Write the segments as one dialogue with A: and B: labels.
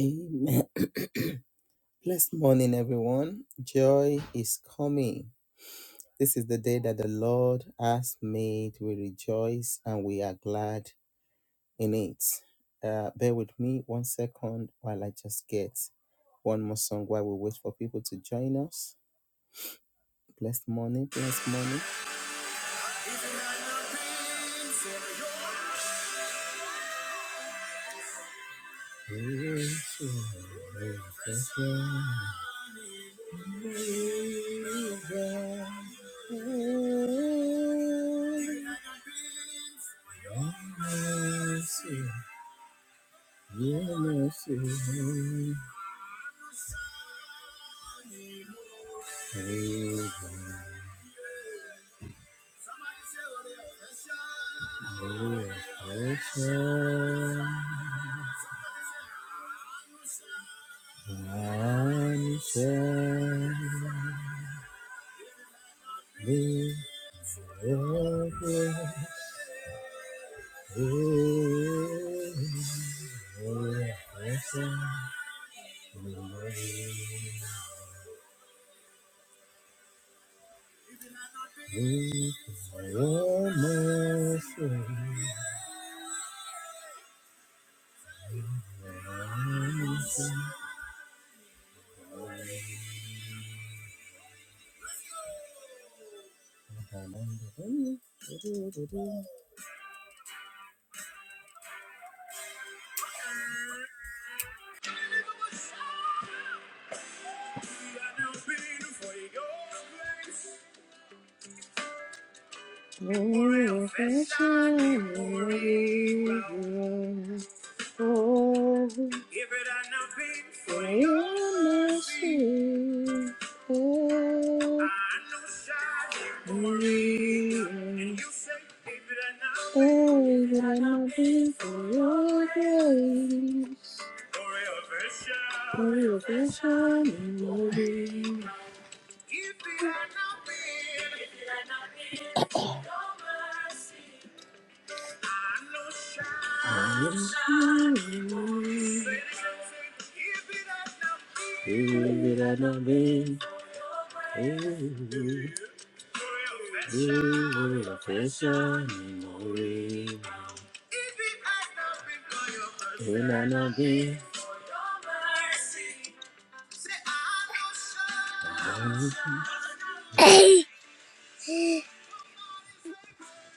A: Amen. Blessed morning, everyone. Joy is coming. This is the day that the Lord has made. We rejoice and we are glad in it. Uh, bear with me one second while I just get one more song while we wait for people to join us. Blessed morning, blessed morning. Reflection,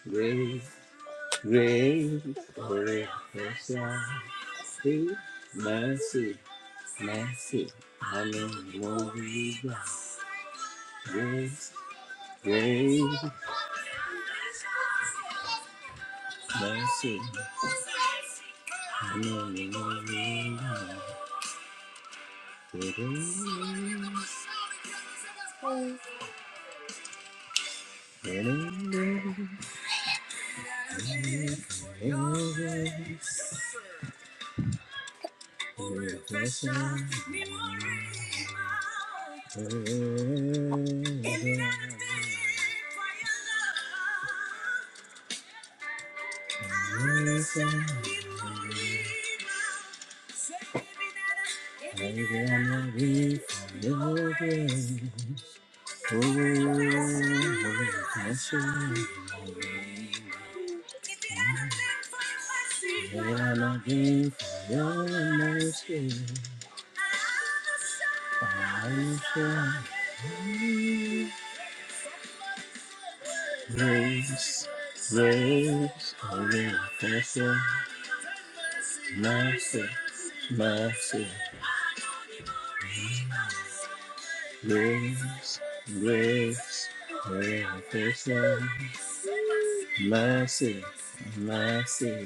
A: Great, great, great, mercy. Mercy. Hallelujah. Grace. Grace. Mercy. Hallelujah. Grace. grace. Grace. If it hadn't been for your mercy, I shall Grace, grace, only confession, mercy, mercy. Grace, grace, only confession, mercy, mercy.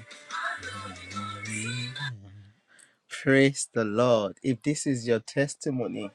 A: Praise the Lord. If this is your testimony,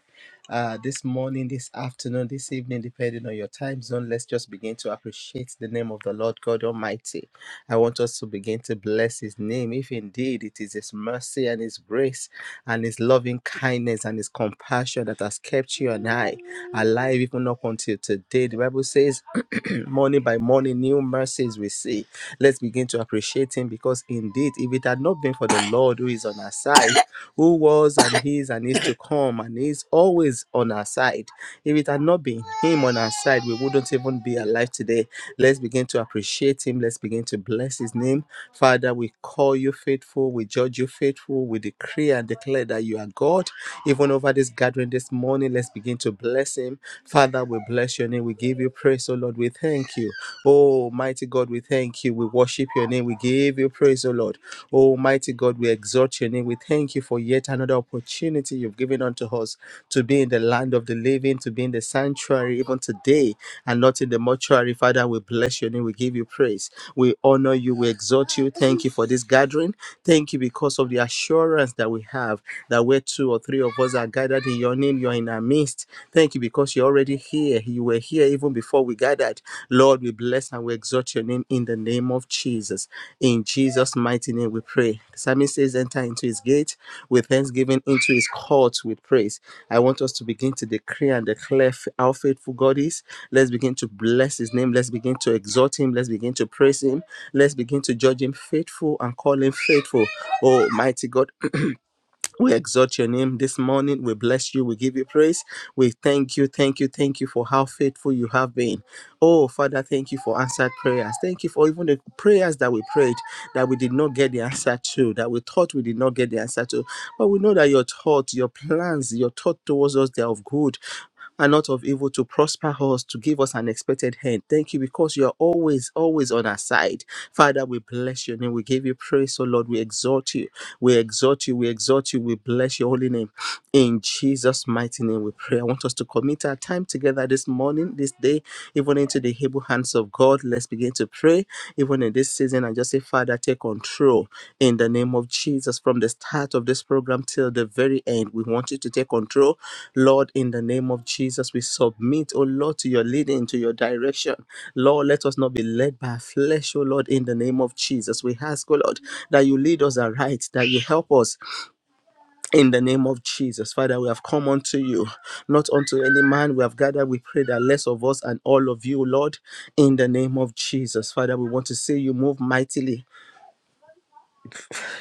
A: uh, this morning, this afternoon, this evening, depending on your time zone, let's just begin to appreciate the name of the Lord God Almighty. I want us to begin to bless His name, if indeed it is His mercy and His grace and His loving kindness and His compassion that has kept you and I alive even up until today. The Bible says, morning by morning, new mercies we see. Let's begin to appreciate Him because indeed, if it had not been for the the Lord who is on our side, who was and is and is to come and is always on our side. If it had not been Him on our side, we wouldn't even be alive today. Let's begin to appreciate Him. Let's begin to bless His name. Father, we call you faithful. We judge you faithful. We decree and declare that you are God. Even over this gathering this morning, let's begin to bless Him. Father, we bless your name. We give you praise, oh Lord. We thank you. Oh, Almighty God, we thank you. We worship your name. We give you praise, O Lord. Almighty God, we exalt your name. We thank you for yet another opportunity you've given unto us to be in the land of the living, to be in the sanctuary, even today, and not in the mortuary. Father, we bless your name. We give you praise. We honor you. We exalt you. Thank you for this gathering. Thank you because of the assurance that we have that where two or three of us are gathered in your name, you are in our midst. Thank you because you're already here. You were here even before we gathered. Lord, we bless and we exalt your name in the name of Jesus. In Jesus' mighty name, we pray. The psalmist says, Enter into his gate with thanksgiving, into his courts with praise. I want us to begin to decree and declare f- how faithful God is. Let's begin to bless his name. Let's begin to exalt him. Let's begin to praise him. Let's begin to judge him faithful and call him faithful. Oh, mighty God, we exalt your name this morning. We bless you. We give you praise. We thank you, thank you, thank you for how faithful you have been. Oh, Father, thank you for answered prayers. Thank you for even the prayers that we prayed that we did not get the answer to, that we thought we did not get the answer to. But we know that your thoughts, your plans, your thought towards us, they are of good and not of evil to prosper us, to give us an expected hand. Thank you because you are always, always on our side. Father, we bless your name. We give you praise, oh Lord. We exalt you. We exalt you. We exalt you. We bless your holy name. In Jesus' mighty name, we pray. I want us to commit our time together this morning, this day, even into the able hands of God. Let's begin to pray pray, even in this season, and just say, Father, take control in the name of Jesus. From the start of this program till the very end, we want you to take control. Lord, in the name of Jesus, we submit, oh Lord, to your leading, to your direction. Lord, let us not be led by flesh, oh Lord, in the name of Jesus. We ask, oh Lord, that you lead us aright, that you help us in the name of Jesus, Father, we have come unto you, not unto any man. We have gathered, we pray that less of us and all of you, Lord, in the name of Jesus. Father, we want to see you move mightily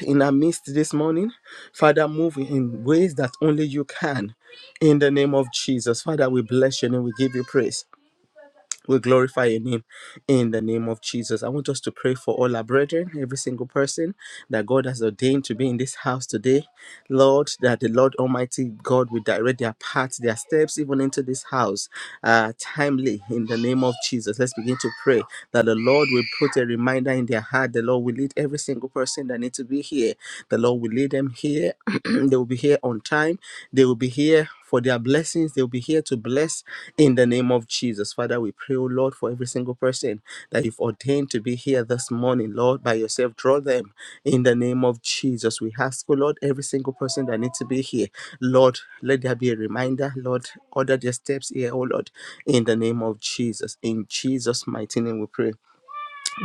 A: in our midst this morning. Father, move in ways that only you can. In the name of Jesus, Father, we bless you and we give you praise. We glorify your name in the name of Jesus. I want us to pray for all our brethren, every single person that God has ordained to be in this house today. Lord, that the Lord Almighty God will direct their paths, their steps, even into this house, uh, timely in the name of Jesus. Let's begin to pray that the Lord will put a reminder in their heart. The Lord will lead every single person that needs to be here. The Lord will lead them here. they will be here on time. They will be here for their blessings. They'll be here to bless in the name of Jesus. Father, we pray, oh Lord, for every single person that you've ordained to be here this morning, Lord, by yourself. Draw them in the name of Jesus. We ask, oh Lord, every single person that needs to be here, Lord, let there be a reminder, Lord, order their steps here, oh Lord, in the name of Jesus. In Jesus' mighty name we pray.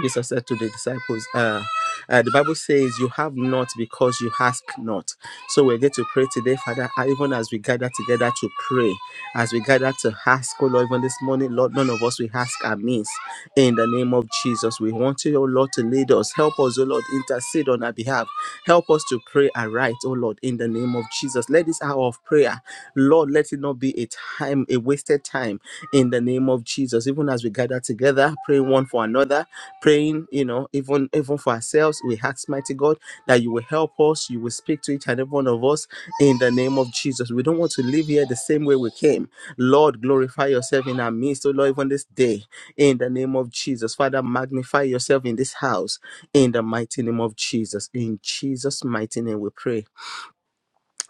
A: Jesus said to the disciples, uh, uh, the Bible says, You have not because you ask not. So we're going to pray today, Father, uh, even as we gather together to pray, as we gather to ask, oh Lord, even this morning, Lord, none of us we ask amiss. In the name of Jesus, we want you, oh Lord, to lead us. Help us, oh Lord, intercede on our behalf. Help us to pray aright, oh Lord, in the name of Jesus. Let this hour of prayer, Lord, let it not be a time, a wasted time in the name of Jesus. Even as we gather together, praying one for another, praying, you know, even even for ourselves, we ask mighty God that you will help us, you will speak to each and every one of us in the name of Jesus. We don't want to live here the same way we came. Lord, glorify yourself in our midst, oh Lord, even this day, in the name of Jesus. Father, magnify yourself in this house, in the mighty name of Jesus. In Jesus' mighty name we pray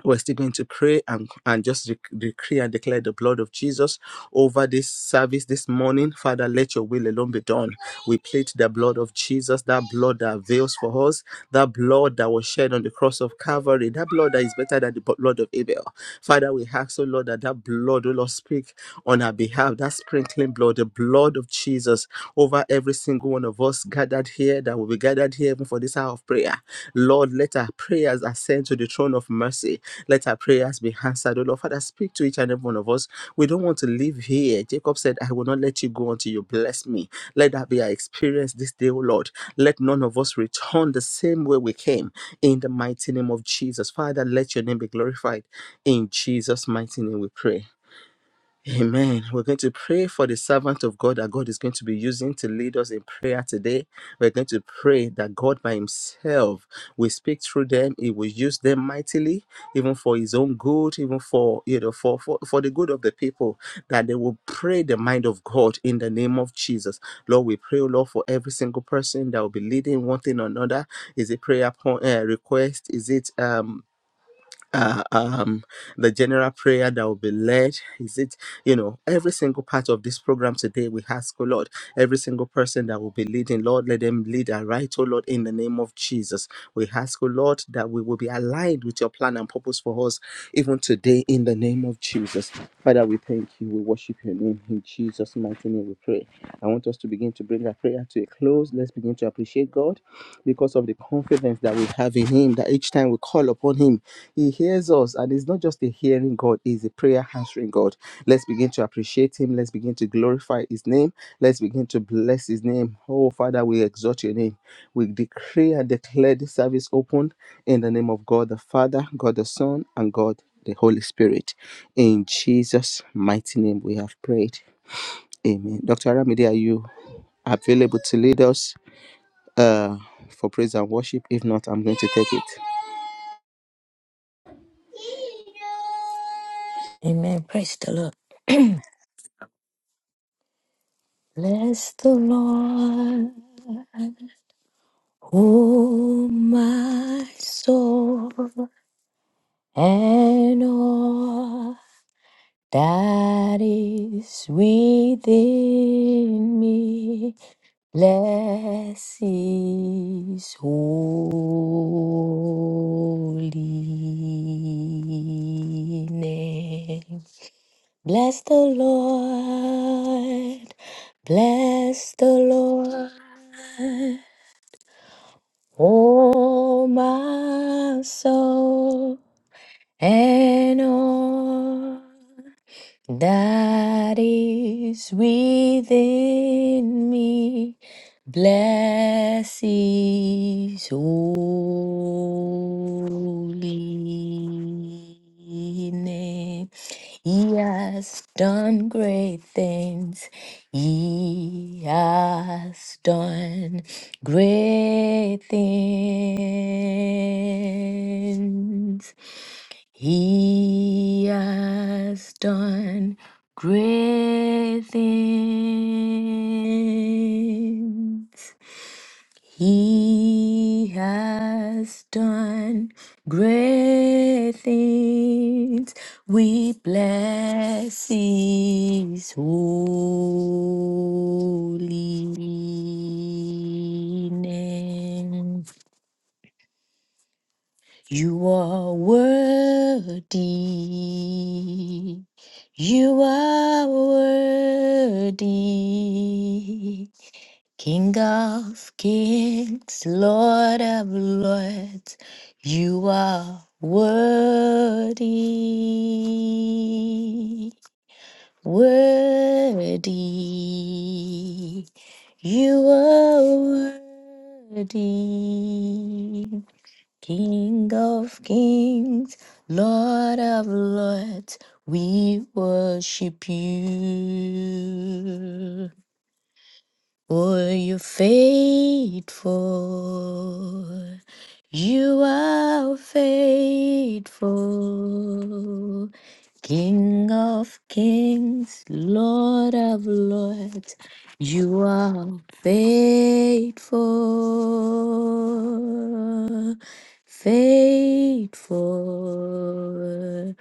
A: we're still going to pray and, and just decree and declare the blood of Jesus over this service this morning. Father, let your will alone be done. We plead the blood of Jesus, that blood that avails for us, that blood that was shed on the cross of Calvary, that blood that is better than the blood of Abel. Father, we ask, oh Lord, that that blood, oh Lord, speak on our behalf, that sprinkling blood, the blood of Jesus over every single one of us us gathered here, that will be gathered here even for this hour of prayer. Lord, let our prayers ascend to the throne of mercy. Let our prayers be answered. Oh Lord, Father, speak to each and every one of us. We don't want to live here. Jacob said, I will not let you go until you bless me. Let that be our experience this day, O Lord. Let none of us return the same way we came. In the mighty name of Jesus. Father, let your name be glorified. In Jesus' mighty name we pray. Amen. We're going to pray for the servant of God that God is going to be using to lead us in prayer today. We're going to pray that God by Himself will speak through them. He will use them mightily, even for His own good, even for you know, for for, for the good of the people, that they will pray the mind of God in the name of Jesus. Lord, we pray, oh Lord, for every single person that will be leading one thing or another. Is it prayer point, uh, request? Is it um uh, um, the general prayer that will be led. Is it, you know, every single part of this program today, we ask, oh Lord, every single person that will be leading, Lord, let them lead aright, oh Lord, in the name of Jesus. We ask, oh Lord, that we will be aligned with your plan and purpose for us, even today, in the name of Jesus. Father, we thank you. We worship your name. In Jesus' mighty name, we pray. I want us to begin to bring our prayer to a close. Let's begin to appreciate God because of the confidence that we have in Him, that each time we call upon Him, he hears us, and it's not just a hearing God, it's a prayer answering God. Let's begin to appreciate Him. Let's begin to glorify His name. Let's begin to bless His name. Oh, Father, we exalt Your name. We decree and declare this service open in the name of God the Father, God the Son, and God the Holy Spirit. In Jesus' mighty name, we have prayed. Amen. Dr. Aramide, are you available to lead us uh, for praise and worship? If not, I'm going to take it.
B: Amen. Praise the Lord. Bless the Lord, oh my soul, and all that is within me. Bless his holy name. Bless the Lord, bless the Lord, oh my soul, and all that is within me. Bless his holy name. He has done great things. He has done great things. He has done great things. He has done great things. We bless his holy name. You are worthy. You are worthy. King of kings, Lord of lords, you are worthy, worthy, you are worthy. King of kings, Lord of lords, we worship you. For you're faithful, you are faithful, King of kings, Lord of lords, you are faithful, faithful,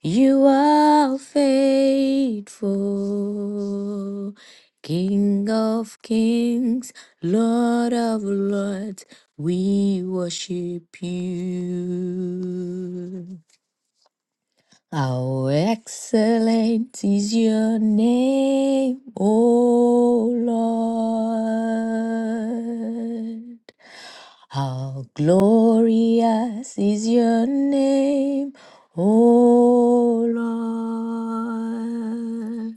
B: you are faithful. King of kings, Lord of lords, we worship you. How excellent is your name, O Lord. How glorious is your name, O Lord.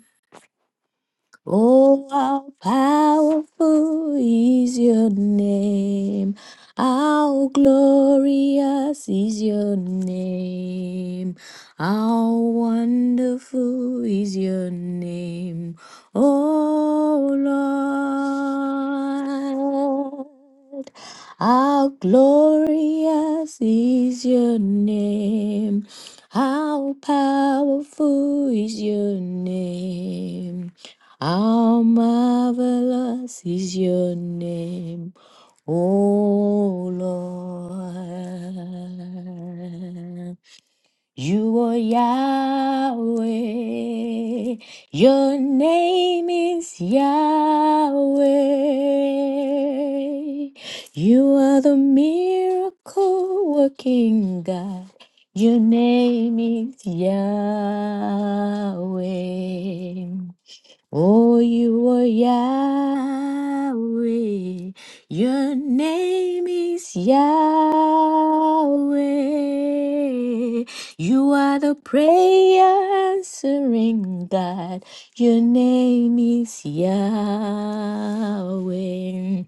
B: Oh, how powerful is your name. How glorious is your name. How wonderful is your name. Oh, Lord. How glorious is your name. How powerful is your name. How marvelous is your name, O Lord. You are Yahweh. Your name is Yahweh. You are the miracle working God. Your name is Yahweh. Oh, you are Yahweh. Your name is Yahweh. You are the prayer answering God. Your name is Yahweh.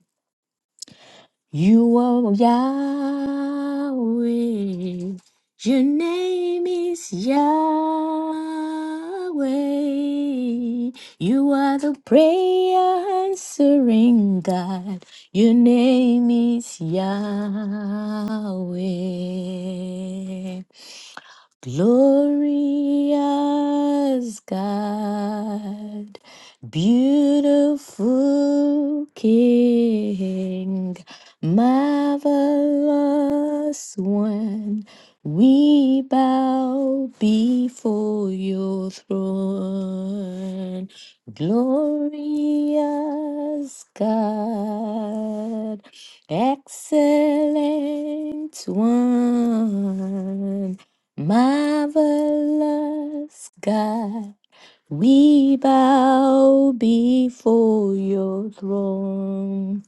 B: You are Yahweh. Your name is Yahweh. You are the prayer answering God. Your name is Yahweh. Glorious God, beautiful King, marvelous one, we bow before your throne. Glorious God, excellent one. Marvelous God, we bow before your throne.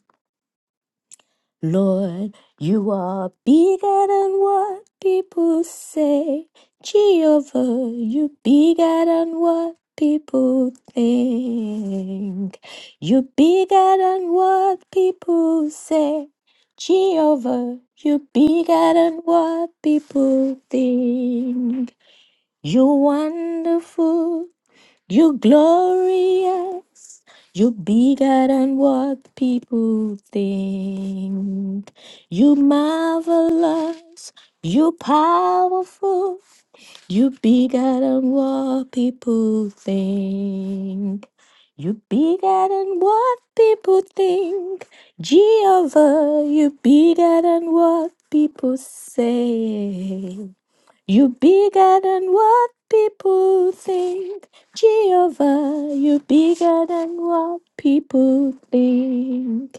B: Lord, you are bigger than what people say. Jehovah, you bigger than what people think. You bigger than what people say. Jehovah, you bigger than what people think. You're wonderful, you're glorious, you're bigger than what people think. You're marvelous, you're powerful, you're bigger than what people think. You're bigger than what people think. Jehovah, you're bigger than what people say. You're bigger than what people think. Jehovah, you're bigger than what people think.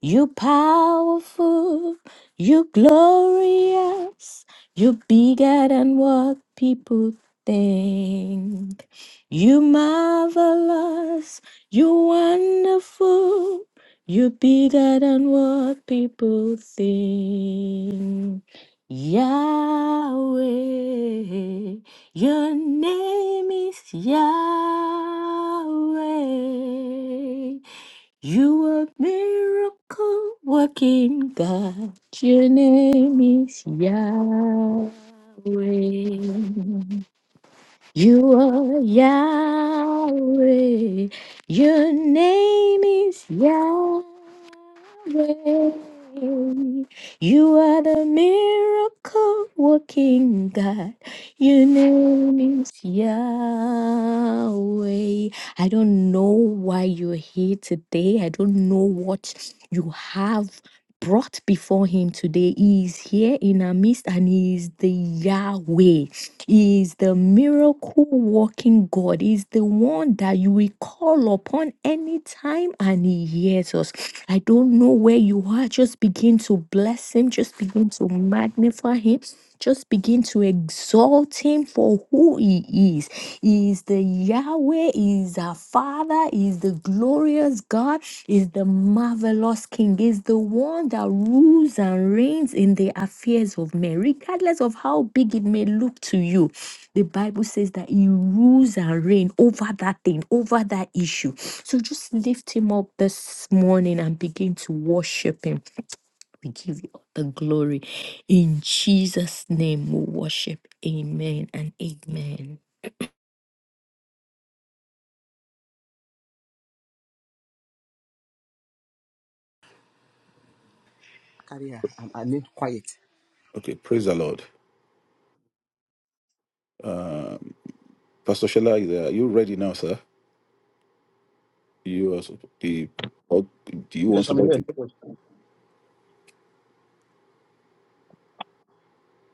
B: You powerful, you glorious, you bigger than what people think. You marvelous, you wonderful, you bigger than what people think. Yahweh, your name is Yahweh. You are miracle working God. Your name is Yahweh. You are Yahweh. Your name is Yahweh. You are the miracle working God. Your name is Yahweh. I don't know why you're here today. I don't know what you have brought before Him today. He is here in our midst and He is the Yahweh. He is the miracle working God. He is the one that you will call upon anytime and He hears us. I don't know where you are. Just begin to bless Him, just begin to magnify Him. Just begin to exalt him for who he is. He is the Yahweh, He is our Father, He is the glorious God, He is the marvelous King, He is the one that rules and reigns in the affairs of men, regardless of how big it may look to you. The Bible says that He rules and reigns over that thing, over that issue. So just lift Him up this morning and begin to worship Him. We give you all the glory. In Jesus' name we worship. Amen and amen.
A: Carrier, I'm, I need quiet.
C: Okay, praise the Lord. Um, Pastor Shella, is there- are you ready now, sir? You are sup- the. or Do you want
D: Yes, I'm
C: somebody
D: here.
C: to?
D: Yes.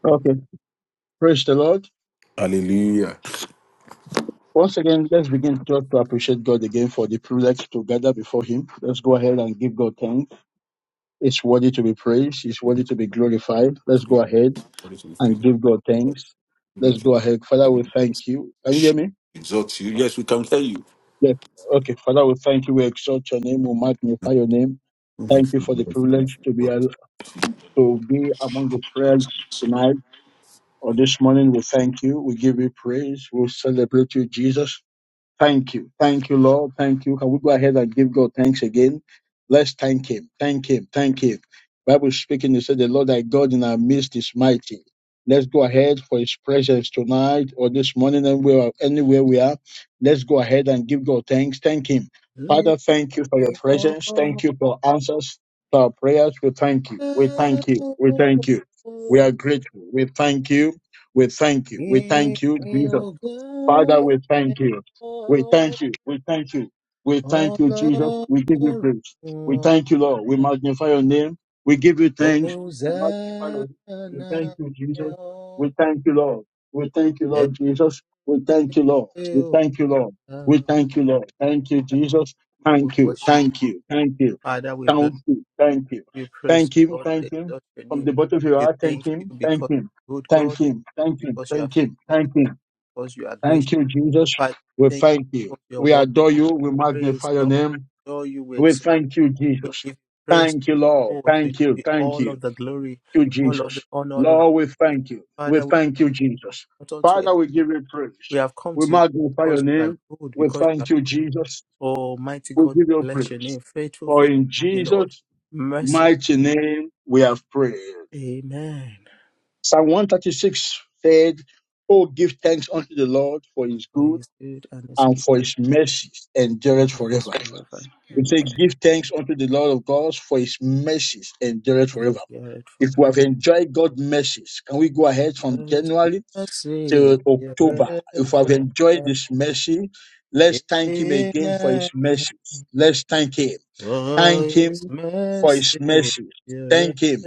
D: Okay, praise the Lord.
C: Hallelujah.
D: Once again, let's begin just to appreciate God again for the privilege to gather before Him. Let's go ahead and give God thanks. It's worthy to be praised, it's worthy to be glorified. Let's go ahead
C: Glory to the praise
D: and
C: of
D: give God
C: God.
D: thanks. Let's go ahead. Father, we thank you. Can you hear me?
C: Exalt you. Yes, we can hear you.
D: Yes. Okay, Father, we thank you. We exalt your name, we
C: Oh
D: magnify your name.
C: my
D: Thank you for the
C: goodness, praise
D: privilege
C: the
D: to be
C: Lord.
D: al-
C: Thank
D: to be among the prayers
C: you,
D: tonight or this morning. We thank you. We give you praise. We celebrate you, Jesus. Thank you. Thank you, Lord. Thank you. Can we go ahead and give God thanks again? Let's thank Him. Thank Him. Thank Him. Bible speaking, it said, The Lord thy God in our midst is mighty. Let's go ahead for His presence tonight or this morning, and we are anywhere we are. Let's go ahead and give God thanks. Thank Him. Father, thank you for your presence. Thank you for answers to our prayers. We thank you. We thank you. We thank you. We are grateful. We thank you. We thank you. We thank you, Jesus. Father, we thank you. We thank you. We thank you. We thank you, Jesus. We give you praise. We thank you, Lord. We magnify your name. We give you thanks. We magnify your
A: Hosanna.
D: name. We thank
A: Father,
D: you, Jesus. We thank you, Lord. We thank you, Lord Jesus. We thank you, Lord. We thank you, Lord. We thank you, Lord. Thank you, Jesus.
A: we
D: Thank you.
A: worship you.
D: Thank you. Thank you.
A: Father, we bless
D: Thank you. Thank you.
A: you. We praise
D: Thank
A: you,
D: him.
A: Lord. We
D: Thank him.
A: exalt your
D: From the
A: name.
D: bottom of your
A: We
D: heart, thank
A: thank you
D: him. Thank
A: because
D: him.
A: you're good
D: Thank
A: God,
D: him. Thank him.
A: because you are
D: Thank him.
A: faithful. We
D: Thank him.
A: thank you because you are gracious.
D: Thank you, Jesus.
A: Father,
D: We
A: we thank
D: thank
A: you
D: you.
A: because your
D: We
A: word
D: adore you. We
A: praise,
D: magnify your
A: Lord. We
D: name.
A: adore you. We
D: We
A: exalt.
D: thank you,
A: We
D: Jesus.
A: give you praise,
D: Thank you,
A: Lord.
D: Lord.
A: Oh, to you
D: Thank you.
A: be
D: Thank
A: all of
D: you.
A: the glory,
D: Thank you,
A: all of the
D: Jesus.
A: honor, all of the
D: Lord, we
A: adoration.
D: thank you. We
A: Father, we
D: thank you, Jesus.
A: want unto
D: Father, we give you praise.
A: We have come
D: We
A: to you
D: magnify your
A: because you are
D: name.
A: good,
D: We
A: because you are
D: thank you, Jesus.
A: Almighty
D: We
A: God.
D: give you
A: We Bless your
D: praise.
A: name. Faithful,
D: For
A: faithful,
D: in
A: are you, Lord.
D: Jesus'
A: Merciful.
D: mighty name we have prayed.
A: Amen.
D: Psalm 136 said, Oh, give thanks unto the Lord for his
A: For
D: good.
A: his good and his
D: and
A: mercy
D: for his mercies endureth
A: endures
D: forever.
A: forever.
D: We say,
A: Amen.
D: Give thanks unto the Lord of God, for his mercies endureth
A: And
D: forever.
A: it
D: If
A: forever.
D: we have enjoyed God's mercies, can we go ahead from
A: For His
D: January
A: mercy it
D: to October? If we have
A: forever.
D: enjoyed this mercy, let's thank him again for his
A: Amen.
D: mercies. Let's thank him.
A: For
D: Thank
A: his
D: him for
A: mercy
D: his
A: it
D: mercies.
A: forever.
D: Thank him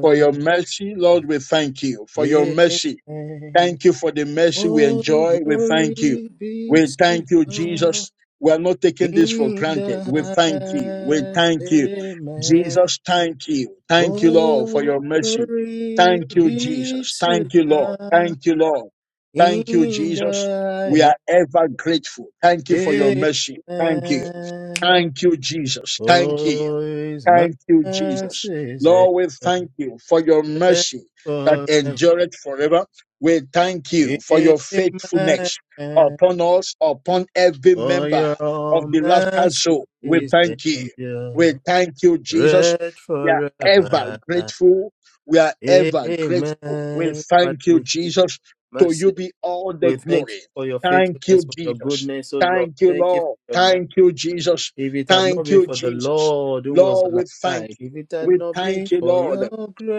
D: for your mercy, Lord. We thank you for your mercy.
A: Amen.
D: Thank you for the mercy we
A: Oh,
D: enjoy. We thank you.
A: glory be
D: We
A: to
D: thank you,
A: God.
D: Jesus. We are not taking this for
A: In
D: granted.
A: the
D: We thank you. We
A: highest,
D: thank you.
A: amen.
D: Jesus, thank you. Thank you, Lord, for
A: Oh,
D: your mercy.
A: glory
D: Thank you,
A: be
D: Jesus.
A: to
D: Thank you, Lord.
A: God.
D: Thank you, Lord. Thank you,
A: In
D: Jesus. We are
A: the highest,
D: ever grateful. Thank you for your mercy. Thank you.
A: amen.
D: Thank you, Jesus. Thank you.
A: For his
D: Thank you,
A: mercies
D: Jesus. Lord, we
A: endure
D: thank you for your mercy that
A: forever.
D: endureth forever. We thank you for your faithfulness
A: Amen.
D: upon us, upon every
A: For
D: member
A: your
D: of the Laughter Zone. We
A: mercies
D: thank you. We
A: endure
D: thank you, Jesus. We are ever
A: forever.
D: grateful. We are ever grateful. We
A: Amen. Father,
D: thank you,
A: we thank you for
D: Jesus. To you
A: mercy.
D: be all the
A: We thank
D: glory.
A: you for your
D: Thank
A: faithfulness,
D: you,
A: for your
D: Jesus.
A: goodness, oh Lord.
D: Thank you,
A: Thank you for
D: Lord.
A: your mercy.
D: Thank you, Jesus.
A: If it had not
D: Thank
A: been
D: you,
A: for the
D: Jesus.
A: Lord who was
D: Lord,
A: on
D: we
A: our
D: thank
A: side,
D: you.
A: if it had
D: We
A: not been
D: thank you,
A: for
D: Lord.
A: your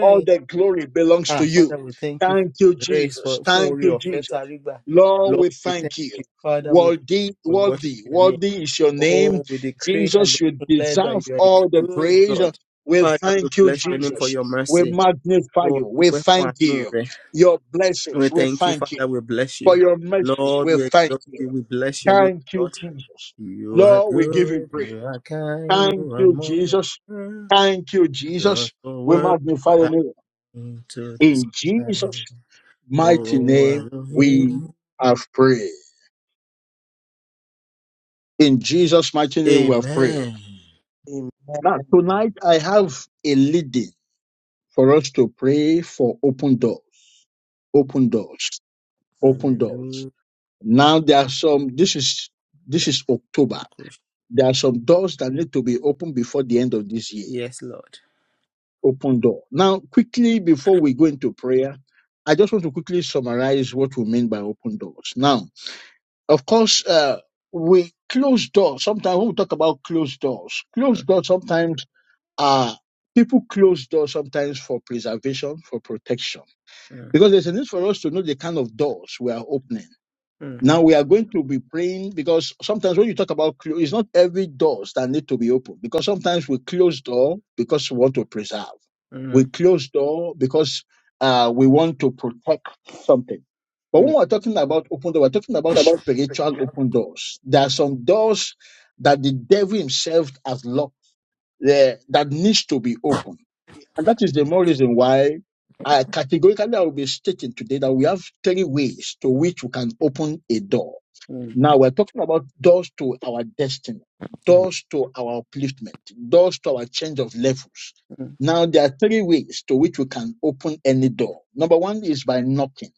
D: All the glory belongs to
A: Ah,
D: you.
A: Father, we thank you
D: Thank you,
A: for grace,
D: Jesus.
A: for fún
D: Thank
A: orí
D: you,
A: ọ̀fẹ́
D: Jesus.
A: tá a rí gbà.
D: Lord,
A: Lord,
D: we
A: we thank
D: thank you.
A: you. Father, we thank
D: Worthy,
A: you. We worship
D: worthy,
A: your name.
D: worthy is your name.
A: Oh, we decree and
D: Jesus, you
A: declare
D: deserve
A: that you are a
D: all the
A: good
D: praise.
A: God.
D: We
A: Father, we
D: thank you,
A: bless your name for
D: Jesus.
A: your
D: We
A: mercy.
D: magnify
A: Oh,
D: you.
A: a
D: We
A: dúpẹ́ fún
D: thank
A: àánú
D: you.
A: rẹ.
D: Your blessings,
A: We
D: we
A: thank you,
D: thank you.
A: Father. We bless
D: For
A: you.
D: your mercy,
A: Lord,
D: we
A: we
D: thank
A: exalt
D: you.
A: you. We bless your name,
D: Thank you,
A: Lord.
D: Jesus.
A: You are
D: Lord, we give you
A: good.
D: praise.
A: You are kind.
D: Thank
A: You are
D: you,
A: more than
D: Jesus.
A: good.
D: Thank you,
A: Lord,
D: Jesus.
A: for
D: We
A: words
D: magnify your
A: I
D: name.
A: need to
D: In Jesus'
A: describe.
D: mighty
A: Oh,
D: name we
A: Elohim.
D: have prayed. In Jesus' mighty name we have prayed.
A: Amen.
E: Amen.
D: Now, tonight I have a leading for us to pray for open doors, open doors, open doors.
A: Hallelujah.
D: Now there are some, this is, this is October. There are some doors that need to be opened before the end of this year.
A: Yes, Lord.
D: Open door. Now, quickly before we go into prayer, I just want to quickly summarize what we mean by open doors. Now, Of course, uh, we close doors. Sometimes when we talk about closed doors, closed doors sometimes are people close doors sometimes for preservation, for protection, because there's a need for us to know the kind of doors we are opening.
A: Mm, mm,
D: Now we are going to be praying because sometimes when you talk about close, it's not every doors that need to be open because sometimes we close door because we want to preserve. We
A: mm,
D: close door because uh, we want to protect something. But when
A: mm,
D: we're talking about open door, we're talking about spiritual open doors. There are some doors that the devil himself has locked there that needs to be opened. And that is the more reason why I categorically I will be stating today that we have three ways to which we can open a door
A: mm, mm,
D: now we're talking about doors to our destiny, doors to our upliftment, doors to our change of levels.
A: mm,
D: Now there are three ways to which we can open any door. Number one is by knocking.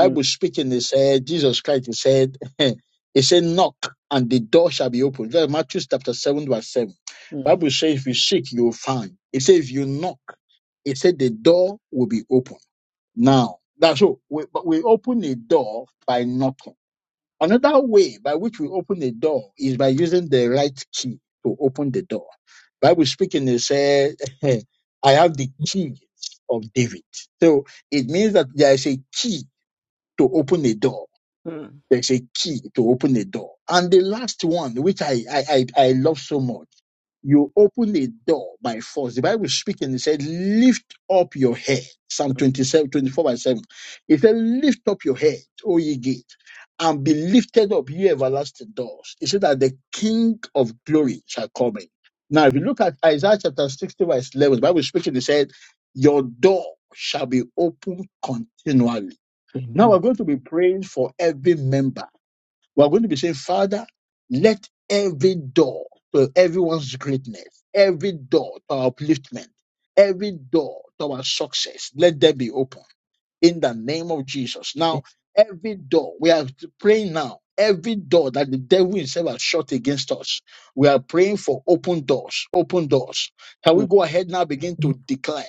A: mm, mm,
D: speaking, it said, Jesus Christ, he said, he said, knock and the door shall be opened. That's Matthew chapter 7 verse 7.
A: mm,
D: Bible says, if you seek, you will find. It says, if you knock, it said the door will be open. Now, that's all. We, but we open the door by knocking. Another way by which we open the door is by using the right key to open the door. Bible speaking, it said, I have the keys of David. So it means that there is a key to open the door.
A: mm.
D: There's a key to open the door. And the last one, which I, I, I, I love so much, you open a door by force. The Bible speaking, it said, lift up your head. Psalm twenty-seven, twenty-four, 24 by 7. It said, lift up your head, O ye gate, and be lifted up, ye everlasting doors. It said that the King of glory shall come in. Now, if you look at Isaiah chapter 60 verse 11, the Bible speaking, it said, your door shall be open continually. Now we're
A: Amen.
D: going to be praying for every member. We are going to be saying, Father, let every door to everyone's greatness, every door to our upliftment, every door to our success, let them be open in the name of Jesus. Now, every door we are praying now, every door that the devil himself has shut against us, we are praying for open doors, open doors. Can we
A: Mm,
D: go ahead now begin to declare?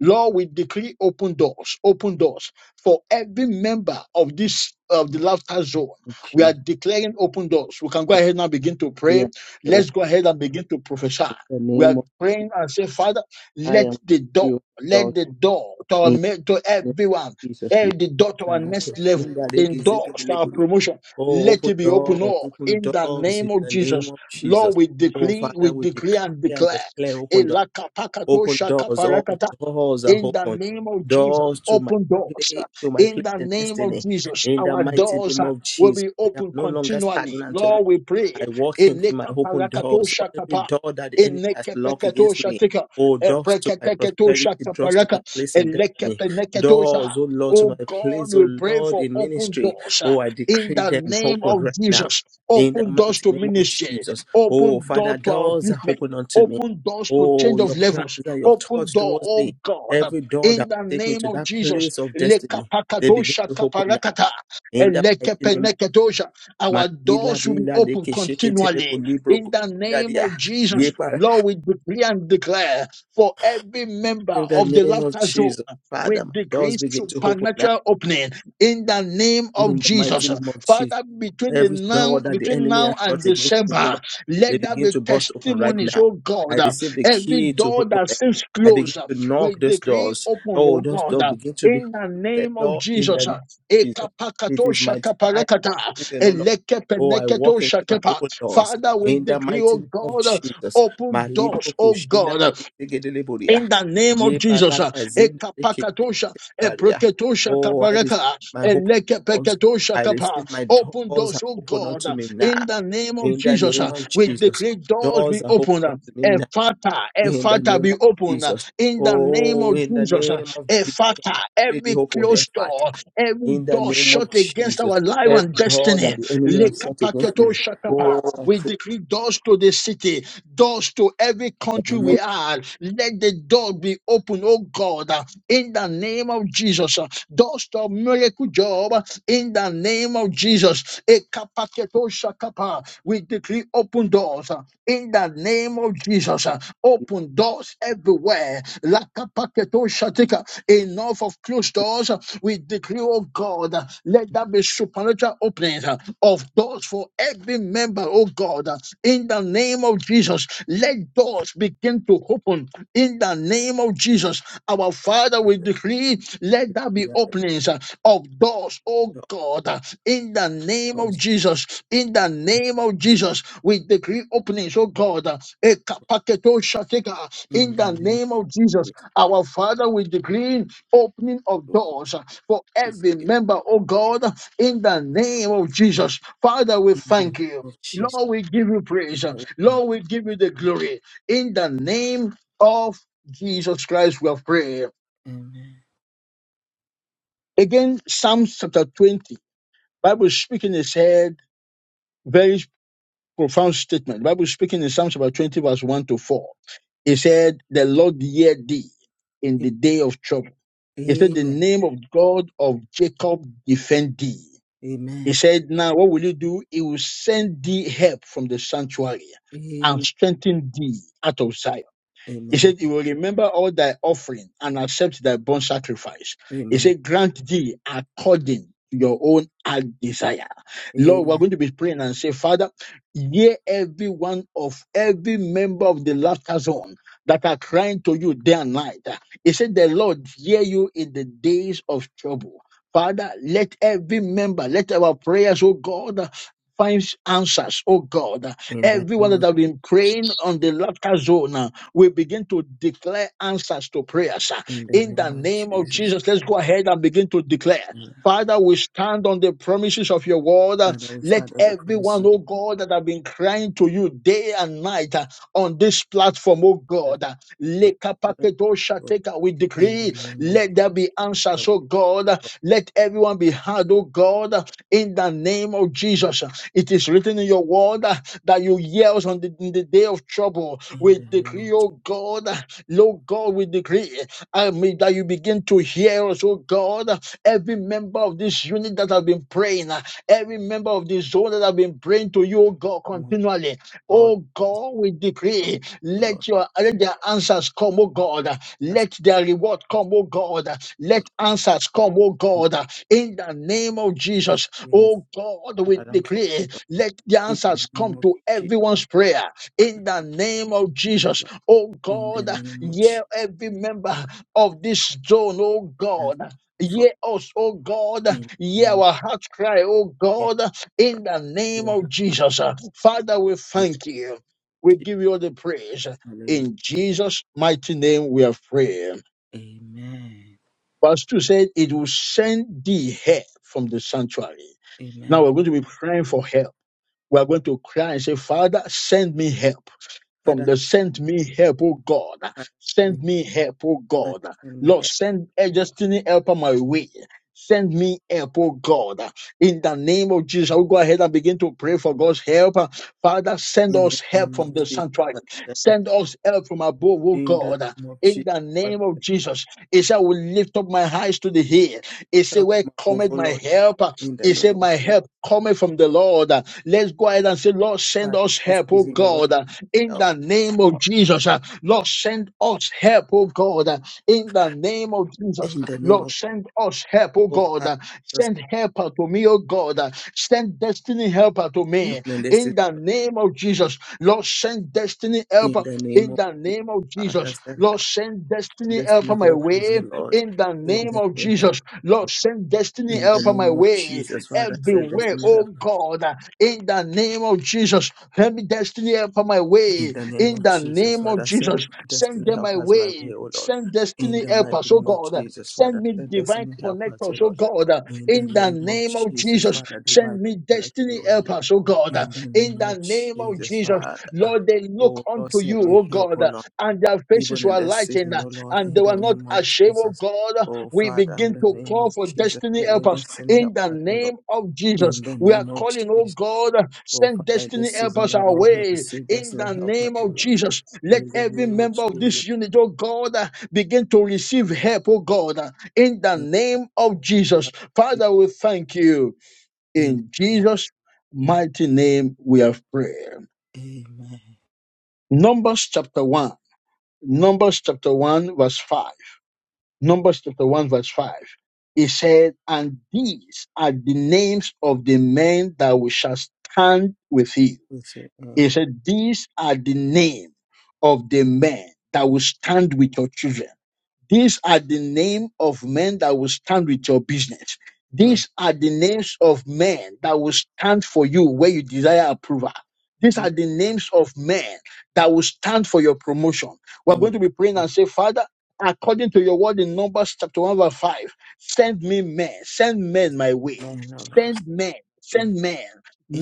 D: Lord, we decree open doors, open doors for every member of this of the laughter zone. We are
A: Jesus.
D: declaring open doors. We can go
A: Open
D: ahead now begin to pray.
A: the
D: Let's
A: open
D: go ahead and begin to prophesy.
A: the
D: We are
A: name of
D: praying and say, Father,
A: I am
D: let the door
A: free of doubt
D: let the door to, our,
A: in
D: ma- to
A: the name of
D: everyone,
A: Jesus.
D: eh, the door to our
A: And let
D: next
A: us
D: level,
A: feel that they
D: the
A: can take
D: door
A: it
D: to our
A: deliberately.
D: promotion,
A: Oh,
D: let
A: open
D: it be open
A: doors,
D: all
A: open
D: in the
A: doors
D: name
A: in
D: of
A: the name
D: Jesus.
A: of Jesus.
D: Lord, we
A: Oh,
D: decree,
A: Father,
D: we
A: we decree
D: declare and
A: and
D: declare.
A: declare
D: Eh,
A: open doors,
D: lakapakato
A: open doors. All doors are
D: in the
A: open.
D: name of Jesus,
A: Doors to my
D: open doors.
A: place, to my
D: In
A: place
D: the
A: and
D: name of
A: destiny.
D: Jesus,
A: In the
D: our
A: mighty
D: doors
A: name
D: uh,
A: of
D: will be
A: Jesus, I am
D: open
A: no longer
D: continually.
A: stagnant.
D: Lord, we pray.
A: I walk into my
D: Eleka
A: open
D: parakato
A: doors, or every
D: shakapa.
A: door that the enemy has
D: Eneke
A: locked
D: peketo
A: against me.
D: shatika.
A: Oh, doors to my
D: Epreketeketo
A: prosperity, doors to my
D: shakaparaka.
A: place in
D: Eleke
A: destiny,
D: peneketo sha.
A: doors, oh Lord, to my
D: Oh God,
A: place, oh
D: we pray
A: Lord,
D: for
A: in
D: open
A: ministry.
D: doors uh,
A: Oh, I
D: in
A: decree
D: the
A: them
D: name
A: open
D: of
A: right now.
D: Jesus.
A: In the
D: Open doors
A: mighty
D: to
A: name of
D: ministry,
A: Jesus. Oh,
D: open door
A: Father,
D: to our
A: doors are
D: business,
A: open unto me.
D: Open doors to change
A: Oh,
D: of
A: your plans
D: levels.
A: that you've
D: Open
A: thoughts
D: door,
A: towards
D: oh
A: me.
D: God,
A: Every door
D: in
A: that
D: the
A: will take me
D: name
A: to
D: of
A: that
D: Jesus.
A: place of destiny, they begin
D: Lekapakadosha
A: to open now.
D: kaparakata.
A: In the mighty name
D: Elekepenekedosha. Our
A: Magila
D: doors will be
A: Bila
D: open
A: Leke Sheke Terebo
D: continually
A: Libro
D: in
A: Go
D: the name of
A: Ye
D: Jesus.
A: Para.
D: Lord, we decree and declare for every member
A: In the
D: of the
A: name of
D: laughter zone.
A: Jesus,
D: We
A: Father, my
D: decree
A: doors begin to open now.
D: supernatural opening in the name of
A: In the mighty
D: Jesus.
A: name of Jesus,
D: Father, between the
A: every
D: now
A: door that the
D: between
A: enemy
D: now
A: has
D: and
A: shut against me, oh
D: December.
A: Lord, they
D: Let that
A: begin
D: be
A: to burst open right
D: testimonies,
A: now.
D: oh
A: I
D: God. uh,
A: receive the
D: Every
A: key to
D: door
A: open
D: that
A: them.
D: seems
A: I begin
D: closed, uh,
A: to
D: we
A: knock those
D: decree
A: doors.
D: open,
A: Oh,
D: oh
A: those
D: God.
A: doors
D: uh,
A: begin to be
D: In the
A: opened,
D: name of
A: Lord, in the
D: Jesus,
A: name
D: uh,
A: of Jesus. It
D: Ekapakato
A: is my time
D: shakaparakata,
A: season, oh Lord. Oh, I
D: elekepeneketo
A: walk into my
D: shakepa.
A: open doors
D: Father, we
A: in the
D: decree, oh
A: mighty name of
D: God, uh,
A: Jesus.
D: open doors,
A: Malipo
D: oh
A: kushinda
D: God. uh,
A: digideleburia.
D: in the name of
A: Ye
D: Jesus, uh,
A: balaka zinda dikebaria.
D: ekapakatosha, epreketosha
A: Oh, I receive
D: kabareka,
A: my open doors.
D: elekepeketosha
A: I
D: kapa.
A: receive my
D: open
A: doors
D: doors,
A: are
D: oh
A: open
D: God,
A: unto
D: uh,
A: me
D: in
A: now.
D: the name of
A: In the
D: Jesus,
A: name
D: uh,
A: of
D: we
A: Jesus.
D: decree doors be
A: Doors are open
D: open.
A: unto me
D: A
A: now.
D: father, a
A: In the
D: father
A: name
D: be
A: of
D: open uh,
A: Jesus.
D: in the name
A: Oh,
D: of
A: in the
D: Jesus. uh,
A: name of
D: A
A: Jesus.
D: father,
A: Really
D: every
A: open their
D: closed
A: Father.
D: door, every
A: In the
D: door
A: name of
D: shut against
A: Jesus,
D: our life
A: every
D: and
A: door that
D: destiny.
A: the enemy has set against me,
D: Lekapaketo shakapa.
A: oh,
D: We
A: I
D: decree doors to the city, doors to every country we
A: cannot
D: are. Let the door be open, oh God, uh, in the name of Jesus doors of miracle job in the name of Jesus. Ekapaketo shakapa. We decree open doors uh, in the name of Jesus. uh, Open doors everywhere. Lakapaketo shatika. Enough of closed doors. uh, We decree, oh God, uh, let there be supernatural openings uh, of doors for every member December, oh God, uh, in the name of Jesus, let doors begin to open in the name of Jesus. Our Father, we decree, let there be
A: be at
D: openings uh, of doors, oh
A: the
D: God, uh, in the name of
A: doors.
D: Jesus, in the
A: In
D: name of Jesus, we decree openings, oh God, uh, ekapaketo shateka, in
A: the
D: the
A: name of
D: name of Jesus,
A: Jesus,
D: our Father, we decree opening of
A: oh,
D: doors uh, for
A: Jesus.
D: every
A: in
D: member, oh God, in the name of Jesus. Father, we
A: the name
D: thank you.
A: of Jesus,
D: Lord, we give you praise.
A: Father, we thank
D: Lord, we give you the
A: you.
D: glory. In the name of Jesus Christ, we have prayed.
A: Amen.
D: Again, Psalms chapter 20. Bible speaking is said, very profound statement. Bible speaking in Psalms chapter 20, verse 1 to 4. It said, The Lord heard thee in the day of trouble. It said, The
A: Amen.
D: name of God of Jacob defend thee. He
A: Amen.
D: said, Now what will you do? He will send thee help from the sanctuary and
A: Amen.
D: strengthen thee out of Zion. He
A: Amen.
D: said, He will remember all thy offering and accept thy burnt sacrifice. He
A: Amen.
D: said, Grant thee according to your own heart desire. Lord, we're
A: Amen.
D: going to be praying and say, Father, hear every one of every member of the laughter zone that are crying to you day and night. He said, The Lord hear you in the days of trouble. Father, let every member, let our prayers, oh God, finds answers, oh God.
A: In the
D: Everyone
A: name of,
D: that have been praying on the laughter zone. We begin to declare answers to prayers. uh,
A: in the
D: In
A: name
D: the
A: of
D: name of
A: Jesus,
D: Jesus, let's go ahead and begin to declare.
A: Amen.
D: Father, we stand on the promises of your word. uh,
A: Father, we
D: Let
A: start at the
D: everyone,
A: promises
D: oh God, that have been crying to you day and night uh, on this platform, oh
A: of
D: God, uh,
A: God. Father, God,
D: lekapakedoshateka, we
A: in the
D: decree,
A: name of
D: let there be answers, oh
A: Jesus,
D: God. uh, Let everyone be heard, oh God, uh, in the name of Jesus. It is written in your word, that you yell on the, in the day of trouble.
A: in
D: We
A: the name
D: decree,
A: of
D: oh God, Lord God, we decree I mean, that you begin to hear us, oh God. Every member of this unit that have been praying, uh, every member of this zone that have been praying to you, oh God,
A: Jesus.
D: continually.
A: Lord,
D: Oh
A: is
D: God, we
A: the Lord,
D: decree,
A: O Lord,
D: let your let their answers come, oh God.
A: that's
D: Let their reward come, oh God.
A: what
D: Let answers come, oh
A: He
D: God. In the name of
A: is
D: Jesus,
A: is
D: oh God, we
A: around for
D: decree
A: us, O Lord.
D: let the
A: In the
D: answers come
A: name of
D: to
A: Jesus,
D: everyone's prayer in
A: Father,
D: the name of
A: O
D: Jesus.
A: Lord,
D: Oh
A: in the
D: God,
A: name of Jesus,
D: hear every member
A: Father,
D: of this zone, oh
A: let us
D: God.
A: come forth.
D: Hear us, oh God.
A: In the
D: Hear
A: name of
D: our heart cry, oh
A: Yahweh,
D: God, in the name of
A: Yahweh,
D: Jesus. Father, we
A: in Jesus,
D: thank you. We give you all the praise.
A: Hallelujah.
D: In Jesus' mighty name, we are praying.
A: Amen.
D: Verse 2 said, It will send thee help from the sanctuary. Now
A: Amen.
D: we're going to be praying for help we are going to cry and say, Father, send me help. From
A: Father,
D: the send me help, oh God.
A: Father, send me,
D: Send me help, oh
A: Father,
D: God.
A: send me
D: Lord,
A: help.
D: send a destiny helper my way. Send me help, oh God. In the name of Jesus, I will go ahead and begin to pray for God's help. Father, send
A: In the
D: us help
A: name of
D: from the
A: Jesus,
D: sanctuary.
A: Father, send us.
D: Send us help from above, oh
A: In the
D: God.
A: name of
D: In
A: Jesus,
D: the
A: Father,
D: name of Jesus, he said, I will lift up my eyes to the hill. He said,
A: help
D: Where
A: from above,
D: cometh
A: O
D: my
A: Lord.
D: help?
A: In the
D: He
A: name
D: said,
A: of
D: My
A: Jesus,
D: help cometh from the Lord. Let's go ahead and say, Lord, send
A: Father,
D: us
A: this
D: help,
A: is
D: oh
A: in the Lord's
D: God. In
A: Lord.
D: the name of Jesus. Lord, send us help, oh God. In the name of Jesus.
A: In the name
D: Lord,
A: of
D: send us help, oh
A: oh Father,
D: God.
A: just
D: Send
A: help
D: helper to me, oh God. Send destiny helper to me.
A: everyone in this
D: In the
A: situation.
D: name of Jesus. Lord, send destiny
A: In
D: helper.
A: the name
D: In
A: of
D: the name of
A: Jesus, Father,
D: Jesus.
A: send
D: Lord,
A: help
D: send send
A: and
D: destiny help
A: destiny
D: on my
A: help us,
D: way
A: O Lord.
D: in the
A: Send
D: name of
A: destiny help.
D: Jesus. Lord, send destiny
A: In the
D: help on my
A: name of
D: way
A: Jesus, Father, send
D: everywhere,
A: destiny
D: oh
A: help.
D: God, in the name of Jesus. Send me destiny help on my
A: In
D: way
A: the name
D: in
A: of
D: the
A: Jesus,
D: name of
A: Father, send
D: Jesus. Send
A: destiny
D: them
A: help
D: my
A: us my
D: way.
A: way, O Lord.
D: Send
A: In
D: destiny
A: the
D: help
A: mighty
D: us, oh
A: name of
D: God.
A: Jesus,
D: Send
A: Father,
D: me
A: send
D: divine
A: destiny help us, O
D: connectors, oh
A: Lord.
D: God,
A: In the
D: in the
A: name of
D: name of
A: Jesus,
D: Jesus.
A: Father,
D: Send
A: divine
D: me
A: connect me,
D: destiny
A: O Lord.
D: help us, oh God,
A: In the
D: in
A: name of
D: the name of
A: Jesus,
D: Jesus.
A: Father.
D: Lord, they look
A: Oh Lord,
D: unto
A: send
D: you,
A: me
D: oh
A: help, O
D: God
A: Lord.
D: and their faces
A: even in
D: were
A: this
D: lightened,
A: season,
D: uh,
A: oh Lord,
D: and they
A: in the
D: were not
A: name of
D: ashamed of
A: Jesus.
D: God.
A: Oh
D: We
A: Father, in
D: begin
A: the
D: to
A: name
D: call
A: of
D: for
A: Jesus,
D: destiny
A: let me
D: helpers
A: destiny
D: in
A: help
D: the
A: us, oh Lord,
D: name of Jesus.
A: in the
D: We are
A: name of
D: calling, oh
A: Jesus.
D: God,
A: Oh
D: send
A: Father, in
D: destiny
A: this season,
D: helpers
A: oh
D: our
A: Lord, have you
D: way in
A: destiny
D: the
A: help us,
D: name
A: oh
D: of
A: Lord,
D: Jesus. Let
A: in the
D: every
A: name of
D: member of this
A: Jesus.
D: unit, oh God, uh, begin to receive help, oh God, uh, in the
A: In
D: name of Jesus.
A: the
D: Father, we thank you.
A: in
D: In
A: the name of
D: Jesus' mighty name, we have prayed.
A: Amen.
D: Numbers chapter 1. Numbers chapter 1, verse 5. Numbers chapter 1, verse 5. He said, And these are the names of the men that we shall stand with you.
A: We say
D: He
A: amen.
D: said, These are the name of the men that will stand with your children. These are the name of men that will stand with your business.
A: Mm,
D: These are the names of men that will stand for you where you desire approval. These
A: mm,
D: are the names of men that will stand for your promotion. We're
A: mm.
D: going to be praying
A: Oh,
D: and say, Father, according to your word in Numbers chapter 1 verse 5, send me men, send
A: yes.
D: men my way.
A: Amen, oh Lord.
D: Send men,
A: We-
D: send men,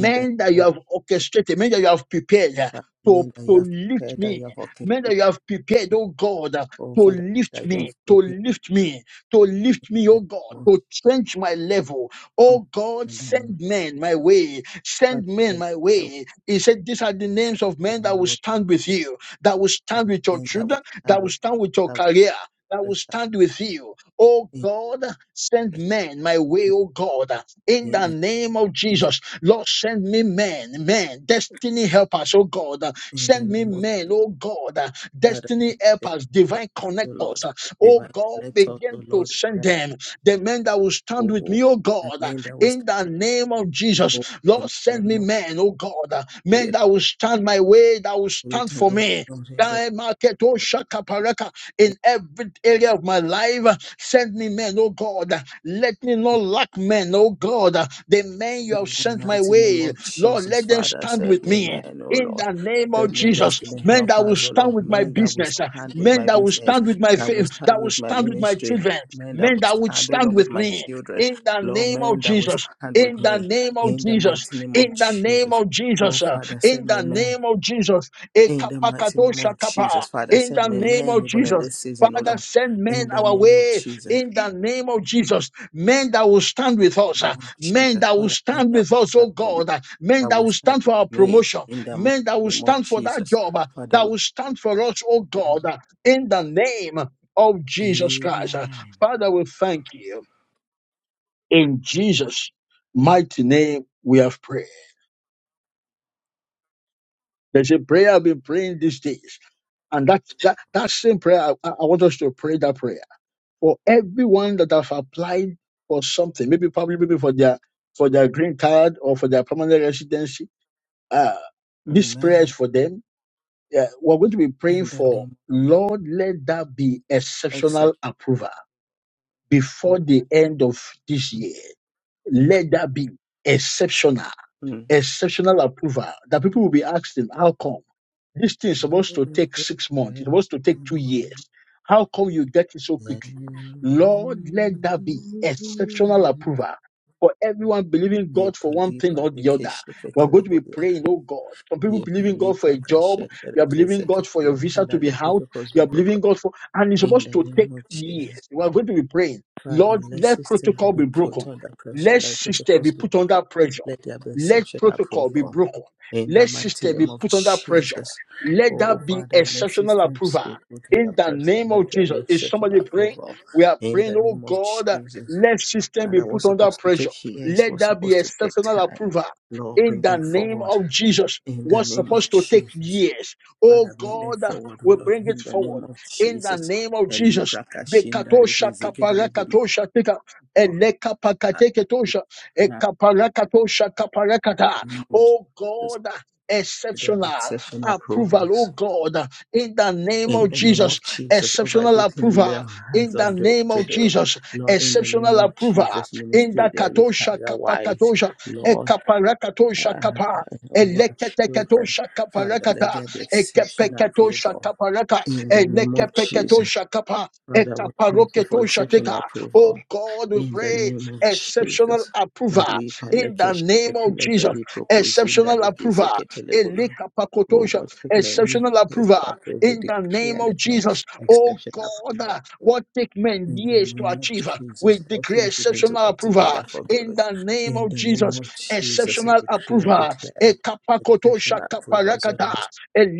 A: In the name
D: that you
A: of
D: have
A: Jesus,
D: orchestrated, men that you have prepared uh,
A: Father,
D: to,
A: amen, that you
D: to
A: have
D: lift
A: prepared, that you
D: me,
A: have orchestrated,
D: men that you have prepared, oh God,
A: oh
D: to
A: Father,
D: lift
A: that you
D: me,
A: have
D: to
A: prepared.
D: lift me, to lift me, oh God, to change my level.
A: Oh,
D: Oh God,
A: in the name
D: send men my way,
A: of
D: send men
A: Father,
D: my
A: that we
D: way. He said, These are the names of men that
A: can
D: will
A: Lord
D: stand with
A: Jesus,
D: you, that will stand
A: Father,
D: with your
A: and that we
D: children,
A: stand
D: that will
A: with
D: stand with
A: us,
D: your
A: that we
D: career. That
A: bless
D: will
A: that
D: stand with you. Oh
A: we
D: God, send men my way, oh God,
A: intercess,
D: in
A: in
D: the
A: the name of
D: name of
A: Jesus,
D: Jesus. Lord, send me men, men, destiny help us, oh God.
A: in the
D: Send me
A: name of
D: men,
A: Jesus,
D: oh God,
A: Father, send
D: destiny
A: the
D: helpers,
A: help
D: divine
A: us, O
D: connectors.
A: Lord.
D: uh, Oh
A: Divine
D: God,
A: connect us, O
D: begin to
A: Lord, in
D: send
A: that
D: them. The men that will stand with
A: oh,
D: me, oh
A: the
D: God, uh,
A: man that we
D: in
A: stand,
D: the name of Jesus.
A: oh, in
D: Lord,
A: the
D: send
A: name
D: me
A: of
D: men, oh God, uh, men
A: the
D: that will stand my way, that will stand
A: Creator,
D: for
A: Lord,
D: me.
A: Lord, in that.
D: Die market, oh shaka paraka, in every area of my life. uh, Send me men, oh God. uh, Let me not lack men, oh God. uh, The men you have
A: In the
D: sent my
A: mighty name
D: way,
A: of
D: Lord,
A: Jesus,
D: let them
A: Father,
D: stand
A: send
D: with
A: me
D: me.
A: men, O
D: In
A: Lord.
D: the name of
A: Send me
D: Jesus,
A: destiny,
D: men
A: help
D: that will
A: us, oh Lord.
D: stand with my
A: Men that will
D: business, uh,
A: stand with
D: men
A: my
D: that will
A: business,
D: stand with my
A: that will
D: faith,
A: stand
D: that will
A: with my
D: stand with my
A: ministry,
D: children,
A: men that
D: men
A: will
D: that would
A: stand, O
D: stand
A: Lord, with
D: with
A: my
D: me.
A: children.
D: In the
A: Lord,
D: name of
A: men that will
D: Jesus,
A: stand with
D: in the
A: me.
D: name of
A: In the
D: Jesus,
A: mighty name of
D: in the name
A: Jesus.
D: of
A: Oh,
D: Jesus, uh,
A: Father,
D: in
A: send
D: the
A: me men.
D: name of Jesus,
A: In the mighty name of
D: Ekapakadoshakapa,
A: Jesus, Father,
D: in
A: send
D: the
A: me
D: name
A: men
D: of
A: even in
D: Jesus.
A: this season, O
D: Father,
A: Lord.
D: send men
A: In the
D: our
A: name of
D: way
A: Jesus,
D: in the name of Jesus. Men that will stand with
A: in
D: us,
A: the name
D: uh,
A: of
D: men
A: Jesus,
D: that will
A: Father, men
D: stand
A: that will
D: with us,
A: stand
D: oh
A: for me.
D: God, uh, men
A: that
D: that
A: will
D: will
A: start
D: stand for
A: with
D: our
A: me
D: promotion,
A: in the mighty
D: men that will
A: name of
D: stand for that
A: Jesus.
D: job, Uh,
A: Father,
D: that
A: we
D: will stand for us, oh
A: thank your
D: God,
A: name.
D: uh, in the name of Jesus Christ. Uh,
A: Amen.
D: Father, we thank you. In Jesus' mighty name, we have prayed. There's a prayer I've been praying these days, and that, that, that same prayer, I, I want us to pray that prayer for everyone that have applied for something, maybe probably maybe for their for their green card or for their permanent residency. Uh, this prayer is
A: Amen.
D: for them. Yeah, we're going to be praying
A: In the
D: for
A: name
D: Lord, let that be
A: of
D: exceptional
A: exception.
D: approval before the end of this year. Let that be exceptional,
A: Mm.
D: exceptional approval that people will be asking, how come? This thing is supposed to take six months. It's supposed to take two years. How come you get it so quickly? Lord, let that be exceptional approval for everyone believing
A: Ye
D: God for one
A: pali
D: thing or
A: pali
D: the other.
A: keshe
D: We're
A: ketere
D: going to be
A: bolia.
D: praying, oh God. Some people
A: Ye
D: believing
A: pali
D: God for a job.
A: prakashe
D: You
A: tere
D: are
A: kese
D: believing God for your
A: ketere.
D: visa to
A: Father,
D: be
A: let
D: out.
A: protocols
D: You
A: be
D: are
A: broken.
D: believing God for, and it's
A: In
D: supposed
A: the
D: to take
A: name of Jesus.
D: years. We are going to be praying.
A: Father,
D: Lord,
A: let
D: let
A: system
D: protocol
A: be
D: be
A: put
D: broken.
A: under pressure.
D: Let
A: Let
D: system be
A: protocols be
D: put
A: broken.
D: under pressure.
A: Let there be
D: Let
A: exceptional
D: protocol be
A: approval.
D: broken.
A: In the
D: Let
A: mighty
D: system be
A: name of
D: put under pressure.
A: Jesus.
D: Let
A: Oh,
D: that be
A: Father, let
D: exceptional
A: systems
D: approval.
A: be put
D: In
A: under
D: the
A: pressure.
D: name of
A: Let there
D: Jesus.
A: be
D: Is
A: exceptional
D: somebody praying?
A: approval.
D: We are
A: In the
D: praying, oh
A: name of
D: God,
A: Jesus.
D: let system be
A: Father, what's
D: put under
A: supposed to
D: pressure.
A: take years,
D: Let
A: what's
D: that be
A: supposed to take
D: exceptional
A: time.
D: approval.
A: Lord,
D: In
A: bring
D: the
A: them
D: name
A: forward.
D: of Jesus.
A: In the
D: What's
A: name
D: supposed
A: of
D: to take
A: Jesus.
D: years, oh
A: Father, bring them
D: God,
A: forward, oh
D: we
A: Lord.
D: bring it
A: In the
D: forward
A: name of
D: in the
A: Jesus.
D: name of
A: Eli
D: Jesus.
A: prakashinda
D: Bekatosha
A: rege zegedele
D: kaparakatosha tika eleka
A: uh,
D: pakateketosha
A: exception
D: ekaparakatosha kaparakata.
A: approval,
D: Oh
A: Jesus.
D: God,
A: That
D: exceptional
A: exception
D: approval, oh
A: approvals
D: God, in the name of
A: in the name
D: Jesus,
A: of Jesus over
D: exceptional
A: everything we lay
D: approval,
A: our
D: in
A: hands
D: the
A: on do,
D: name
A: to
D: of
A: do.
D: Jesus,
A: Lord, in the
D: exceptional
A: name of
D: approval,
A: Jesus,
D: in the
A: ministerially,
D: katosha
A: career wise,
D: kapakatosha,
A: Lord,
D: ekaparakatosha
A: uh,
D: kapa.
A: over our children,
D: Eleketeketosha
A: Father, let
D: kaparakata,
A: there be exceptional
D: ekepeketosha
A: approval
D: kaparaka,
A: in the name of Jesus.
D: elekepeketosha kapa,
A: Father, we thank you for
D: ekaparoketosha teka.
A: exceptional approval.
D: Oh God, we
A: In the
D: pray
A: name of
D: exceptional
A: Jesus.
D: approval
A: Malipa
D: in
A: leke
D: the name of Jesus.
A: sheketelebele prokozinda
D: Exceptional
A: leke
D: approval
A: zeketelebele. Oh,
D: Elikapakotosha,
A: what ignorance
D: exceptional
A: is
D: approval
A: to approve, we
D: in the name
A: declare
D: of
A: that my
D: Jesus. Oh
A: exception
D: God,
A: approval.
D: uh, what take men
A: In the
D: years to
A: name of
D: achieve, uh, we
A: Jesus, all
D: declare
A: things begin to
D: exceptional
A: work
D: approval
A: together for
D: in
A: good.
D: the name
A: In
D: of
A: the name
D: Jesus.
A: of Jesus, we
D: Exceptional
A: decree and
D: approval.
A: declare exception
D: Ekapakotosha
A: approval. O
D: kaparakata,
A: Lord.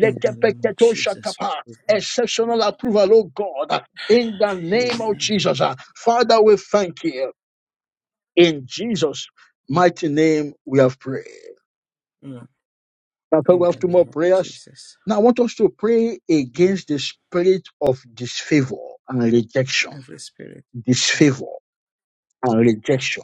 A: In the name of Jesus.
D: kapa. Exceptional approval, oh God, uh, in the name of
A: Amen.
D: Jesus. Uh, Father, we thank you. In Jesus' mighty name, we have prayed.
A: Mm,
D: Now, we
A: In
D: have
A: the
D: two more
A: name of
D: prayers.
A: Jesus.
D: Now, I want us to pray
A: Mm,
D: against the spirit of disfavor and rejection.
A: Every spirit of
D: Disfavor and rejection.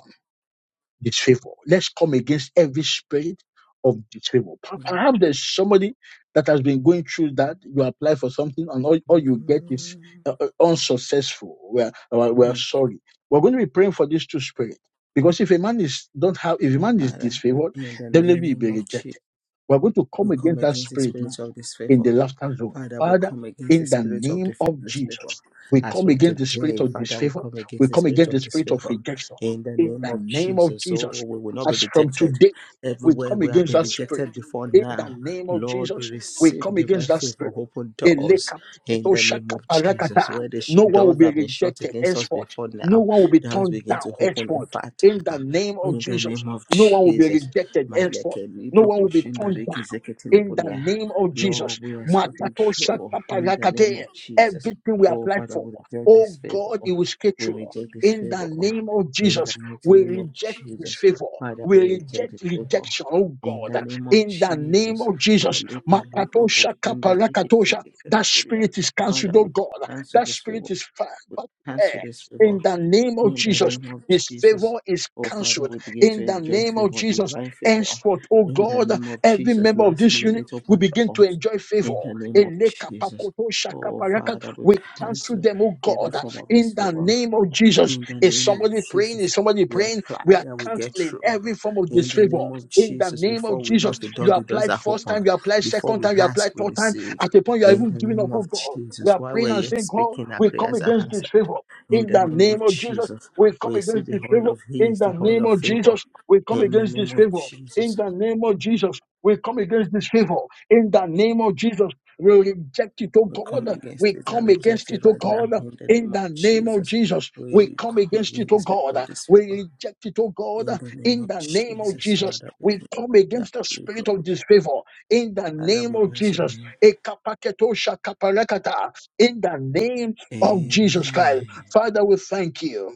D: Disfavor. Let's come against every spirit of disfavor. Per- Perhaps there's somebody that has been going through that. You apply for something and all, all you get is uh,
A: Mhm.
D: uh, unsuccessful. We're, we're, we're sorry. We're going to be praying for these two spirits. Because if a man is don't have if a man is
A: Father,
D: disfavored,
A: in the
D: definitely will
A: name
D: be
A: of Jesus.
D: rejected. We're going to come
A: We come
D: against that
A: against the
D: spirit now
A: spirit of
D: in
A: disfavor.
D: the laughter zone.
A: Father, we
D: Father,
A: come against the
D: in the
A: spirit of
D: name
A: dif-
D: of
A: disfavor.
D: Jesus, we
A: As
D: come
A: from
D: against the spirit
A: today,
D: of
A: Father, we
D: disfavor.
A: come
D: We
A: against the
D: come
A: spirit
D: against the
A: of
D: spirit of
A: disfavor.
D: rejection.
A: In the
D: In
A: name
D: the
A: of
D: name of
A: Jesus, oh,
D: Jesus,
A: we will not be
D: as from
A: rejected.
D: today, we
A: Everywhere
D: come
A: we have
D: against
A: been
D: that spirit.
A: rejected before
D: In the
A: now,
D: name of
A: Lord, we
D: Jesus, we
A: receive
D: come against
A: divine
D: that
A: favor,
D: spirit.
A: open doors.
D: Eleka
A: In the name of Jesus, where the sh-
D: No one will
A: doors that
D: be
A: have been shut
D: rejected
A: against us
D: henceforth.
A: before
D: No
A: now,
D: one will be
A: doors
D: turned
A: begin
D: down
A: to open a
D: henceforth.
A: fat.
D: In the name of
A: In the
D: Jesus,
A: name of
D: no one will be
A: Jesus,
D: rejected henceforth.
A: Maleke
D: No
A: libro
D: one will be
A: kushinda
D: turned down
A: reki zekete
D: in the
A: lebodia.
D: name of Jesus.
A: Lord, we are speaking
D: Matako
A: true in the
D: shakaparakate.
A: name of Jesus.
D: Everything we
A: Oh,
D: apply
A: Father,
D: for,
A: we reject this
D: oh
A: favor.
D: God, it will
A: We
D: schedule.
A: reject this
D: In the
A: favor
D: name of
A: in the
D: Jesus,
A: mighty
D: we
A: name of
D: reject
A: Jesus.
D: disfavor.
A: Father,
D: We
A: we reject this
D: reject
A: favor
D: rejection, oh
A: in the
D: God.
A: name of
D: In the name
A: Jesus.
D: of
A: Our
D: Jesus,
A: lepa
D: Makato
A: libro kushinda reki
D: shakaparakatosha.
A: zekete
D: that
A: lebodia.
D: spirit is
A: Father,
D: cancelled, oh
A: we
D: God.
A: cancel
D: That
A: this
D: spirit
A: favor.
D: is fired
A: We
D: back to
A: cancel this
D: air.
A: favor.
D: In the name of
A: In the
D: Jesus,
A: name of Jesus.
D: disfavor is
A: Oh Father,
D: cancelled.
A: we begin to
D: In the
A: enjoy
D: name of
A: favor,
D: Jesus,
A: divine favor.
D: henceforth, oh
A: In the
D: God.
A: name of
D: Every
A: Jesus,
D: member of
A: last
D: this unit
A: minute
D: will
A: open
D: begin
A: to
D: to
A: us.
D: enjoy favor.
A: In the name of Jesus.
D: Elekapakoto
A: Oh
D: shakaparaka.
A: Father, we
D: We cancel
A: cancel
D: them, oh
A: every
D: God,
A: form of
D: in the
A: disfavor.
D: name of Jesus.
A: In the
D: Is
A: name of
D: somebody praying?
A: Jesus,
D: Is somebody
A: we
D: praying?
A: apply
D: We are
A: and we get
D: canceling
A: through.
D: every form of
A: In the
D: disfavor
A: name of
D: in the
A: Jesus,
D: name of
A: before we
D: Jesus.
A: knock the
D: You
A: door, the doors
D: applied
A: are
D: first
A: open.
D: time, you applied
A: Before
D: second
A: we
D: time, you applied
A: ask, we
D: third time.
A: receive.
D: At the point you are
A: In
D: even
A: the
D: giving up,
A: name
D: oh
A: of
D: God. We
A: Jesus,
D: are
A: while
D: praying
A: we're
D: and
A: yet
D: saying, God,
A: speaking, our
D: we come
A: prayers are
D: against
A: answered.
D: disfavor
A: In
D: in
A: the
D: the
A: name
D: name
A: of
D: of Jesus.
A: Jesus,
D: We come
A: we see
D: against this
A: the oil
D: favor
A: of
D: in
A: ease,
D: the
A: the oil
D: name
A: of
D: of
A: favor.
D: Jesus. We come
A: In the
D: against
A: name
D: this
A: of
D: favor in
A: Jesus,
D: the name of Jesus. We come against this favor in the name of Jesus. We reject it, oh
A: we come
D: God.
A: against
D: We
A: it and
D: come against
A: reject
D: it,
A: it
D: oh
A: right now.
D: God.
A: In the
D: In
A: name of
D: the name of
A: Jesus,
D: Jesus,
A: we
D: we come
A: come
D: against it,
A: against
D: oh
A: the spirit of
D: God. We
A: disfavor.
D: reject it, oh God.
A: In the name
D: In
A: of
D: the name of
A: Jesus,
D: Jesus,
A: Father, we
D: we
A: thank you.
D: come
A: Yeah,
D: against the
A: we
D: spirit of disfavor. In the
A: Father,
D: name
A: we
D: of
A: bless your
D: Jesus,
A: name.
D: Ekapaketo shakaparakata. in the name of Jesus Christ.
A: Amen.
D: Father, we thank you.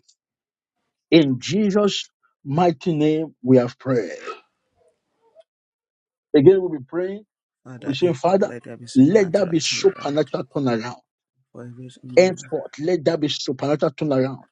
D: In Jesus' mighty name, we have prayed. Again, we'll be praying. We'll
A: Father,
D: be
A: in
D: saying, Father,
A: spotlight, there be
D: let there be
A: supernatural turnaround
D: supernatural turnaround.
A: for every member.
D: Henceforth, let there be supernatural turnaround.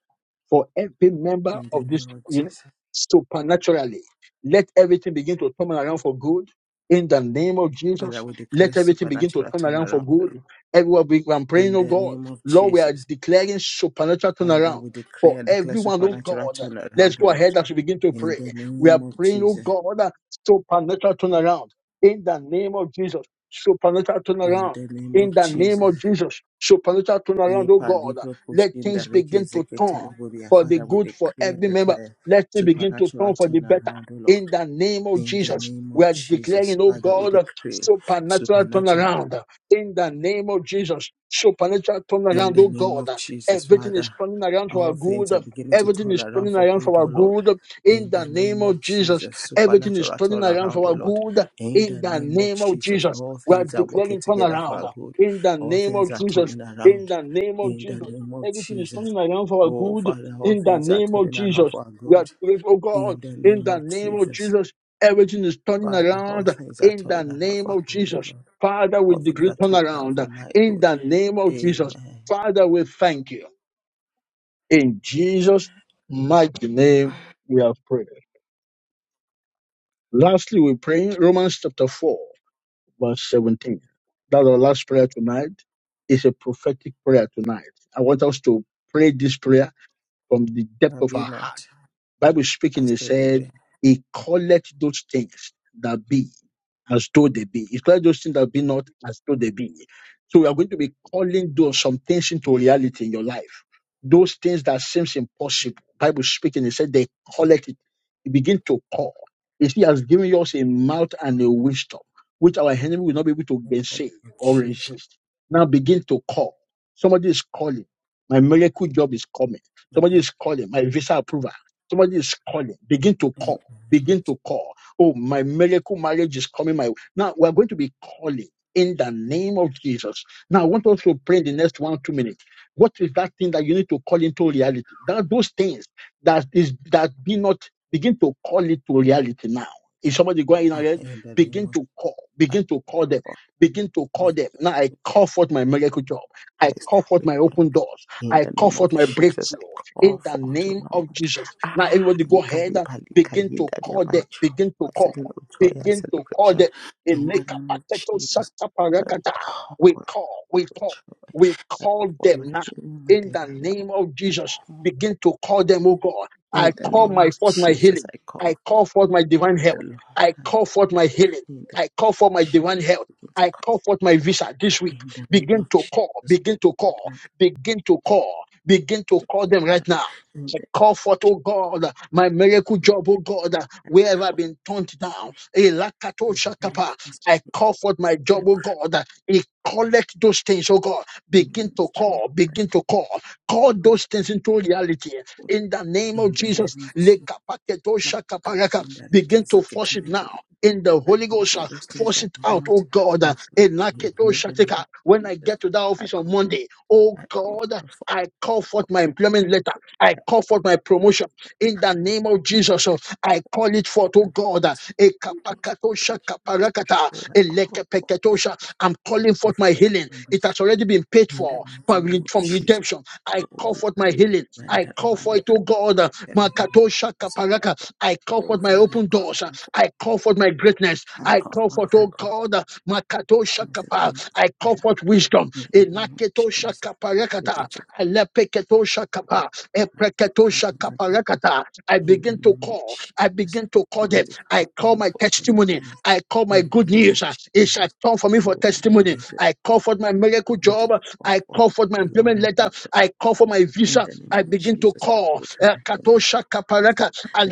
D: for every member
A: In the
D: of this
A: name of
D: you know,
A: Jesus.
D: supernaturally. Let everything begin to turn around for good. In the name of
A: Father,
D: Jesus,
A: we declare
D: let everything begin to
A: supernatural
D: turn around for
A: turnaround.
D: good. Everyone, we- I'm praying,
A: In
D: oh
A: the
D: God.
A: name of
D: Lord, we are
A: Jesus.
D: declaring supernatural
A: Father,
D: turnaround
A: we
D: for
A: declare and declare
D: everyone, oh
A: supernatural
D: God. Let's
A: turnaround, O
D: go
A: Lord.
D: ahead as we begin to
A: In
D: pray.
A: the
D: We
A: name
D: are
A: of
D: praying, oh
A: Jesus.
D: God, that supernatural turnaround. In the name of Jesus, supernatural
A: In
D: turnaround.
A: the name
D: In
A: of
D: the name of
A: Jesus.
D: Jesus, supernatural turnaround, oh
A: Yepa
D: God.
A: libro
D: Let
A: kushinda
D: things
A: reke
D: begin to
A: zeke
D: turn
A: telebodia.
D: for the
A: Father, we
D: good for
A: decree and
D: every member.
A: declare
D: Let it begin to turn
A: supernatural
D: for the better.
A: turnaround, O Lord.
D: In the name of
A: In the
D: Jesus,
A: name
D: we
A: of
D: are declaring,
A: Jesus,
D: oh
A: Father, we
D: God, a
A: decree
D: supernatural
A: supernatural.
D: turnaround. In the name of Jesus, supernatural
A: In
D: turnaround,
A: the
D: oh
A: name
D: God.
A: of Jesus,
D: Everything is
A: Father,
D: turning around for our
A: all things
D: good.
A: are beginning to
D: Everything
A: turn
D: is
A: around
D: turning
A: for
D: around
A: good,
D: for our
A: O Lord.
D: good. In
A: In
D: the
A: the
D: name
A: name
D: of
A: of
D: Jesus,
A: Jesus,
D: everything is
A: supernatural
D: turning
A: turn
D: around
A: around,
D: for
A: O
D: our
A: Lord.
D: good.
A: In
D: In
A: the
D: the
A: name of
D: name of
A: Jesus,
D: Jesus,
A: all
D: we are
A: things are working
D: declaring
A: together for our
D: turnaround.
A: good.
D: In the
A: All
D: name of
A: things are
D: Jesus,
A: turning
D: in
A: around.
D: the name of
A: In the
D: Jesus,
A: name of
D: everything is
A: Jesus.
D: turning around for our
A: Oh,
D: good
A: Father, all
D: in the
A: things are
D: name of
A: turning around
D: Jesus.
A: for our
D: We are
A: good.
D: grateful, oh God,
A: In the
D: in
A: name
D: the
A: of
D: name of
A: Jesus.
D: Jesus. Everything is turning
A: Father, all
D: around
A: things are
D: in the
A: turning around
D: name
A: for our
D: of
A: good, O
D: Jesus.
A: Lord.
D: Father, we
A: All things
D: decree
A: are
D: turn
A: turning around
D: around
A: for my
D: in
A: good.
D: the name of Jesus.
A: Amen.
D: Father, we thank you. In Jesus' mighty name, we have prayed. Lastly, we pray Romans chapter 4, verse 17. That's our last prayer tonight. It's a prophetic prayer tonight. I want us to pray this prayer from the depth
A: I
D: of our
A: be
D: heart
A: not
D: Bible speaking,
A: as
D: it
A: to the
D: said,
A: be.
D: He calleth those things that be as though they be. He calleth those things that be not as though they be. So we are going to be calling those some things into reality in your life. Those things that seems impossible. Bible speaking, it said they calleth it. You begin to call. You see, he has given us a mouth and a wisdom, which our enemy will not be able to
A: In the name
D: gainsay
A: of
D: or
A: Jesus.
D: resist. Now begin to call. Somebody is calling. My miracle job is coming.
A: In the,
D: Somebody
A: in
D: is calling. My visa approval. Somebody is calling. Begin to call.
A: the name of
D: Begin to
A: Jesus.
D: call. Oh, my miracle marriage is coming my way. Now we're going to be calling in the name of Jesus. Now I want us to pray in the next one, two minutes. What is that thing that you need to call into reality? That those things that is that be not begin to call it to reality now. Is somebody going in
A: Ah,
D: already?
A: in the name
D: Begin to call.
A: of
D: Begin to call them. Begin to
A: God.
D: call them. Now I call forth my miracle job. I
A: their
D: call forth my open
A: establishment.
D: doors.
A: In
D: I
A: the
D: call
A: name of
D: forth my
A: Jesus, I
D: breakthrough in
A: call
D: the
A: forth, O
D: name of
A: Lord.
D: Jesus. Now,
A: Ah,
D: everybody go ahead and
A: yekalebalika
D: begin to
A: yindalia,
D: call
A: my
D: them,
A: joy,
D: begin to
A: my
D: call,
A: season of joy and
D: begin to call
A: celebration.
D: them. In
A: In the name of
D: Lekapateto
A: Jesus, I
D: Sataparakata,
A: call
D: We
A: forth
D: call, we
A: my
D: call,
A: joy.
D: we
A: I
D: call
A: call forth
D: them
A: my
D: now.
A: healing, my
D: In the
A: divine
D: name of Jesus,
A: help.
D: begin to call them, oh God.
A: In
D: I
A: the
D: call
A: name
D: my
A: of
D: forth my
A: Jesus,
D: healing.
A: I
D: I
A: call
D: call forth my
A: forth
D: divine
A: that the
D: health.
A: Lord
D: I
A: has
D: call forth my healing.
A: in the
D: I call for my divine health.
A: begin to
D: I call forth
A: come
D: my
A: forth.
D: visa this week.
A: In the name
D: Begin
A: of
D: to call,
A: Jesus,
D: begin to call.
A: that my
D: Begin to call. Begin to call them
A: God,
D: right now.
A: in
D: I
A: the
D: call forth, oh God, my miracle
A: name of Jesus,
D: job, oh God,
A: my
D: wherever
A: God,
D: I've been turned down.
A: I
D: Elakato shakapa.
A: because
D: I call forth my
A: I
D: job, oh
A: pray
D: God. I collect those things, oh God.
A: in
D: Begin to
A: ministry
D: call,
A: but I
D: begin to
A: call
D: call.
A: you
D: Call
A: out
D: those things into reality.
A: for
D: In the name of
A: in the
D: Jesus,
A: name of Jesus.
D: lekapaketo
A: My God,
D: shakaparaka.
A: in that it
D: begin
A: is
D: to
A: a
D: force it now
A: category.
D: in the
A: I
D: Holy
A: call
D: Ghost.
A: for
D: uh,
A: those things
D: Force
A: that
D: it
A: are
D: out, oh
A: not
D: God. uh,
A: as good
D: in
A: in the
D: Laketo
A: name
D: Shateka.
A: of
D: When I
A: Jesus.
D: get to that
A: I
D: office on
A: call,
D: Monday, oh
A: I call
D: God, uh,
A: them for,
D: I call
A: I
D: forth
A: call
D: my
A: for
D: employment letter.
A: good
D: I call forth
A: healthy.
D: my
A: I
D: promotion
A: call for,
D: in the name of Jesus. uh,
A: I call
D: I call it forth, oh
A: them
D: God. uh,
A: out freedom from
D: Ekapakatosha
A: witchcraft.
D: kaparakata,
A: Oh, I call for, I call
D: elekepeketosha. I'm calling
A: for
D: forth my healing.
A: freedom from
D: It
A: witchcraft
D: has already been paid
A: in the
D: for
A: mighty
D: from
A: name
D: re-
A: of
D: from
A: Jesus.
D: redemption. I
A: Oh,
D: call
A: you
D: forth my
A: probably
D: healing. I
A: yonder
D: call
A: about
D: for
A: the
D: it, oh God. uh,
A: everybody
D: Makatosha
A: producing
D: kaparaka.
A: area.
D: I call
A: Oh,
D: forth my
A: Father,
D: open
A: God,
D: doors. uh, I call forth my greatness.
A: I
D: I
A: call
D: call
A: for
D: forth,
A: I
D: oh
A: call
D: God. uh, Makatosha
A: things that
D: kapa.
A: bring
D: I
A: my
D: call
A: life
D: forth wisdom.
A: in the name of
D: Inaketosha
A: Jesus.
D: kaparakata.
A: Begin to
D: Alepeketosha
A: begin
D: kapa.
A: to come my
D: Epreketosha
A: testimony, my God,
D: kaparakata. I
A: in the
D: begin to
A: name of
D: call. I
A: Jesus.
D: begin to call
A: Begin
D: them.
A: to
D: I
A: come on
D: call
A: me
D: my
A: for
D: testimony.
A: testimony
D: I call my
A: in the
D: good
A: name
D: news.
A: of
D: uh, It shall
A: Jesus.
D: turn for me for
A: Oh, Father,
D: testimony.
A: begin to
D: I call for my miracle
A: begin to
D: job.
A: call
D: I
A: forth
D: call for
A: what
D: my
A: the Lord
D: employment
A: has
D: letter.
A: employed.
D: I call for my
A: In
D: visa.
A: the name
D: I
A: of
D: begin to
A: Jesus, I
D: call.
A: put an
D: uh,
A: end to
D: Katosha
A: every plot,
D: kaparaka,
A: the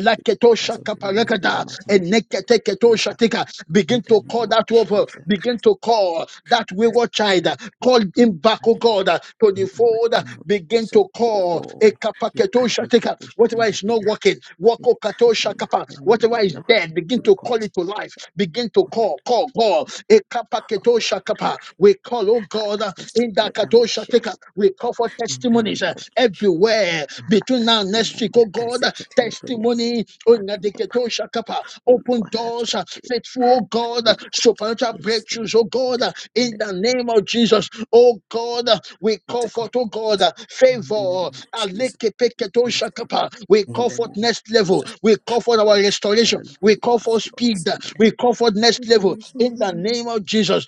A: plans of the enemy, evil
D: kaparakada,
A: imagination that will be established.
D: eneketeketoshatika.
A: In
D: Begin
A: the
D: to call
A: name of
D: that over.
A: Jesus,
D: Begin
A: cast,
D: to call that
A: cast
D: wayward child. uh,
A: the
D: Call him back, oh God,
A: imagination.
D: uh, to the
A: In the
D: fold.
A: mighty
D: uh,
A: name of
D: Begin
A: Jesus,
D: to
A: oh,
D: call.
A: oh, yeah, can
D: a
A: be
D: statica, whatever
A: proportioned that
D: is
A: we
D: not
A: are
D: working,
A: in
D: wako
A: the
D: kato
A: time,
D: shakapa,
A: you know, you know,
D: whatever
A: you
D: is
A: know,
D: dead, begin
A: we will
D: to
A: call
D: call
A: Jesus
D: it to life, begin to
A: for
D: call,
A: my,
D: call, call. Ekapa keto
A: for my
D: shakapa.
A: glory.
D: We call, oh
A: Ah,
D: God,
A: that
D: uh, in
A: testimony
D: that
A: that we
D: kato
A: share
D: shateka, we call for
A: in the
D: testimonies
A: name
D: uh,
A: of Jesus.
D: everywhere between
A: Malaka,
D: now and
A: in
D: next
A: the
D: week, oh God, uh,
A: name
D: testimony, oh
A: of Jesus,
D: Nadeketo shakapa, open
A: oluwathu
D: doors, uh,
A: washiria
D: faithful, oh God, uh,
A: Lord God,
D: supernatural
A: yes, uh,
D: breakthroughs, oh God, uh, in
A: declare
D: the
A: that
D: name of of Jesus. Oh God, uh, we
A: it's
D: call
A: a
D: forth,
A: God
D: oh God, uh,
A: in the
D: favor.
A: name of Jesus. Next level.
D: Alekepekedoshakapa. We
A: In
D: call
A: the
D: forth
A: name of
D: next level.
A: Jesus,
D: We call
A: breakthrough.
D: for our
A: Father,
D: restoration.
A: the Lord,
D: We
A: you
D: call
A: are
D: for
A: furious
D: speed.
A: in the land.
D: We call for next level. In the name of Jesus.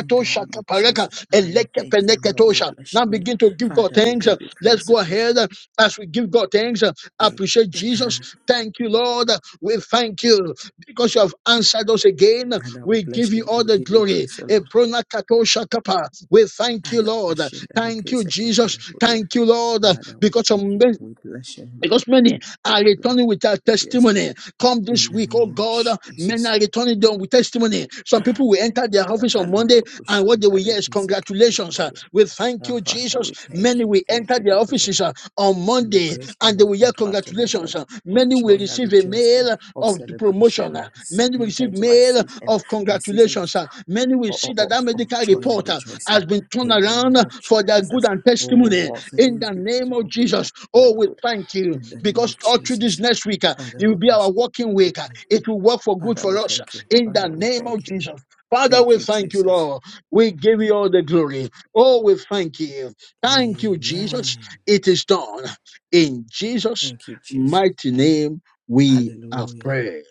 A: In the name of Jesus,
D: shakapareka.
A: Father, we thank you, Lord. We
D: Elekepeneketosha.
A: bless
D: Now
A: your name.
D: begin to give God
A: Father, we
D: thanks.
A: give you
D: Let's
A: praise,
D: go
A: O
D: ahead
A: Lord.
D: uh, as we give God thanks. uh, Appreciate Jesus. Thank you, Lord. We thank you because you have answered us again,
A: Father, we
D: we give
A: bless
D: you
A: your
D: all
A: name. We
D: the
A: give you
D: glory.
A: praise, O Lord.
D: Eprona kato shakapa. We thank you,
A: Allah,
D: Lord.
A: Hashem, Barak,
D: Thank you,
A: Ezeket,
D: Jesus. Thank you, Lord,
A: Father, we
D: because
A: thank you.
D: of
A: We bless your name, O Lord.
D: because many
A: Yes,
D: are returning with our
A: Lord. Yes, Lord.
D: testimony. Come
A: In
D: this
A: the
D: week, oh
A: name of
D: God, many
A: Jesus,
D: are returning them with testimony. Some people will enter their office on Monday
A: Yakalibro
D: and what they will hear is
A: Kushindareke
D: congratulations. uh,
A: Zeketelpolia.
D: We thank
A: Ah,
D: you,
A: Father,
D: Jesus.
A: we thank
D: Many
A: you.
D: will
A: Thank
D: enter
A: you
D: their
A: because of
D: offices uh, on Monday and
A: celebration
D: they
A: of
D: will hear
A: congratulation,
D: congratulations. uh.
A: of
D: Many will
A: joy and
D: receive a
A: rejoicing,
D: mail
A: of
D: of the promotion.
A: celebration.
D: uh. Many
A: I
D: will
A: enter
D: receive
A: into my
D: mail
A: season,
D: of
A: my season of
D: congratulations. uh. Many will see
A: of,
D: that that
A: of, of
D: medical
A: joy and
D: report uh, has
A: rejoicing
D: been turned
A: in the
D: around
A: name of
D: for their good
A: Jesus.
D: and
A: Oh,
D: testimony
A: all
D: in
A: things
D: the
A: begin
D: name
A: to
D: of
A: work
D: Jesus.
A: together. My
D: Oh, we
A: God,
D: thank you
A: in the name of
D: because all through this
A: Jesus,
D: next week, uh,
A: Father,
D: it will
A: we
D: be
A: bless
D: our
A: you.
D: working week. uh,
A: Amen.
D: It will work for good
A: Father,
D: for
A: we
D: us uh,
A: thank you.
D: in the
A: Father, we
D: name of
A: thank you.
D: Jesus. Father,
A: Thank
D: we
A: you,
D: thank you,
A: Jesus.
D: Lord. We give you all the glory. Oh, we thank you. Thank you, Jesus.
A: Amen.
D: It is done. In Jesus'
A: Thank you, Jesus.
D: mighty name, we have
A: Hallelujah.
D: prayed.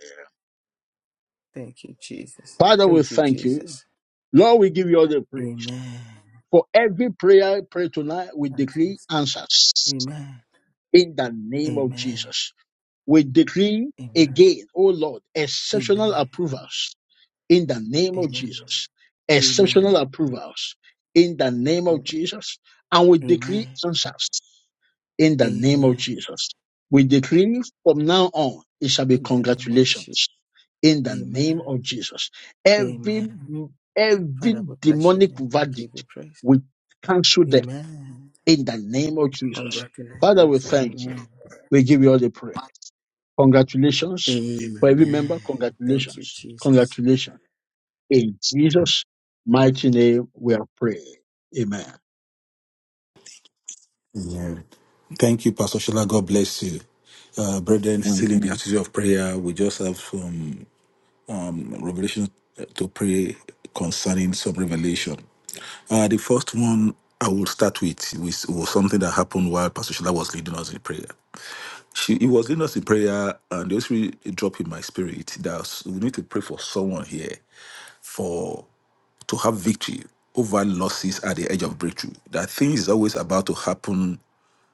A: Thank you, Jesus.
D: Father, we
A: Thank you,
D: thank you.
A: Jesus.
D: Lord, we give you all the praise.
A: Amen.
D: For every prayer I pray tonight, we
A: Amen.
D: decree answers
A: Amen.
D: in the name of
A: Amen.
D: Jesus. We decree
A: Amen.
D: again, O Lord, exceptional
A: Amen.
D: approvals in the name of
A: Amen.
D: Jesus. Exceptional
A: Amen.
D: approvals in the name of Jesus. And we decree answers in the name of
A: Amen.
D: Jesus. We decree from now on, it shall be
A: In the name of Jesus.
D: congratulations in the name
A: Amen.
D: of Jesus. Every,
A: Amen.
D: every
A: Father, we bless your
D: demonic
A: name. We give you
D: verdict,
A: praise.
D: we cancel them
A: Amen.
D: in the name of Jesus. Father, we
A: Congratulations.
D: thank you.
A: Amen.
D: We give you all the praise. Congratulations. For every
A: Amen.
D: member,
A: Thank you,
D: congratulations.
A: Jesus.
D: Congratulations. In Jesus' mighty name, we are praying. Amen.
C: Yeah. Thank you, Pastor Shella. God bless you. Uh, brethren,
D: Mm.
C: still in the attitude of prayer, we just have some. revelation eh, to pray concerning some revelation. Uh, the first one I will start with was, was something that happened while Pastor Shola was leading us in prayer. She he was leading us in prayer, and the Holy Spirit dropped in my spirit that we need to pray for someone here for to have victory over losses at the edge of breakthrough. That thing is always about to happen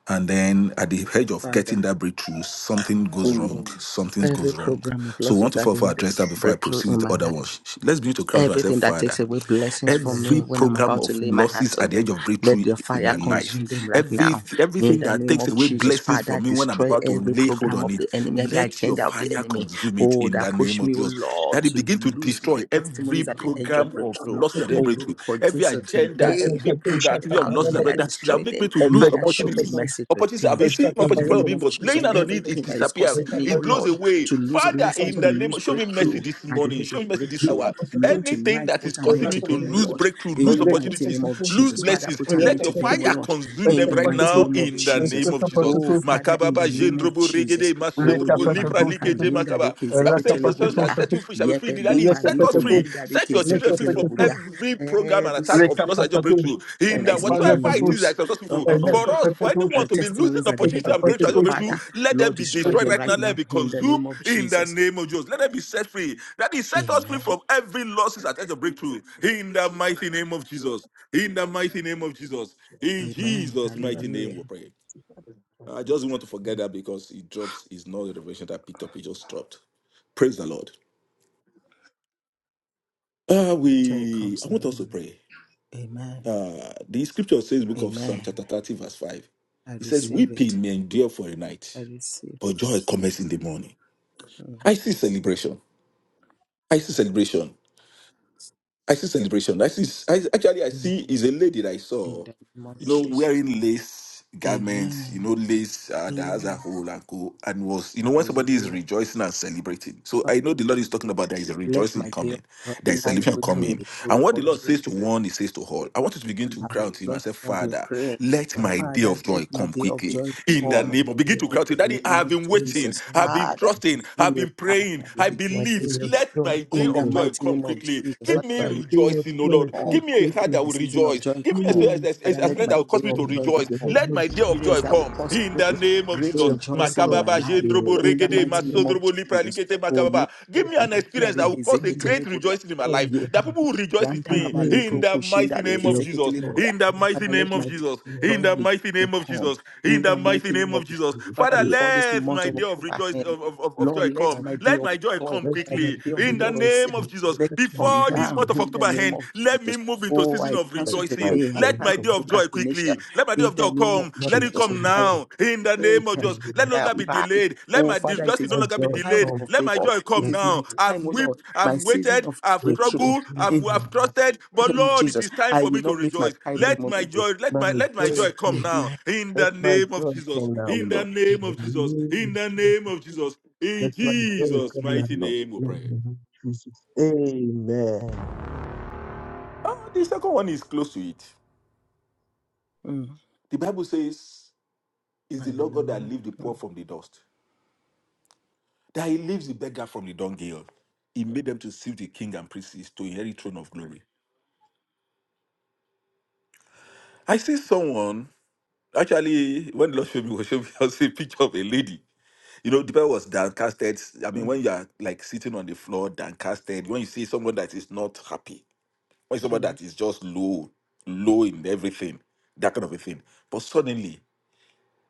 C: and then at the edge of
A: Father.
C: getting that breakthrough, something goes wrong. Something
A: Every
C: goes wrong.
A: program of
C: So we want
A: losses
C: to
A: at the
C: first
A: end of
C: address that before I
A: breakthrough
C: proceed with
A: in
C: the
A: my
C: other
A: life.
C: one. Let's begin to cry out to ourselves,
A: Everything that
C: Father.
A: takes away blessings from me
C: Every
A: when I'm
C: program
A: about to
C: of
A: lay my
C: losses
A: hands on
C: at the edge
A: them,
C: of
A: let
C: breakthrough
A: your
C: in
A: fire
C: my life,
A: consume them right
C: every
A: now. In
C: everything
A: the
C: that
A: name
C: takes
A: of
C: away
A: Jesus,
C: blessings
A: Father,
C: from me when I'm
A: destroy
C: about to
A: every
C: lay hold
A: program
C: on
A: of
C: it,
A: the enemy, every
C: let your
A: agenda of the
C: fire
A: enemy.
C: consume it
A: Oh,
C: in
A: that
C: the name
A: pushed
C: of
A: me, oh
C: Jesus.
A: Lord,
C: That it
A: to
C: begin to
A: lose my
C: destroy every
A: testimonies at the
C: program
A: edge of
C: program of
A: breakthrough.
C: loss
A: Oh, Lord,
C: celebratory,
A: God,
C: every
A: Jesus,
C: agenda,
A: today I
C: every
A: cast
C: program,
A: them
C: activity of
A: out,
C: loss
A: today
C: celebratory
A: I
C: that that
A: destroy
C: make me
A: them.
C: to lose
A: Father, show me
C: opportunities.
A: mercy
C: Opportunities
A: today
C: I've been seeing
A: in
C: opportunity in
A: the
C: front of
A: name
C: me,
A: of
C: but
A: Jesus.
C: laying out on it, it
A: Everything that is
C: disappears.
A: causing me, oh
C: It blows
A: Lord,
C: away.
A: to lose
C: Father,
A: blessings,
C: in
A: to
C: the name
A: lose
C: of show me mercy
A: breakthrough
C: this
A: at the
C: morning,
A: edge
C: show me
A: of
C: mercy this
D: Mm.
A: breakthrough,
C: hour.
A: Lord,
C: Anything
A: tonight
C: that is
A: put an end
C: causing
A: to
C: me to
A: them,
C: lose
A: oh Lord,
C: breakthrough,
A: in
C: lose
A: the mighty name
C: opportunities,
A: of
C: lose
A: Jesus. Father,
C: blessings,
A: put an
C: let
A: end to
C: your fire
A: them, oh Lord,
C: consume
A: in
C: them
A: the
C: right
A: mighty
C: now
A: name of
C: in the
A: Jesus.
C: name of Jesus.
A: Oh, Father, in
C: Makababa,
A: the name of
C: Jendrobo, go
A: Jesus.
C: regede
A: Oh,
C: masondrobo
A: ye
C: lipra
A: palika
C: likete
A: yinda
C: makaba.
A: reke
C: Bible
A: zeke
C: says the son shall
A: teleburia.
C: set
D: Rakapatetustatus,
C: you free, shall be
A: Ye
C: free. That is
A: pelipa
C: set us
A: liko
D: Lekapetetus,
C: free.
A: yinda
C: Set
A: reke
C: your
A: zeke
C: children free from
D: Lekapetetus,
A: teleburia.
C: every program and
A: Every
C: attack of loss and your
D: Lekapatetus,
C: breakthrough. In
A: and that
C: that
A: is making
C: whatsoever
A: me
C: it
D: Lekapatetus,
C: is that is
A: lose uh,
C: successful
A: uh, uh,
C: for us, for
A: uh,
C: anyone to be losing
A: testimonies at the edge
C: opportunity
A: of
C: and breakthrough, and
A: breakthrough.
C: your breakthrough,
D: Lekapatetus,
A: Father,
C: let them
A: Lord,
C: be
A: destroy
C: destroyed
A: them
C: right now.
D: Lekapatetus,
A: right
C: Let them
A: now
C: be
A: in the
C: consumed
A: name of
C: in the
A: Jesus.
C: name of Jesus. Let them be set free. That is set us free
A: Amen.
C: from every losses and your breakthrough. In the mighty name of Jesus. In the mighty name of Jesus. In
A: Amen.
C: Jesus'
E: Deliver
C: mighty
E: me
C: name
A: Hallelujah.
C: we pray.
E: from
C: I just want to forget
E: evil.
C: that because it drops. It's not a revelation that I picked up. It just dropped. Praise the Lord. Uh,
A: Joy
C: we.
A: comes
C: I
A: in
C: want
A: the
C: us to
A: morning.
C: pray.
A: Amen.
C: Uh, the scripture says, Book of Psalm,
A: Amen.
C: chapter 30, verse 5.
A: I
C: It says,
A: receive it.
C: Weeping may endure for a night,
A: I receive
C: but joy comes in the morning.
A: mm,
C: I see celebration. I see celebration. I see celebration. I see. I, actually, I
E: Amen. Amen.
C: see is a lady that I
A: in
C: saw.
A: the name of
C: you know,
A: Jesus.
C: wearing lace garments, you
A: Amen.
C: know, lace uh, that has a
A: Amen.
C: hole and go and was, you know, when somebody is
A: Hallelujah.
C: rejoicing and celebrating. So
A: Father,
C: I know the Lord is talking about there is a
A: Let
C: rejoicing
A: my day of
C: coming,
A: joy
C: there is
A: come
C: celebration
E: Amen. Amen.
A: quickly.
C: coming.
A: In the name
C: And what the
A: of
E: Amen.
C: Lord
A: Jesus.
C: says to
A: Father,
C: one, he says to
A: we
C: all. I want you to begin to
A: have
C: cry out to him
A: Lord,
C: and say,
A: I've been
C: Father,
A: praying.
C: let my day
A: Father,
C: of
A: let
C: joy
A: my
C: come
A: day of
C: quickly.
A: joy
C: In the
A: come
C: name of begin to
A: in
C: cry out to him.
A: the
C: Daddy, I
A: name
C: have
A: of
C: been
E: Amen.
C: waiting,
A: Jesus.
C: I've
E: Amen.
C: been
A: Father,
C: trusting,
E: Jesus.
A: give
C: I've
A: me a
C: been
A: heart
E: My
C: praying, I
A: with the
C: believe.
E: day
A: joy,
E: of
A: O Lord.
C: Let
E: joy
C: my day
A: In the
C: of
E: comes.
C: joy
A: mighty
C: come
A: name of
C: quickly.
A: Jesus,
E: Let
C: Give
A: Father,
C: me
E: my
A: let me
E: day of
C: rejoicing, O
E: joy
C: Lord.
A: come.
C: Give
E: come
C: me a heart
A: Let
C: child
E: quickly.
C: that
A: my
C: will
A: season of
C: rejoice.
A: joy
C: Give
E: You
C: me a
A: come.
C: spirit
E: will
C: a-
A: Father,
C: a- a
E: out
A: let
E: of
C: spirit
A: my
C: that will
A: day
C: cause me
A: of
C: to
E: the
A: joy
E: with
C: rejoice.
E: the
A: come.
E: name
C: Let
E: of
C: my
E: Jesus.
C: day of
A: Experience
C: joy
A: that will
C: come
A: cause
C: in
E: My
A: great,
C: the name of
A: great
E: day
C: Jesus.
E: of joy
A: rejoicing in
E: come
A: my
C: Makababa,
A: life.
E: quickly,
C: jendrobo,
E: Lord.
A: In the
C: regede,
A: mighty name of
E: Amen.
C: masodrobo, lipra,
A: Jesus.
C: likete,
A: Oh, yeah.
C: makababa.
E: Let
C: Give me an
E: my day
C: experience that
E: of
C: will cause a
E: joy
C: great rejoicing in my life.
E: come
A: Ye
C: That
A: pa-
E: quickly.
C: people will rejoice with
E: Give
C: me
A: yantaraba
E: me
C: in
A: libro
C: the mighty
A: kushinda
E: a
A: de
C: name
E: day
C: of
A: kezekete
C: Jesus.
A: liburia.
C: In the mighty
A: Father,
C: name
A: let
C: of
A: my dear
C: Jesus.
A: joy
C: In the
A: and
C: mighty
A: rejoicing
C: name of
A: come
C: Jesus. In
A: in
C: the
A: the
C: mighty
A: mighty name
C: name
A: of
C: of Jesus.
E: of
A: Father
C: Father,
E: joy.
A: before this
C: let
A: month
C: my
A: of
E: Let
C: day of
A: October
C: rejoice
A: end.
C: of, of, of of
A: Lord,
C: joy
A: let
C: come.
A: my day
C: Let
A: of
C: my joy
A: joy
C: come
E: let
A: come,
E: me
C: quickly
A: day of
C: in the
E: off
A: rejoicing.
C: name of Jesus.
A: Let it
E: my
A: come
C: Before the
E: joy
C: this
A: down
C: month of
A: in the
C: October
A: name
C: end,
A: of
C: let me
A: Jesus.
C: move into a
A: Oh,
C: season
A: I
C: of
E: let
A: cancel the
E: my
C: rejoicing.
A: day. I
E: joy
C: Let my day
A: cancel
E: come
C: of joy quickly.
A: procrastination
C: Let my day
A: in
C: of
A: the
C: joy
A: name
E: let
A: of
C: come.
E: my
C: Let it
A: Jesus
C: come
E: joy come
C: now. In the
A: prayed,
C: name of
A: have
C: Jesus.
A: said,
C: Let no
A: I have
C: longer be
E: my
A: cried.
C: delayed. Let
A: Oh,
C: my
A: Father, it
C: rejoicing
A: is
C: no
A: my
C: longer be
E: joy
A: time
C: delayed.
E: come
A: for
C: Let my
A: favor.
C: joy
A: It
C: come
A: is
C: now.
A: my
C: I've
A: time, oh Lord,
C: wept,
A: my
C: I've
A: season
C: waited,
A: of
C: I've
E: let
A: breakthrough.
C: struggled,
E: me do it
C: I've,
A: In
E: on
C: I've trusted. But
A: the name of
C: Lord, it
A: Jesus,
C: is time
A: I
C: for
A: will
C: me to
A: not miss my
C: rejoice.
A: Kairos
E: let
C: Let my
A: moment.
C: joy,
E: it-
C: let my
E: my
C: let my
E: joy
C: joy come
E: come
C: now.
A: Amen.
C: In
E: let
C: the
E: my
C: name of
E: joy
C: Jesus.
E: come now
C: In the
E: Lord in
C: name
E: the
C: of Jesus.
E: name
C: In
E: of
C: the
E: Jesus
C: name of Jesus. In
E: let my joy
C: Jesus'
E: come now
C: mighty
E: Lord
C: name we
E: in the
C: pray.
E: name of Jesus Amen
C: Oh, The second one is close to it.
A: Mm.
C: The Bible says, "Is the Lord God that
A: Hallelujah.
C: lifts the poor
A: Mm,
C: from the dust, that He lifts the beggar from the dunghill. He made them to serve the king and priests to inherit throne of glory." I see someone actually when the Lord showed me, was showed me I see a picture of a lady. You know, the Bible was downcasted. I mean, when you are like sitting on the floor, downcasted, when you see someone that is not happy, when someone
A: mm, mm,
C: that is just low, low in everything, that kind of a thing. But suddenly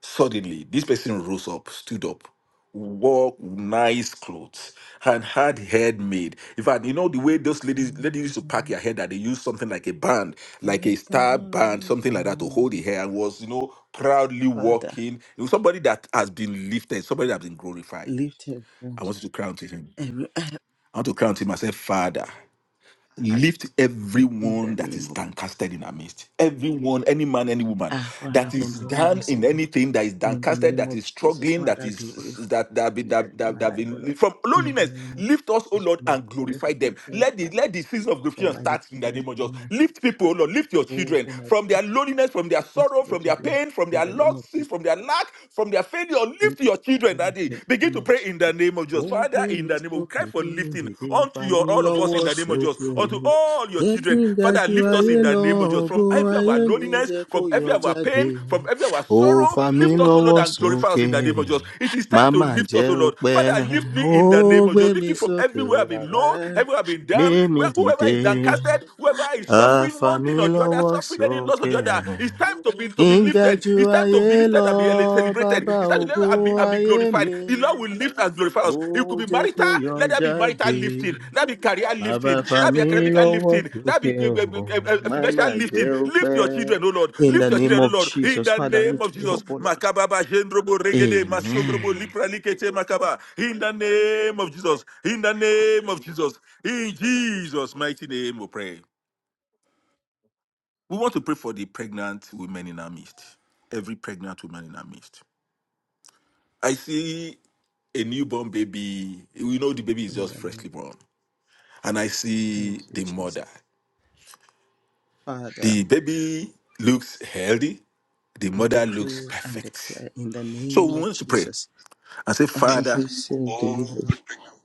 C: Suddenly, this person rose up, stood up, wore nice clothes, and had head made. In fact, you know the way those ladies ladies used to pack
A: mm.
C: their hair that they used something like a band, like a star band, something like that to hold
A: Mm.
C: the hair, and was you know proudly
A: Father,
C: walking. It was somebody that has been lifted, somebody that has been glorified.
A: lift every
C: I
A: wound,
C: want you to crown to him.
A: every outcast
C: I want to crown to him. I say, Father lift
A: in the
C: everyone that
A: name
C: is
A: of
C: downcasted in our midst. Everyone, any man, any woman
A: our
C: that
A: Father
C: is
A: from
C: down
A: loneliness, O
C: in
A: Lord.
C: anything that is
A: In the
C: downcasted,
A: name
C: that
A: of
C: is
A: Jesus,
C: struggling, that
A: Father,
C: is
A: glorify.
C: that that have been
A: Just
C: that,
A: for
C: that,
A: my
C: that have
A: life, O
C: been
A: Lord.
C: from
A: In the
C: loneliness.
A: name of
C: Lift us, oh
A: Jesus,
C: Lord,
A: for my
C: and
A: sorrow, for
C: glorify them.
A: my pain,
C: Let
A: for
C: the
A: my
C: let the season of
A: for
C: glorification
A: my
C: start in the
A: loneliness,
C: name of
A: for
C: Jesus.
A: my
C: Lift people, oh Lord, lift your
A: oh,
C: children
A: for my
C: from their loneliness, from their
A: just
C: sorrow,
A: Lord,
C: from
A: O
C: their
A: Lord.
C: pain, from
A: In
C: their
A: the name of Jesus.
C: losses, from their lack, from their failure. Lift
A: lift
C: your children,
A: up in
C: Daddy.
A: the
C: Begin
A: name
C: to
A: of
C: pray in in the
A: Jesus.
C: name of
A: Ó
C: Jesus.
A: gbé
C: Father, in
A: mi
C: the name of we
A: sókè,
C: cry for
A: gbé mi
C: lifting
A: dìde, fà
C: unto
A: mí
C: your all of us
A: lọ́wọ́
C: in the name of Jesus,
A: sókè.
C: unto all your
A: Jẹ́ kí
C: children.
A: n ga
C: Father,
A: ju
C: lift us
A: ayé
C: in the
A: lọ,
C: name of Jesus
A: ògo
C: from every of our
A: ayé mi
C: loneliness,
A: jẹ́ kó
C: from
A: yọ
C: every of our
A: jáde.
C: pain, from every of our
A: Ó
C: sorrow.
A: fà mí
C: Lift us, O Lord,
A: lọ́wọ́
C: and glorify us
A: sókè,
C: in the name of Jesus. It is time to
A: màmá
C: lift
A: jẹ́
C: us, O
A: ó
C: Lord.
A: pẹ́.
C: Father, lift me
A: Ó
C: in the name of
A: gbé
C: Jesus. Lift
A: mi
C: me from
A: sókè,
C: everywhere
A: ó
C: I've been
A: bàbá
C: low, everywhere I've been
A: gbé
C: down,
A: mi
C: where whoever
A: dìde.
C: is downcasted, whoever is suffering
A: Àfà
C: one
A: mí
C: thing or the other,
A: lọ́wọ́
C: suffering any loss or
A: sókè.
C: the other. It's time to be to be lifted
A: Ìgàjù
C: it's time to
A: ayé
C: be lifted
A: lọ,
C: and be celebrated.
A: bàbá
C: It's time to live
A: ògo
C: and be, and be
A: ayé
C: glorified.
A: mi.
C: The Lord will lift and glorify
A: Ó
C: us. It could be
A: jẹ́ kó
C: marital,
A: yọ
C: let there be marital
A: jáde,
C: lifting. Let there be career
A: bàbá
C: lifting. Let there be
A: fàmí
C: academic
A: lọ́wọ́
C: lifting. Let there
A: sókè
C: be uh,
A: ọ̀hún,
C: uh, uh,
A: má má
C: financial
A: jẹ́
C: lifting.
A: ó
C: Lift
A: pẹ́.
C: your children, O Lord.
A: In the
C: Lift your
A: name
C: children, O
A: of
C: Lord. In
A: Jesus,
C: the
A: Father,
C: name
A: lift
C: of
A: me
C: Jesus.
A: up, O Lord.
C: Makababa, Jendrobo, Regede, Masondrobo,
A: Amen.
C: Lipra, Likete, Makaba. In the name of Jesus. In the name of Jesus. In Jesus' mighty name we pray. We want to pray for the pregnant women in our midst. Every pregnant woman in our midst I see a newborn baby. We know the baby is
A: In
C: just
A: the name,
C: freshly born. And I see
A: thank you,
C: the
A: Jesus.
C: mother.
A: Father,
C: The baby looks healthy. The
A: we
C: mother looks
A: decree and
C: perfect.
A: declare in the
C: So
A: name
C: we
A: of
C: want to pray
A: Jesus,
C: and say,
A: I am
C: Father,
A: free, safe, delivered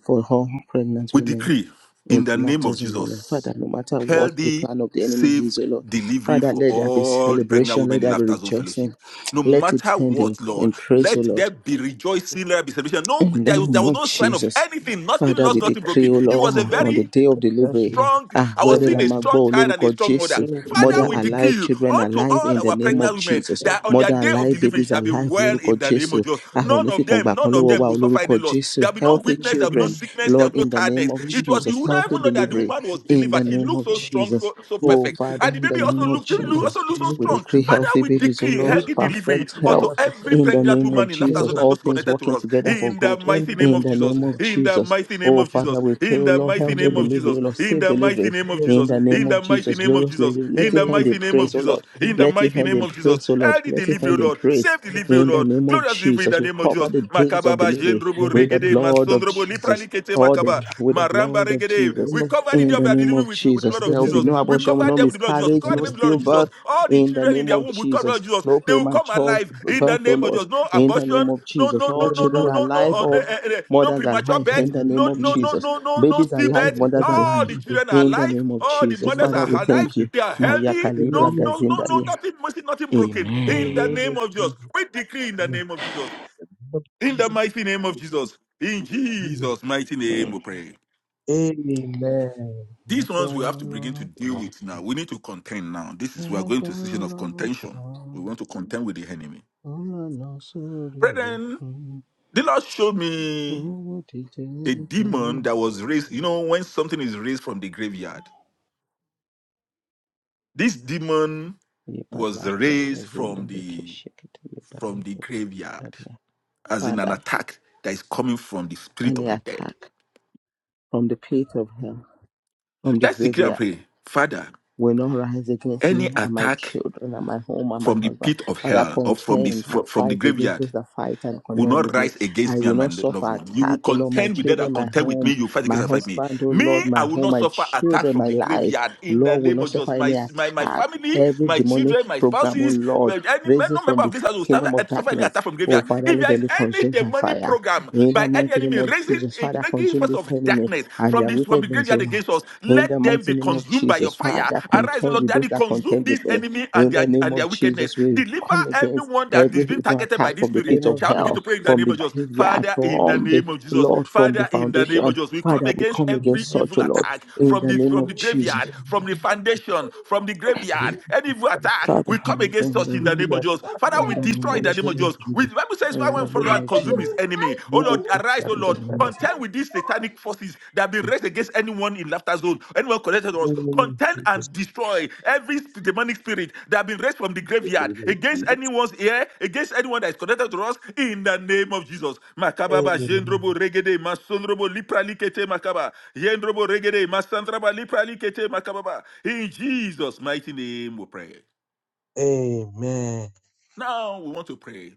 A: for all pregnant
C: we
A: women.
C: decree
A: in
C: in the name
A: laughter
C: of
A: zone, oh Lord.
C: Jesus,
A: Father, no matter what the
C: healthy,
A: plan of the enemy
C: safe
A: is, oh Lord.
C: delivery
A: Father,
C: for
A: let there be
C: all the pregnant
A: celebration, let
C: women in
A: there be
C: Laughter Zone Fellowship.
A: rejoicing.
C: No
A: Let it
C: matter
A: end in,
C: what, Lord,
A: in praise, oh
C: let there
A: Lord.
C: be rejoicing, let there be celebration. No,
A: In the
C: there was, there
A: name
C: was
A: of
C: no sign of
A: Jesus.
C: anything, nothing
A: Father,
C: lost,
A: we
E: Thank
C: nothing
E: you
A: decree,
C: broken.
A: O
E: Lord,
C: It was a
E: for
A: Lord, on
E: all
A: the
C: very
A: day of
E: that
A: delivery.
E: you
C: strong.
A: Ah,
C: I
A: where
C: was
E: maintain
A: the
C: seeing a
E: and
C: strong
A: Lamagbo,
C: child and a
A: Loruko
C: strong mother.
A: Jesu,
E: in the
C: Father,
A: mother
C: we
E: name of
C: decree
A: alive,
C: you
A: children
C: unto
A: alive in
C: all
A: the
C: our
A: name
C: pregnant
A: of
E: Jesus, you
C: women
A: Jesus.
E: stand
C: that on
E: with
C: their
A: Mother
E: us
C: day of
A: alive,
E: and
C: delivery it
A: babies
C: shall be
A: alive,
C: well
E: you
C: in
A: Loruko
C: the name of
A: Jesu.
C: Jesus.
E: stand
A: Ah,
C: None
E: with us.
C: of them,
A: Onifikongba,
C: none of
E: You
A: Konlowo
C: them
A: wa,
E: stand
C: will suffer any
A: Loruko
E: with
C: loss.
E: us
A: Jesu.
E: and
C: There will be no
E: that
A: Healthy
E: we
C: weakness, there will be no
A: children,
E: need you.
C: sickness, there will
A: Lord,
C: be no
A: in the name
C: tiredness.
A: of
C: It
E: You stand
C: was
A: Jesus.
C: you would
E: with us
C: not
A: Healthy
C: even know that the
E: and
A: delivery
C: woman was
A: in the
C: delivered.
E: that
C: She
E: we
A: name
C: looked
A: of
C: so
E: stand with us.
C: strong,
A: Jesus.
C: so, so
E: You
A: Oh,
C: perfect,
E: stand
A: Father,
C: and the
A: in the
C: baby
A: name
C: also
E: with
A: of
C: looks,
E: us
C: also
A: Jesus.
E: and that
C: looks
E: we
C: so
E: need you. You stand with us and
A: We
E: that
C: strong.
A: decree
C: Father,
A: healthy
C: we
A: babies, O
C: decree
A: Lord,
C: healthy delivery
A: perfect health
C: unto
E: we
C: every
E: stand
C: pregnant
A: in the
C: pregnant
A: name of
C: woman in laughter
A: Jesus.
C: zone
E: with
C: and
E: us.
A: All
C: those
A: things
C: connected to
A: working
C: us.
A: together for
C: In the
A: good
E: In the
C: mighty
E: name
C: name
E: of
A: in
C: of
A: the
C: Jesus.
A: name
E: Jesus,
A: of
C: In the
A: Jesus.
C: mighty name
A: Oh,
C: of
A: Father,
C: Jesus.
A: we pray,
C: In
A: O
C: the
A: Lord,
E: in
C: mighty
E: the
A: healthy
E: name
C: name
E: of
C: of
E: Jesus,
A: delivery,
C: Jesus.
A: O
E: in
A: Lord,
C: In
A: safe
C: the mighty
A: delivery
E: the
C: name of
E: name of
A: in
C: Jesus.
A: the
E: Jesus,
A: name
C: In
A: of
C: the mighty
A: Jesus.
C: name of
A: Glorious
C: Jesus.
E: in
A: delivery.
E: the
A: Let
C: In
A: it
C: the
E: name
A: hand
E: of
A: in
C: mighty name of
A: praise, O
C: Jesus.
A: Lord.
E: Jesus, in the name
C: In
E: of Jesus. You stand
C: the
A: Let it
C: mighty
A: hand
C: name
A: in
C: of
E: with us and
C: Jesus.
A: praise, O
E: that
A: Lord.
C: Early
A: Let it
C: delivery, O
A: hand
E: we stand
A: in
C: Lord.
A: praise
C: Save
E: with us.
C: delivery, O
A: in the
C: Lord.
A: name of
C: Glorious delivery in
A: Jesus.
C: the
A: We
C: name of
A: cover
C: Jesus.
A: the days of
C: Makababa,
A: delivery
E: the
C: Jendrobo,
A: with
E: name
A: the
E: of
C: Regede,
A: blood
E: Jesus.
A: of
C: Masondrobo,
A: Jesus. Jesus,
C: Lipralikete,
A: all the
C: Makaba,
E: Amen.
A: with the
C: Maramba,
A: blood of
C: Regede.
E: The
A: Jesus.
E: name
C: We
E: of
C: cover the
A: In
C: day
E: Jesus.
C: of
A: the
C: our
A: name
C: delivery
A: of
C: with with with the
A: Jesus,
C: blood
E: In the
C: of
A: there will be
C: Jesus.
E: name of
A: no
C: We
A: abortion,
C: cover
E: Jesus.
A: no
C: them with the blood of Jesus. We
E: In
A: miscarriage,
E: the
C: cover
A: no
E: name
C: them with
E: of
C: the baby blood of Jesus.
A: stillbirth.
E: Jesus.
C: All the
A: In the
C: children in
A: name
C: their
A: of
C: womb, we cover the blood
A: Jesus,
C: of Jesus.
A: no
C: They will come
A: premature
C: alive in the
A: birth, oh
C: name of
A: Lord.
C: Jesus. No
A: In the name
C: abortion.
A: of
C: No,
A: Jesus,
C: no,
E: In
A: all
C: no,
E: the
C: no,
E: name
C: no,
A: children
E: of
A: are
C: no, no,
A: alive,
C: uh, no,
E: Jesus.
A: all
C: eh, eh, eh, no
A: mothers are
C: premature
A: alive.
E: In the
A: In
C: birth.
E: name
A: the
E: of
A: name
C: No,
A: of
C: no,
E: Jesus.
C: no,
A: Jesus,
C: no, no, no
A: babies are
E: In
A: alive,
E: the
C: stillbirth.
A: mothers are
E: name of
C: All the
A: alive.
E: Jesus.
C: children are
A: In the
C: alive.
A: name of
C: All the
E: The
A: Jesus,
C: mothers
A: Father,
C: are
E: name
A: we
E: of
C: alive.
A: thank
E: Jesus.
A: you.
C: They are
A: Maya
C: healthy.
E: The
A: Kalibra
C: No,
E: name of
C: no, no,
E: Jesus.
C: no,
A: Gazindaria.
C: nothing missing, nothing broken.
E: In
C: In
E: the
C: the
A: Amen.
E: name
C: name
E: of
C: of Jesus.
E: Jesus.
C: We decree in the
E: In the name
C: name of Jesus.
E: of
C: In the
E: Jesus.
C: mighty name of Jesus. In
E: Jesus.
C: Jesus' mighty name
A: Mm.
C: we pray.
E: Amen.
C: These
A: Ẹgbẹ́
C: ones we have to begin to
A: Ọlọ́run
C: deal
A: kan,
C: with now. We need to contend now. This is we are going to
A: ẹgbẹ́
C: a season of
A: Ọlọ́run
C: contention. We
A: kan.
C: want to contend with the enemy.
A: Unanosuri
C: Brethren,
A: huku
C: the Lord showed me a
A: uwotiteliko.
C: demon that was raised. You know, when something is raised from the graveyard, this demon was
A: Yipalabra
C: raised
A: kazinda
C: from the from the
A: rikishikitilibaliko
C: graveyard,
A: kudaria.
C: as in an
A: Father,
C: attack that is coming from the spirit of
A: any
C: the dead.
A: attack from the pit of hell, from the
C: Let's declare and
A: graveyard.
C: pray, Father.
A: will not rise against
C: Any
A: me and my
C: attack
A: children and my home and my
C: from the
A: husband.
C: pit of
A: But I
C: hell or from this
A: contend
C: fro-
A: and
C: from the
A: fight against
C: graveyard
A: those that fight and
C: will
A: contend
C: not
A: with me.
C: rise against
A: I
C: me
A: will
C: and my
A: not
C: loved
A: suffer
C: one. You will
A: attack, oh Lord, my
C: contend with them that
A: children, my
C: contend with me.
A: home,
C: You fight against
A: my
C: and fight me.
A: husband, oh
C: Me,
A: Lord,
C: I
A: my
C: will
A: home,
C: not
A: my
C: suffer attack
A: children,
C: from
A: my
C: the
A: life.
C: graveyard in the
A: Lord will
C: name of
A: not
C: Jesus.
A: suffer
C: My
A: any
C: my, my
A: attack.
C: family,
A: Every
C: my
A: demonic
C: children, my
A: program, oh
C: spouses,
A: Lord,
C: well, any
A: raises
C: no member
A: from
C: of
A: the
C: this house will suffer,
A: kingdom of
C: suffer any
A: darkness.
C: attack from
A: Oh
C: graveyard.
A: Father,
C: If
A: let
C: there is
A: them be
C: any
A: consumed by
C: demonic
A: fire.
C: program
A: In the
C: by any
A: mighty name
C: enemy
A: of
C: raising
A: Jesus, Father,
C: against
A: consume
C: force
A: this
C: of
A: enemy
C: darkness
A: and
C: from
A: their
C: this from the
A: wickedness, oh
C: graveyard
A: Lord.
C: against us,
A: In the
C: let them
A: mighty
C: be
A: name of
C: consumed by your
A: Jesus,
C: fire.
A: Father,
C: Arise, O
A: contend
C: Lord,
A: with
C: that
A: those
C: you
A: that
C: consume
A: contend
C: this
A: with me.
C: enemy and
A: In
C: their
A: the name
C: and their
A: of
C: wickedness.
A: Jesus, we
C: Deliver
A: come against
C: everyone that
A: every
C: is being
A: evil
C: targeted by
A: attack
C: this
A: from the
C: spirit.
A: pit
E: Name of
A: of
C: Shall we begin to
A: hell,
E: Jesus.
C: pray in the
A: from
C: name
A: the
C: of Jesus?
A: graveyard,
C: Father, in the
A: from the
C: name of Jesus.
A: Lord, from the
C: Father, in the name of
A: foundation.
C: Jesus. We come
A: Father, we
C: against
E: In the name of Jesus. In
A: come
E: the
C: every
A: against
E: name of
A: such,
C: evil
A: oh Lord,
E: Jesus.
C: attack
A: in
C: from
A: the
C: the
A: name
C: from the
A: of
E: In the
A: Jesus.
C: graveyard, from
E: name
C: the foundation, from the
E: of
C: graveyard. Any evil
E: Jesus.
C: attack, we come against us
A: Father,
C: in the
E: In
C: name
E: the name
C: of Jesus. Father,
A: In
C: we
A: the name
C: destroy in
A: of
C: the name of
E: of
C: Jesus.
A: Jesus.
C: We,
E: Jesus.
C: the Bible says, "Why
A: In
E: In
A: the
E: the
C: won't
E: name of Jesus. In the name
C: follow
E: of
A: name
C: and
A: of
C: consume
E: Jesus.
C: his
A: Jesus.
C: enemy?"
E: In
C: Oh
E: the name of Jesus. In
C: Lord, Arise, O
A: In the
C: Lord,
E: the
A: name
E: name
A: of
E: of
A: Jesus.
E: Jesus.
C: contend with these satanic forces that have been raised against anyone in laughter zone, anyone connected
E: In
C: to us.
E: the name of
C: Contend
E: Jesus.
C: and destroy every demonic spirit that have been raised from the
E: In the
C: graveyard
E: name of
C: against
E: Jesus.
C: anyone's ear, against anyone that is connected to us in the name of Jesus. Makababa,
E: Amen.
C: Jendrobo, Regede, Masondrobo, Lipra, Makaba, Jendrobo, Regede, Masandraba, Lipra, Makababa. In Jesus' mighty name we pray.
E: Amen.
C: Now we want to pray.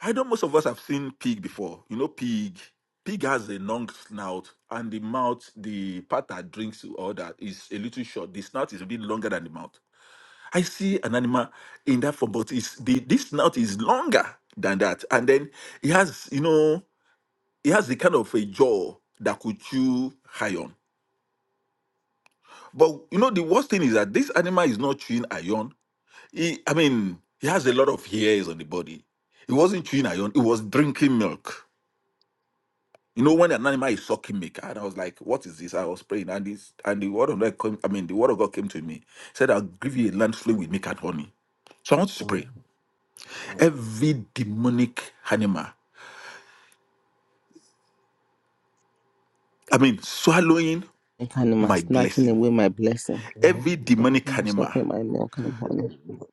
C: I know most of us have seen pig before. You know, pig. Pig has a long snout, and the mouth, the part that drinks to all that is a little short. The snout is a bit longer than the mouth. I see an animal in that form, but it's the this snout is longer than that, and then it has, you know, it has the kind of a jaw that could chew iron. But you know, the worst thing is that this animal is not chewing iron. He, I mean, he has a lot of hairs on the body. He wasn't chewing iron. He was drinking milk You know, when an animal is sucking me, and I was like, "What is this?" I was praying, and this and the word of God came. I mean, the word of God came to me. said, "I'll give you a land flowing with milk and honey." So I want you to
E: Amen.
C: pray. Every demonic animal, I mean, swallowing
A: I kind of my
C: my
A: snatching
C: blessing.
A: away my blessing.
E: Amen.
C: Every
A: So I'm
C: demonic
A: not
C: animal.
A: stopping my milk and
E: In the
A: honey.
E: name of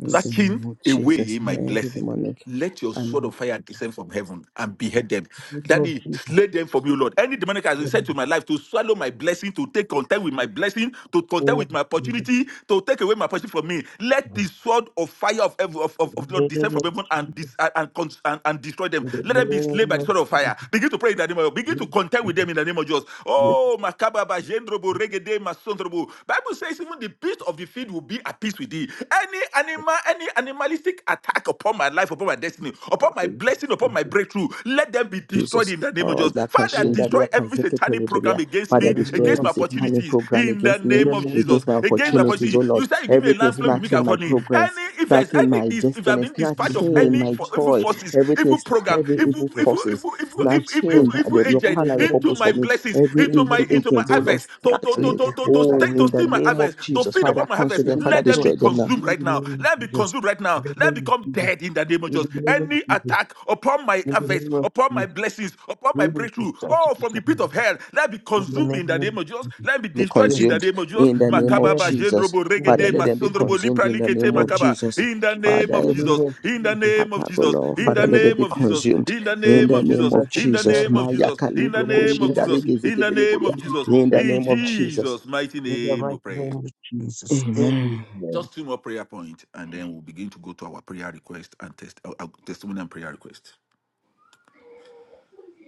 A: In the
C: plucking
A: name of
C: away
A: Jesus.
C: my
A: Every
C: blessing.
A: demonic.
C: Let your sword
A: and
E: In
C: of fire descend from heaven and behead them.
E: the name of
C: Daddy,
E: Jesus.
C: slay them from you, Lord. Any demonic has
E: In
C: been
E: the
C: sent to my life to swallow my blessing, to take content with my blessing, to
E: name
C: contend
E: of
C: with my
E: Jesus.
C: opportunity, to take away my opportunity from me. Let the
E: In
C: sword of fire of heaven, of, of, of
E: the
C: the Lord descend
E: name
C: from
E: of
C: heaven
E: Jesus.
C: and, dis, and, and, cons- and, and destroy them.
E: In the
C: Let them be slain
E: name
C: by the
E: of
C: sword of
E: Jesus. In
C: fire. Begin to pray in the name of
E: the
C: Begin to
E: name of
C: contend with
E: Jesus.
C: them in the name of Jesus.
E: Yes.
C: Oh, Makababa, Jendrobo,
E: yes,
C: Regede, Masondrobo. Bible says even the beast of the field will be at peace with thee see. Any
E: yes,
C: animal, any animalistic attack upon my life, upon my destiny, upon my
E: In
C: blessing, upon my breakthrough, let them be destroyed
A: Jesus.
C: in the name of
A: Oh,
C: Jesus. Father, destroy
A: Yakashindaria
C: every satanic program
A: Kazeketeleboria.
C: against
A: Father,
E: the
C: me,
A: destroy
E: name
C: against
E: of
A: every
C: my
E: Jesus. Yes.
A: satanic
C: opportunities,
A: program
C: in the
A: against
E: In
A: me,
C: name
E: the
C: of
E: name of Jesus. In the name of
C: Jesus.
A: against my
C: Against my
E: Jesus.
A: opportunities,
C: opportunity.
A: oh
C: You
A: Lord.
C: said you give me a
A: Everything
E: In
C: land
E: the
C: flowing with milk
E: name
A: snatching
C: and
E: of
A: my
C: honey.
E: Jesus.
A: progress,
C: Any, if there's
A: snatching
C: any,
A: my
C: if I've
A: destiny,
C: been
E: In
C: dispatched
E: the
C: of
A: snatching
C: any
A: my
C: for
E: name
C: evil
A: joy.
C: forces,
A: Everything,
C: evil
E: of
C: program,
A: every
C: evil,
A: evil
E: Jesus.
C: evil,
A: forces,
C: evil, evil,
E: It
C: evil,
E: is
C: evil,
A: snatching
C: evil,
E: destroyed.
A: the,
C: evil
A: the- your
E: In
C: agent
E: the
A: plan and your
E: name of
C: into
E: Jesus.
A: purpose
C: my
A: for me.
C: blessings,
A: Every
E: In
C: into
E: the
C: my,
A: evil
E: name of
C: into my
A: agent, oh
E: Jesus.
A: Lord,
C: harvest, to to to
A: snatching.
C: to
E: Rebo
C: to to,
A: Oh,
C: stay,
A: in
C: to
A: the
C: steal
E: the
C: my
A: name of
C: harvest, to
A: Jesus.
C: feed
E: Oh,
A: Father,
C: upon my harvest
A: cancel
C: harvest,
E: It
A: them.
E: is
A: Father,
C: let them
E: destroyed.
C: be
A: destroy them now.
C: consumed
E: In
C: right
E: the
C: now.
E: name of
C: Let them be
E: Jesus.
C: consumed right
E: In
C: now.
E: the
C: Let them
E: name of
C: become
E: Jesus.
C: dead in the name of
E: In
C: Jesus.
E: the name of
C: Any
E: Jesus.
C: attack upon my
E: In the
C: harvest,
E: name of
C: upon my
E: Jesus.
C: blessings, upon my
E: Rebo
C: breakthrough,
E: Kusaki.
C: oh, from the pit of hell, let them be
E: In the
C: consumed in the
E: name of
C: name of Jesus.
E: Jesus.
C: Let them be
A: be
C: destroyed
E: Yes.
C: in the
A: consumed
C: name of Jesus.
A: in the name of
C: Makababa,
E: Amen.
A: Jesus.
C: jendrobo,
E: In the
A: Father,
C: regede,
E: name of
A: let them be
E: Jesus.
C: masondrobo,
A: consumed
C: lipra,
A: in the
E: In
A: name
E: the
A: of
E: name of
C: makaba.
A: Jesus.
E: Jesus.
C: In the name
A: Father,
E: In
C: of
E: the
A: every
E: name
C: Jesus.
E: of
C: In the
E: Jesus.
C: name of
A: attack, oh
C: Jesus.
A: Lord,
E: In the
C: In
A: Father,
C: the
E: name
A: let
E: of
A: them
C: name
A: be
C: of
E: Jesus.
C: Jesus.
A: consumed
C: In the
A: in
C: name
E: Rebo
A: the
C: of
A: name
C: Jesus.
A: of
C: In the
A: Jesus.
C: name
E: Kusaki.
C: of
A: Maya
C: Jesus. In the
A: kalibro
E: In the name
C: name of
E: of
A: koshinda
C: Jesus.
A: rege
E: Jesus,
C: In
A: zege
C: the name
E: we
A: deliburia.
C: of
E: need
C: Jesus.
E: to
A: In the
E: stand
C: In
A: name of
E: beside us.
A: Jesus.
C: Jesus' mighty
E: In the
C: name we
E: mighty
C: pray.
E: name of Jesus,
A: Amen.
E: amen.
C: Just two more prayer points, and then we'll begin to go to our prayer request and test our, our testimony and prayer request.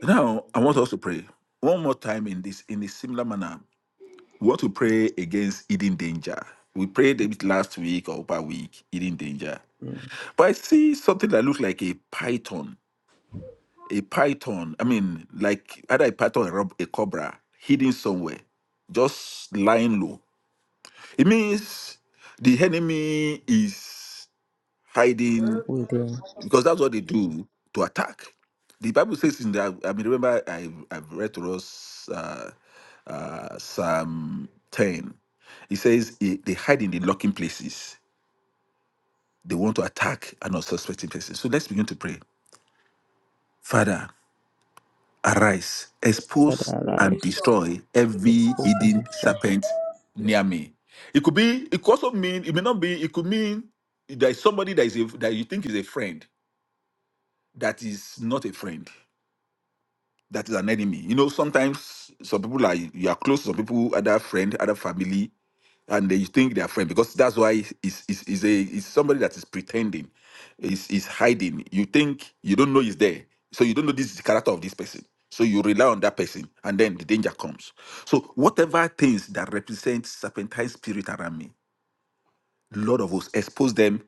C: Now, I want us to pray one more time in this in a similar manner. We want to pray against hidden danger. We prayed a bit last week or over week, hidden danger.
A: Mm.
C: But I see something that looks like a python, a python. I mean, like either a python or a rob- a cobra hidden somewhere, just lying low. It means the enemy is hiding
A: We do.
C: because that's what they do to attack. The Bible says in the I mean remember I I've read to us uh, uh, Psalm ten. It says eh, they hide in the lurking places. They want to attack an unsuspecting person. So let's begin to pray. Father, arise,
A: Father,
C: expose and
A: arise,
C: destroy every
A: expose and
C: hidden
A: destroy.
C: serpent near me. It could be. It could also mean. It may not be. It could mean there is somebody that is a, that you think is a friend that is not a friend that is an enemy. You know, sometimes some people are you are close to some people, other friend, other family, and they think they are friend because that's why it's it's, it's a it's somebody that is pretending, is is hiding. You think you don't know is there, so you don't know this is the character of this person. So you rely on that person, and then the danger comes. So whatever things that represent serpentine spirit around me, Lord of hosts, expose them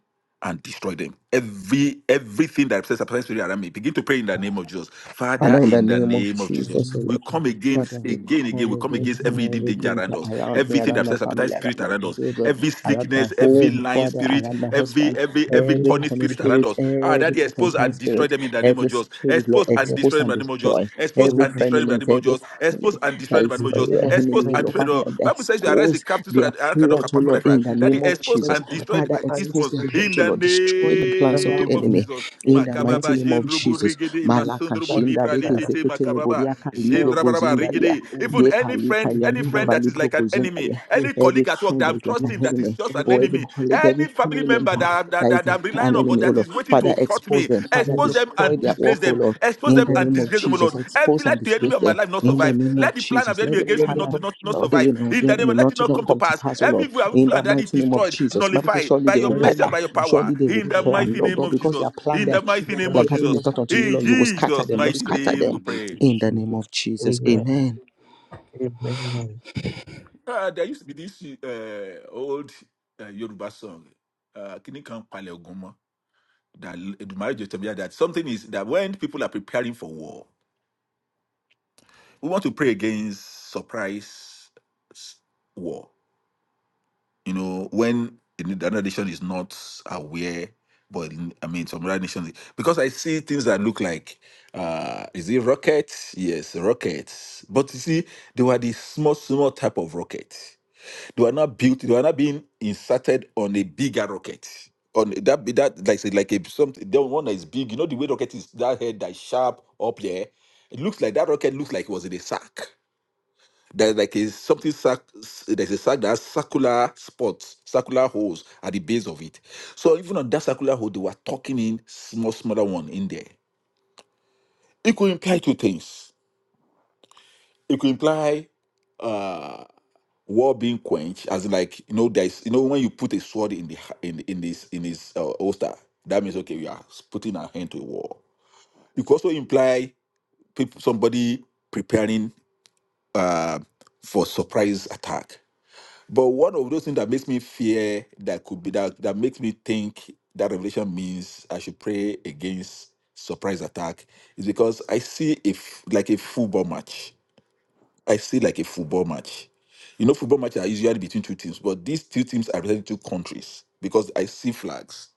C: and destroy them. Every everything that represents apparent spirit around me, begin to pray in the name of Jesus. Father,
A: Father, in the
C: in the
A: name of
C: name of
E: In the
C: Jesus,
A: Jesus, oh Lord.
E: name of
C: we come
E: Jesus,
A: Father,
C: against
A: we
C: again, again,
A: come
C: we come
E: in the
A: against
E: name
C: against
E: of
C: every hidden
A: every
C: danger
E: Jesus,
A: danger
C: around us,
A: around me,
C: everything that
A: around my
C: represents appetite
A: family, around
C: spirit
A: my
C: around us,
A: children,
C: every
A: around my
C: slickness, every
A: home,
C: lying
A: Father,
C: spirit,
A: around my
C: every
A: husband,
C: every
E: in the
C: every
E: name
A: every
E: of
C: corny
A: corner
C: spirit
E: Jesus,
C: around
A: spirit,
C: us. Ah,
A: every
C: that expose
A: serpentine
C: and destroy
A: spirit,
C: them in the name of
A: every
C: Jesus.
A: spirit, Lord,
C: Expose and
E: amen.
A: expose
C: destroy destroy them
A: and
C: by the name of Jesus.
A: destroy
C: Expose
E: Amen.
A: every
C: and
E: Amen.
C: destroy them by
A: enemy,
C: the name of
A: every
C: Jesus. Expose
A: family
C: and
A: that
C: destroy them by
A: is
C: the name
E: In
C: of
E: the
C: Jesus.
A: uh,
E: name of
C: Expose
A: enemy, oh
C: and
A: Lord.
C: destroy them.
A: Father,
E: Jesus,
C: Bible says you arrest the
A: expose
C: crafty so
A: their
C: that I
E: in
C: cannot
A: plot,
E: the
A: oh
E: name
C: perform thy
A: Lord,
E: of
C: fraud.
A: in the
C: That
E: Jesus,
C: is
A: name of
C: expose
E: every
A: Jesus.
C: and destroy
A: Father,
C: the- eh, these
E: sacrifice
A: expose
C: ones
A: their
E: that
A: plot,
C: in
A: oh
C: the
A: Lord, destroy the
E: is
A: plans of the
C: name
E: around
C: of
E: me,
A: enemy
C: Jesus.
E: in
A: in the
E: the name
A: mighty
C: Makababa
E: of
A: name of
E: Jesus,
C: jendrubu
A: Jesus.
C: rigidi
E: we to
A: Malaka
C: masundrubu
E: stand
A: shinda
C: lipra
A: reke
E: beside us.
C: likiti
A: zekete
C: makababa
E: Yes,
A: leboriaka
E: Oh,
A: libro
C: jendrabaraba
A: gozinda
E: yes,
A: dia.
C: rigidi.
E: oh,
C: Even
A: Ye
C: any
A: palika
C: friend,
E: in the
C: any
E: name of
C: friend
A: yantaraba
C: that is
A: libro
C: like
E: Jesus,
C: an
A: gozinda
C: enemy,
A: dia.
E: yes,
C: any
A: Every
C: colleague at work that dog
A: friend that
C: that I'm
A: is like an
C: trusting
E: yes.
C: that is
A: enemy,
C: just
E: In the name
C: an
E: of
A: or every
C: enemy,
E: Jesus,
A: colleague,
C: any
A: every
C: family
A: family
C: member
E: In
A: member
E: the
C: that, that,
A: that is
C: that
E: name
A: like
E: of
C: I'm relying
A: an
C: on, but
A: enemy,
E: Jesus.
A: oh
C: that
A: Lord.
C: is waiting to
A: Father,
C: hurt
A: expose
C: me,
A: them.
E: In the
A: Father,
E: name
C: expose
E: of
C: them
A: destroy
E: Jesus.
C: and
A: their
C: disgrace
A: work, oh
C: them.
A: Lord.
C: Expose
A: In
E: In
C: them
A: the
E: the name
C: and
A: name of
C: disgrace them, O
E: of
C: Lord.
A: Jesus,
E: Jesus.
C: Every
A: expose and
C: let the enemy
A: disgrace
C: of my
A: them.
C: life not
A: In the
C: survive.
A: name
C: Let
A: of
C: the plan of
A: Jesus,
C: the enemy
A: let the
E: In
C: against
E: the
C: me not
E: name
A: plan
C: to
E: of
C: not, not
A: Oh,
E: Jesus.
A: you
C: survive.
A: know,
C: In
A: then
C: the
A: it
C: name
A: may
C: of let
A: not,
C: it not
E: In
A: not
C: come to
A: come to
C: pass.
A: pass, oh
C: Every
A: Lord,
C: evil
A: in the
C: plan that is
A: mighty name of
C: destroyed,
A: Jesus. Bible says,
C: nullified
A: surely
C: by
A: they
C: your
A: will
E: the
C: mercy
E: name
C: and
A: gather,
E: of
C: by your
E: Jesus.
C: power.
A: surely they will
C: In
E: In
C: the
A: plan,
C: mighty
A: Lord,
C: name
A: but
C: of
A: because
C: Jesus.
A: their plan,
C: In
A: their,
C: the
A: tr-
C: mighty name
A: their
C: of
A: gathering
C: Jesus.
A: is not unto you,
C: In
A: Lord, you will scatter
C: Jesus'
A: them, Lord,
C: mighty
E: the name
A: scatter
E: of
C: name we
A: them
C: pray.
A: in the name
E: Jesus.
A: of Jesus.
E: Amen.
A: Amen.
E: Amen.
C: Uh, there used to be this uh, old uh, Yoruba song, uh, Kini kan pale ogun mo, that Edumare jẹ tẹmi jáde, that something is that when people are preparing for war, we want to pray against surprise s- war. You know, when another nation is not aware, but I mean, some other nation, because I see things that look like, uh, is it rockets? Yes, rockets. But you see, they were the small, small type of rocket. They were not built. They were not being inserted on a bigger rocket. On that, that like say, like a something. The one that is big. You know the way rocket is that head that is sharp up there. It looks like that rocket looks like it was in a sack. There's like a something sack. There's a sack that has circular spots, circular holes at the base of it. So even on that circular hole, they were tucking in small, smaller one in there. It could imply two things. It could imply uh. war being quenched as in like you know there's you know when you put a sword in the ha- in in this in his uh, holster that means okay we are s- putting our hand to a war you could also imply people somebody preparing uh for surprise attack but one of those things that makes me fear that could be that that makes me think that revelation means i should pray against surprise attack is because i see if like a football match I see like a football match. You know, football matches are usually between two teams, but these two teams are representing two countries because I see flags.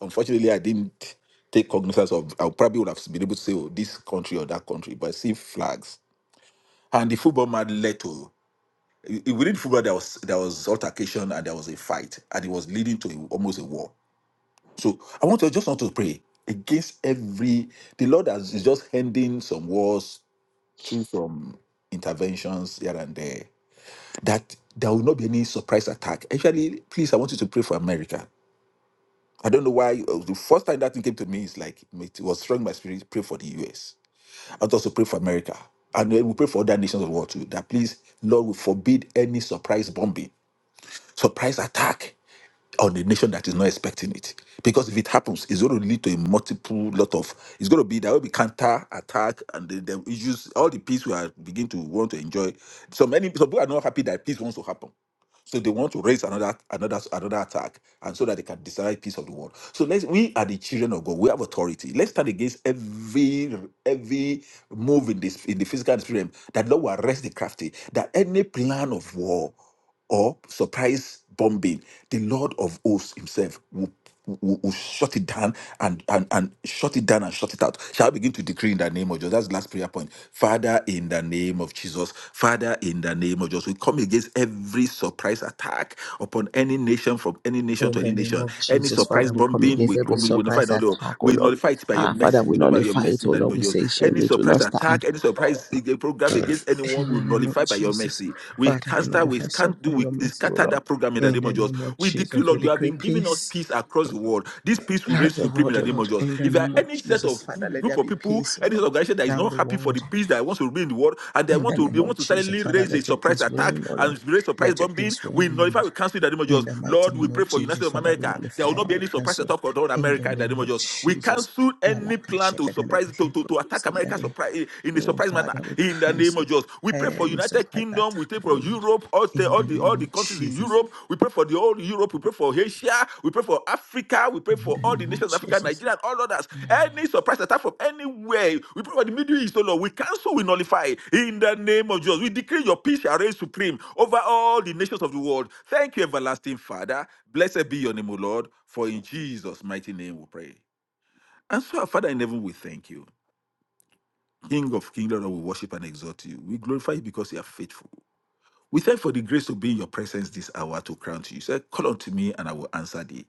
C: Unfortunately, I didn't take cognizance of. I probably would have been able to say, "Oh, this country or that country," but I see flags. And the football match led to i- i- within football there was there was altercation and there was a fight, and it was leading to a- almost a war. So I want to just want to pray against every. The Lord has is just handing some wars through some interventions here and there that there will not be any surprise attack. Actually, please, I want you to pray for America. I don't know why. uh, The first time that thing came to me is like it was strong in my spirit. Pray for the US. I also pray for America, and then we pray for other nations of the world too. That please, Lord, will forbid any surprise bombing, surprise attack on a nation that is not expecting it. Because if it happens, it's going to lead to a multiple lot of. It's going to be there will be counter attack and the, the issues. All the peace we are begin to want to enjoy. So many some people are not happy that peace wants to happen. So they want to raise another another another attack, and so that they can destroy peace of the world. So let's we are the children of God. We have authority. Let's stand against every every move in this in the physical and spirit realm that Lord will arrest the crafty. That any plan of war or surprise bombing, the Lord of hosts Himself will will, will shut it down and, and and shut it down and shut it out. Shall I begin to decree in the name of Jesus? That's the last prayer point. Father, in the name of Jesus, Father, in the name of Jesus, we come against every surprise attack upon any nation from any nation to
A: In the
C: any
A: name
C: nation.
A: of
C: Any
A: Jesus,
C: surprise
A: Father, we come
C: bombing,
A: against
C: we
A: every
C: come, we notify
A: surprise
C: the Lord.
A: attack, oh
C: We
A: Lord.
C: notify it by your
A: Ah, Father,
C: mercy,
A: we
C: we notify by your
A: nullify it,
C: mercy in
A: oh
C: the name
A: Lord.
C: of
A: We
C: Jesus.
A: say she will,
C: Any
A: it will
C: surprise
A: not
C: attack,
A: stand.
C: any surprise eh, program against anyone,
A: In
C: we
A: the name of
C: nullify by your
A: Jesus,
C: mercy. We
A: Father, we
C: cast out, we
A: nullify such
C: can't do,
A: by
C: we
A: your mercy, O
C: scatter
A: Lord.
C: that program in the
A: In
C: name of
A: the
C: Jesus.
A: name of
C: We decree,
A: Jesus, we
C: Lord, you have
A: decree
C: been giving us
A: peace
C: peace across the world. This peace will
A: Round
C: reign
A: the
C: supreme in
A: world,
C: the
A: oh
C: name
A: Lord,
C: of Jesus.
A: in the
C: If there are
A: name of
C: any set of
A: Jesus, Father, let
C: group
A: there
C: of
A: be
C: people,
A: peace, oh
C: any set
A: Lord,
C: of organization that is
A: Round
C: not
A: the
C: happy for
A: world.
C: the peace that wants to reign in the world, and they
A: In
C: want
A: the
C: to
A: name
C: they
A: of
C: want to suddenly
A: Jesus, Father,
C: raise a
A: let your
C: surprise
A: peace
C: attack
A: reign, oh Lord.
C: and raise surprise
A: Let your
C: bombing,
A: peace
C: we
A: reign, oh
C: notify,
A: Lord.
C: we cancel in the name of
A: In
C: Jesus.
A: the mighty
C: Lord, we
A: name of
C: pray for United
A: Jesus,
C: States of
A: Father, we
C: America. There will
A: nullify
C: not be
A: all
C: any surprise
A: cancel.
C: attack on
A: In the
C: America in the
A: name
C: name of
A: of
C: Jesus. We
A: Jesus,
C: cancel any
A: Malaka
C: plan to
A: Shekadele
C: surprise to, to, to attack
A: Brokus in the
C: America
A: name.
C: surprise in the
A: Oh
C: prize manner
A: Father, we
C: in the name
A: cancel
C: of Jesus. We pray for
A: every
C: United
A: supply that,
C: Kingdom. We pray
A: oh
C: for
A: Lord.
C: Europe, all the
A: In the
C: all the all the
A: name of
C: countries in
A: Jesus.
C: Europe. We pray for the whole Europe. We pray for Asia. We pray for Africa. We pray
A: In
C: for
A: the
C: all the
A: name of
C: nations of Africa,
A: Jesus.
C: Nigeria, and all others. Any surprise attack from anywhere. We pray for the Middle East, oh Lord. We cancel, we nullify in the name of Jesus. We declare your peace shall reign supreme over all the nations of the world. Thank you, everlasting Father. Blessed be your name, O Lord. For in Jesus' mighty name we pray. And so, our Father in heaven, we thank you. King of kings, Lord, we worship and exalt you. We glorify you because you are faithful. We thank for the grace to be in your presence this hour to crown to you. You said, Call unto me and I will answer thee.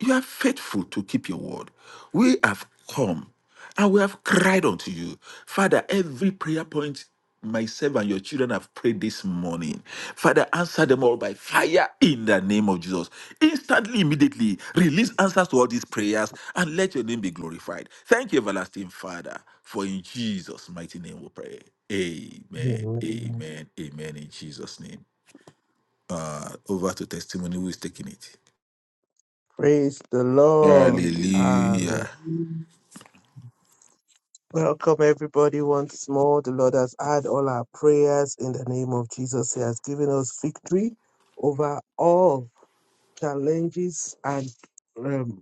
C: You are faithful to keep your word. We have come and we have cried unto you. Father, every prayer point myself and your children have prayed this morning. Father, answer them all by fire in the name of Jesus. Instantly, immediately, release answers to all these prayers and let your name be glorified. Thank you, everlasting Father, for in Jesus' mighty name we pray. Amen,
E: Amen.
C: amen, amen, in Jesus' name. Uh, over to testimony, who is taking it?
E: Praise the Lord. Hallelujah.
C: Hallelujah.
E: Welcome everybody once more. The Lord has heard all our prayers in the name of Jesus. He has given us victory over all challenges and um,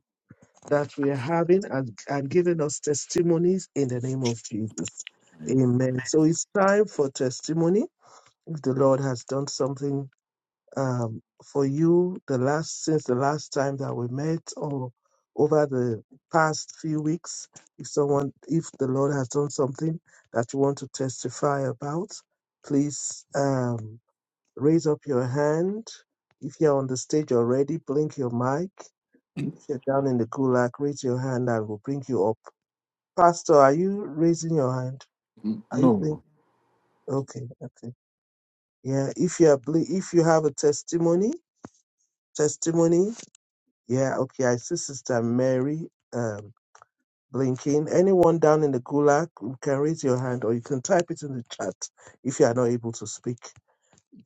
E: that we are having and, and giving us testimonies in the name of Jesus. Amen. So it's time for testimony. If the Lord has done something um, for you the last since the last time that we met or over the past few weeks, if someone if the Lord has done something that you want to testify about, please um, raise up your hand. If you're on the stage already, blink your mic if you're down in the gulag, raise your hand and we'll bring you up. Pastor, are you raising your hand?
C: N-
E: Are you playing?
C: No.
E: Okay, okay. Yeah, if you are, ble- if you have a testimony, testimony. Yeah, okay. I see Sister Mary um, blinking. Anyone down in the gulag, you can raise your hand or you can type it in the chat if you are not able to speak.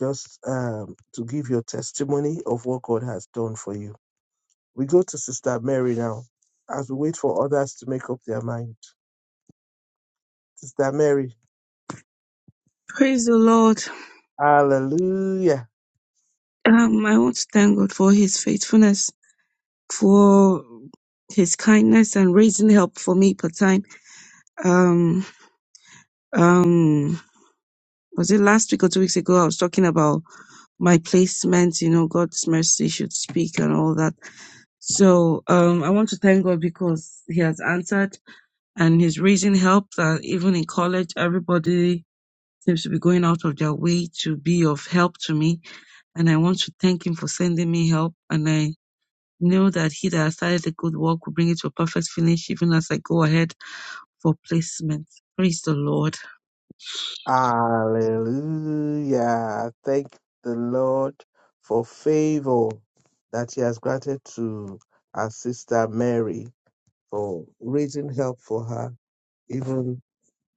E: Just um, to give your testimony of what God has done for you. We go to Sister Mary now as we wait for others to make up their mind. Sister Mary.
F: Praise the Lord.
E: Hallelujah.
F: Um, I want to thank God for his faithfulness, for his kindness and raising help for me per time. Um, um, was it last week or two weeks ago? I was talking about my placement, you know, God's mercy should speak and all that. So, um, I want to thank God because he has answered and he's raising help that even in college, everybody seems to be going out of their way to be of help to me. And I want to thank him for sending me help. And I Knew that he that started the good work will bring it to a perfect finish, even as I go ahead for placement. Praise the Lord.
E: Hallelujah. Thank the Lord for favor that He has granted to our sister Mary for raising help for her, even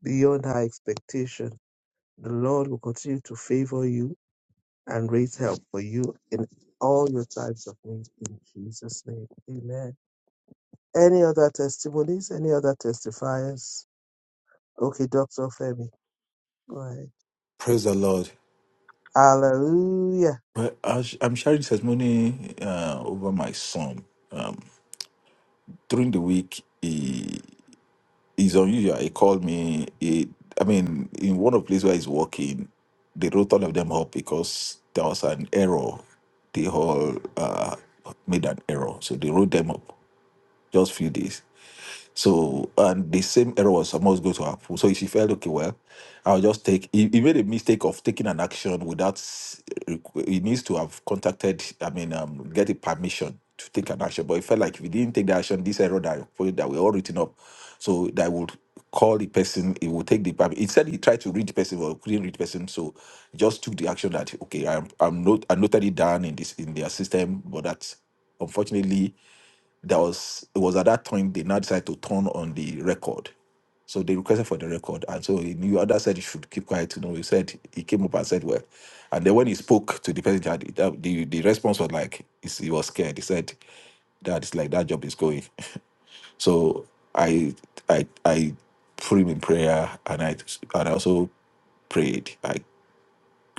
E: beyond her expectation. The Lord will continue to favor you and raise help for you in all your times of need in Jesus' name. Amen. Any other testimonies? Any other testifiers? Okay, Dr. Femi, go ahead.
C: Praise the Lord.
E: Hallelujah.
C: But I sh- I'm sharing testimony uh, over my son. Um, during the week, he is unusual. He called me. He, I mean, in one of the places where he's working, they wrote all of them up because there was an error. They all uh, made an error, so they wrote them up. Just few days. So, and the same error was supposed to go to her. foot. So she felt, okay, well, I'll just take, he, he made a mistake of taking an action without, s- requ- he needs to have contacted, I mean, um, get a permission to take an action. But it felt like if he didn't take the action, this error that, I reported that were all written up, so that would call the person, it would take the permit. He said he tried to read the person, but couldn't read the person, so he just took the action that, okay, I'm, I'm not, I noted it down in this, in their system, but that's, unfortunately, that was it was at that time they now decided to turn on the record. So they requested for the record, and so he knew. Others said he should keep quiet. You know, he said he came up and said, "Well," and then when he spoke to the person, that- that- the the response was like he's- he was scared. He said that it's like that job is going. So I I I put him in prayer, and I and I also prayed.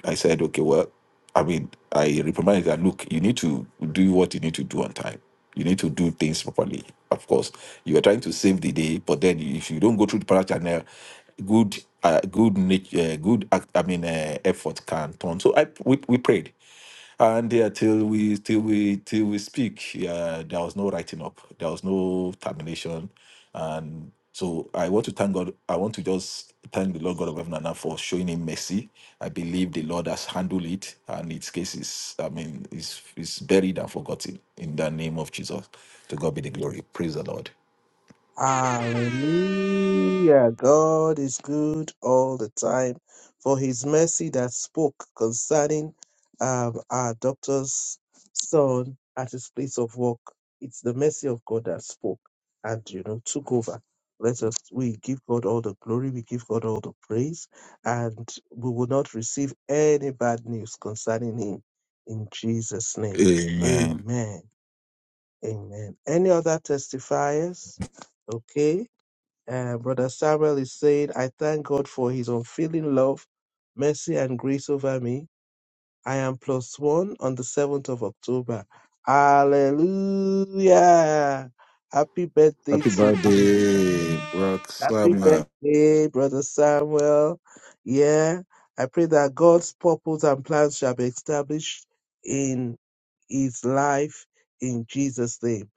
C: I said, okay, well, I mean, I reprimanded that look, you need to do what you need to do on time. You need to do things properly. Of course, you are trying to save the day, but then if you don't go through the para channel, good, uh, good, nat- uh, good, act, I mean, uh, effort can turn. So I we, we prayed and yeah, till we till we till we speak, yeah, there was no writing up, there was no termination, and so I want to thank God. I want to just thank the Lord God of heaven and earth for showing him mercy. I believe the Lord has handled it, and its case is, I mean, is is buried and forgotten in the name of Jesus. To God be the glory. Praise the Lord.
E: Hallelujah. God is good all the time. For his mercy that spoke concerning um, our doctor's son at his place of work. It's the mercy of God that spoke and, you know, took over. Let us, we give God all the glory, we give God all the praise, and we will not receive any bad news concerning him in Jesus' name.
C: Amen.
E: Amen. Amen. Any other testifiers? Okay. Uh, Brother Samuel is saying, I thank God for his unfailing love, mercy, and grace over me. I am plus one on the 7th of October. Hallelujah. Happy birthday
C: Happy
E: to you.
C: birthday, Rock
E: Happy
C: Summer.
E: birthday, Brother Samuel. Yeah. I pray that God's purpose and plans shall be established in his life in Jesus' name.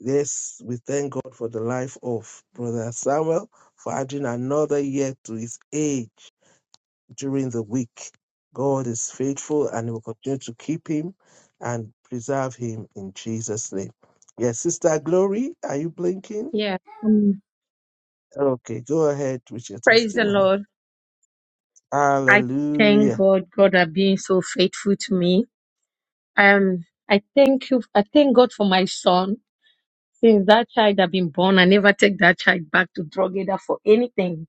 E: Yes, we thank God for the life of Brother Samuel for adding another year to his age during the week. God is faithful and will continue to keep him and preserve him in Jesus' name. Yes, Sister Glory, are you blinking?
G: Yeah, um,
E: Okay, go ahead with your
G: praise the
E: testimony.
G: Lord. I
E: Hallelujah.
G: thank God. God are being so faithful to me. Um, I thank you. I thank God for my son. Since that child have been born, I never take that child back to drug dealer for anything.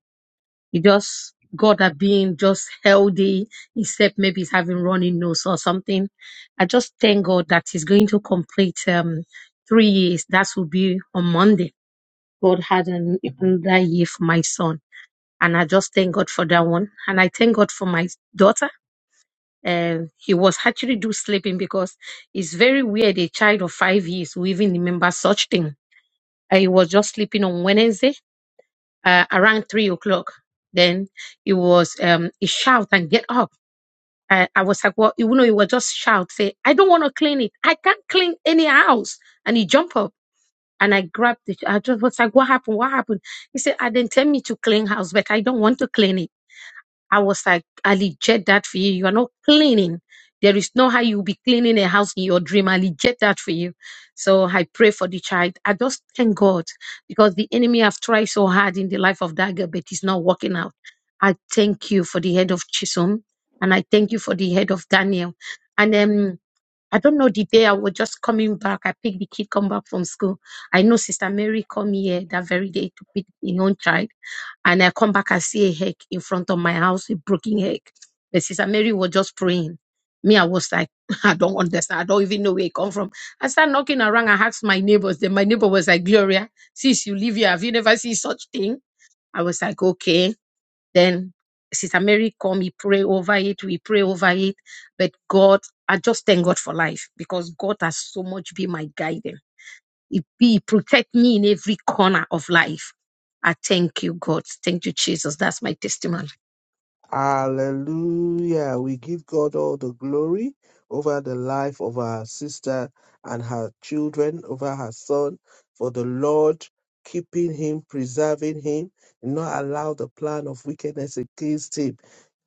G: He just God are being just healthy, except maybe he's having running nose or something. I just thank God that he's going to complete um three years. That will be on Monday. God had an, another year for my son. and I just thank God for that one. And I thank God for my daughter. Uh, he was actually do sleeping because it's very weird a child of five years who even remember such thing. Uh, he was just sleeping on Wednesday uh, around three o'clock. Then he was um he shout and get up. I, I was like, well, you know, he was just shout say, I don't want to clean it. I can't clean any house. And he jump up and I grabbed it. I just was like, what happened? What happened? He said, I didn't tell me to clean house, but I don't want to clean it. I was like, I reject that for you. You are not cleaning. There is no how you'll be cleaning a house in your dream. I reject that for you. So I pray for the child. I just thank God because the enemy have tried so hard in the life of that girl, but it's not working out. I thank you for the head of Chisholm and I thank you for the head of Daniel. And um, I don't know the day I was just coming back. I picked the kid come back from school. I know Sister Mary come here that very day to pick her own child. And I come back, I see a egg in front of my house, a broken egg. But Sister Mary was just praying. Me, I was like, I don't understand. I don't even know where it come from. I start knocking around. I asked my neighbors. Then my neighbor was like, Gloria, since you live here, have you never seen such thing? I was like, okay. Then Sister Mary called we pray over it. We pray over it. But God, I just thank God for life because God has so much been my guiding. He, he protect me in every corner of life. I thank you, God. Thank you, Jesus. That's my testimony.
E: Hallelujah. We give God all the glory over the life of our sister and her children, over her son, for the Lord keeping him, preserving him, and not allow the plan of wickedness against him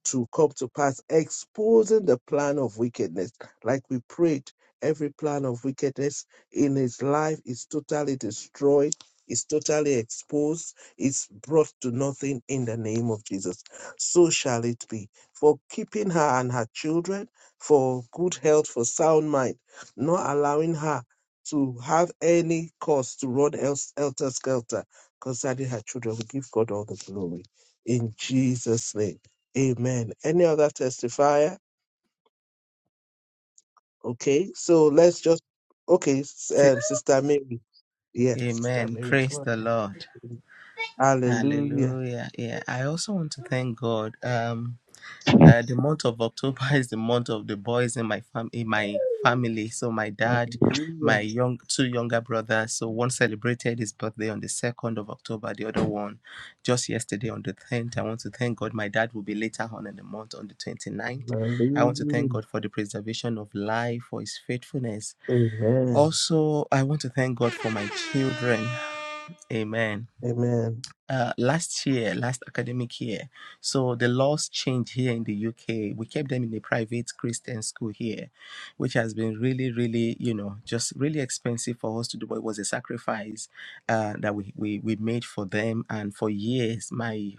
E: to come to pass, exposing the plan of wickedness. Like we prayed, every plan of wickedness in his life is totally destroyed, is totally exposed, is brought to nothing in the name of Jesus. So shall it be. For keeping her and her children, for good health, for sound mind, not allowing her to have any cause to run el- helter skelter concerning her children. We give God all the glory in Jesus' name. Amen. Any other testifier? Okay, so let's just okay, s- um, Sister Mary. Yeah, Sister
A: Amen.
E: Mary. Go
A: Praise the
E: ahead.
A: Lord.
E: Hallelujah.
A: Hallelujah. Yeah, I also want to thank God. Um, uh, the month of October is the month of the boys in my fam- in my family. So my dad, my
E: Hallelujah.
A: young two younger brothers. So one celebrated his birthday on the second of October. The other one, just yesterday on the tenth. I want to thank God. My dad will be later on in the month on the 29th. I want to thank
E: Hallelujah.
A: God for the preservation of life, for His faithfulness.
E: Amen.
A: Also, I want to thank God for my children. Amen
E: Amen.
A: uh, last year, last academic year. So the laws changed here in the UK. We kept them in a private Christian school here, which has been really, really, you know, just really expensive for us to do. But it was a sacrifice uh, that we, we we made for them, and for years, my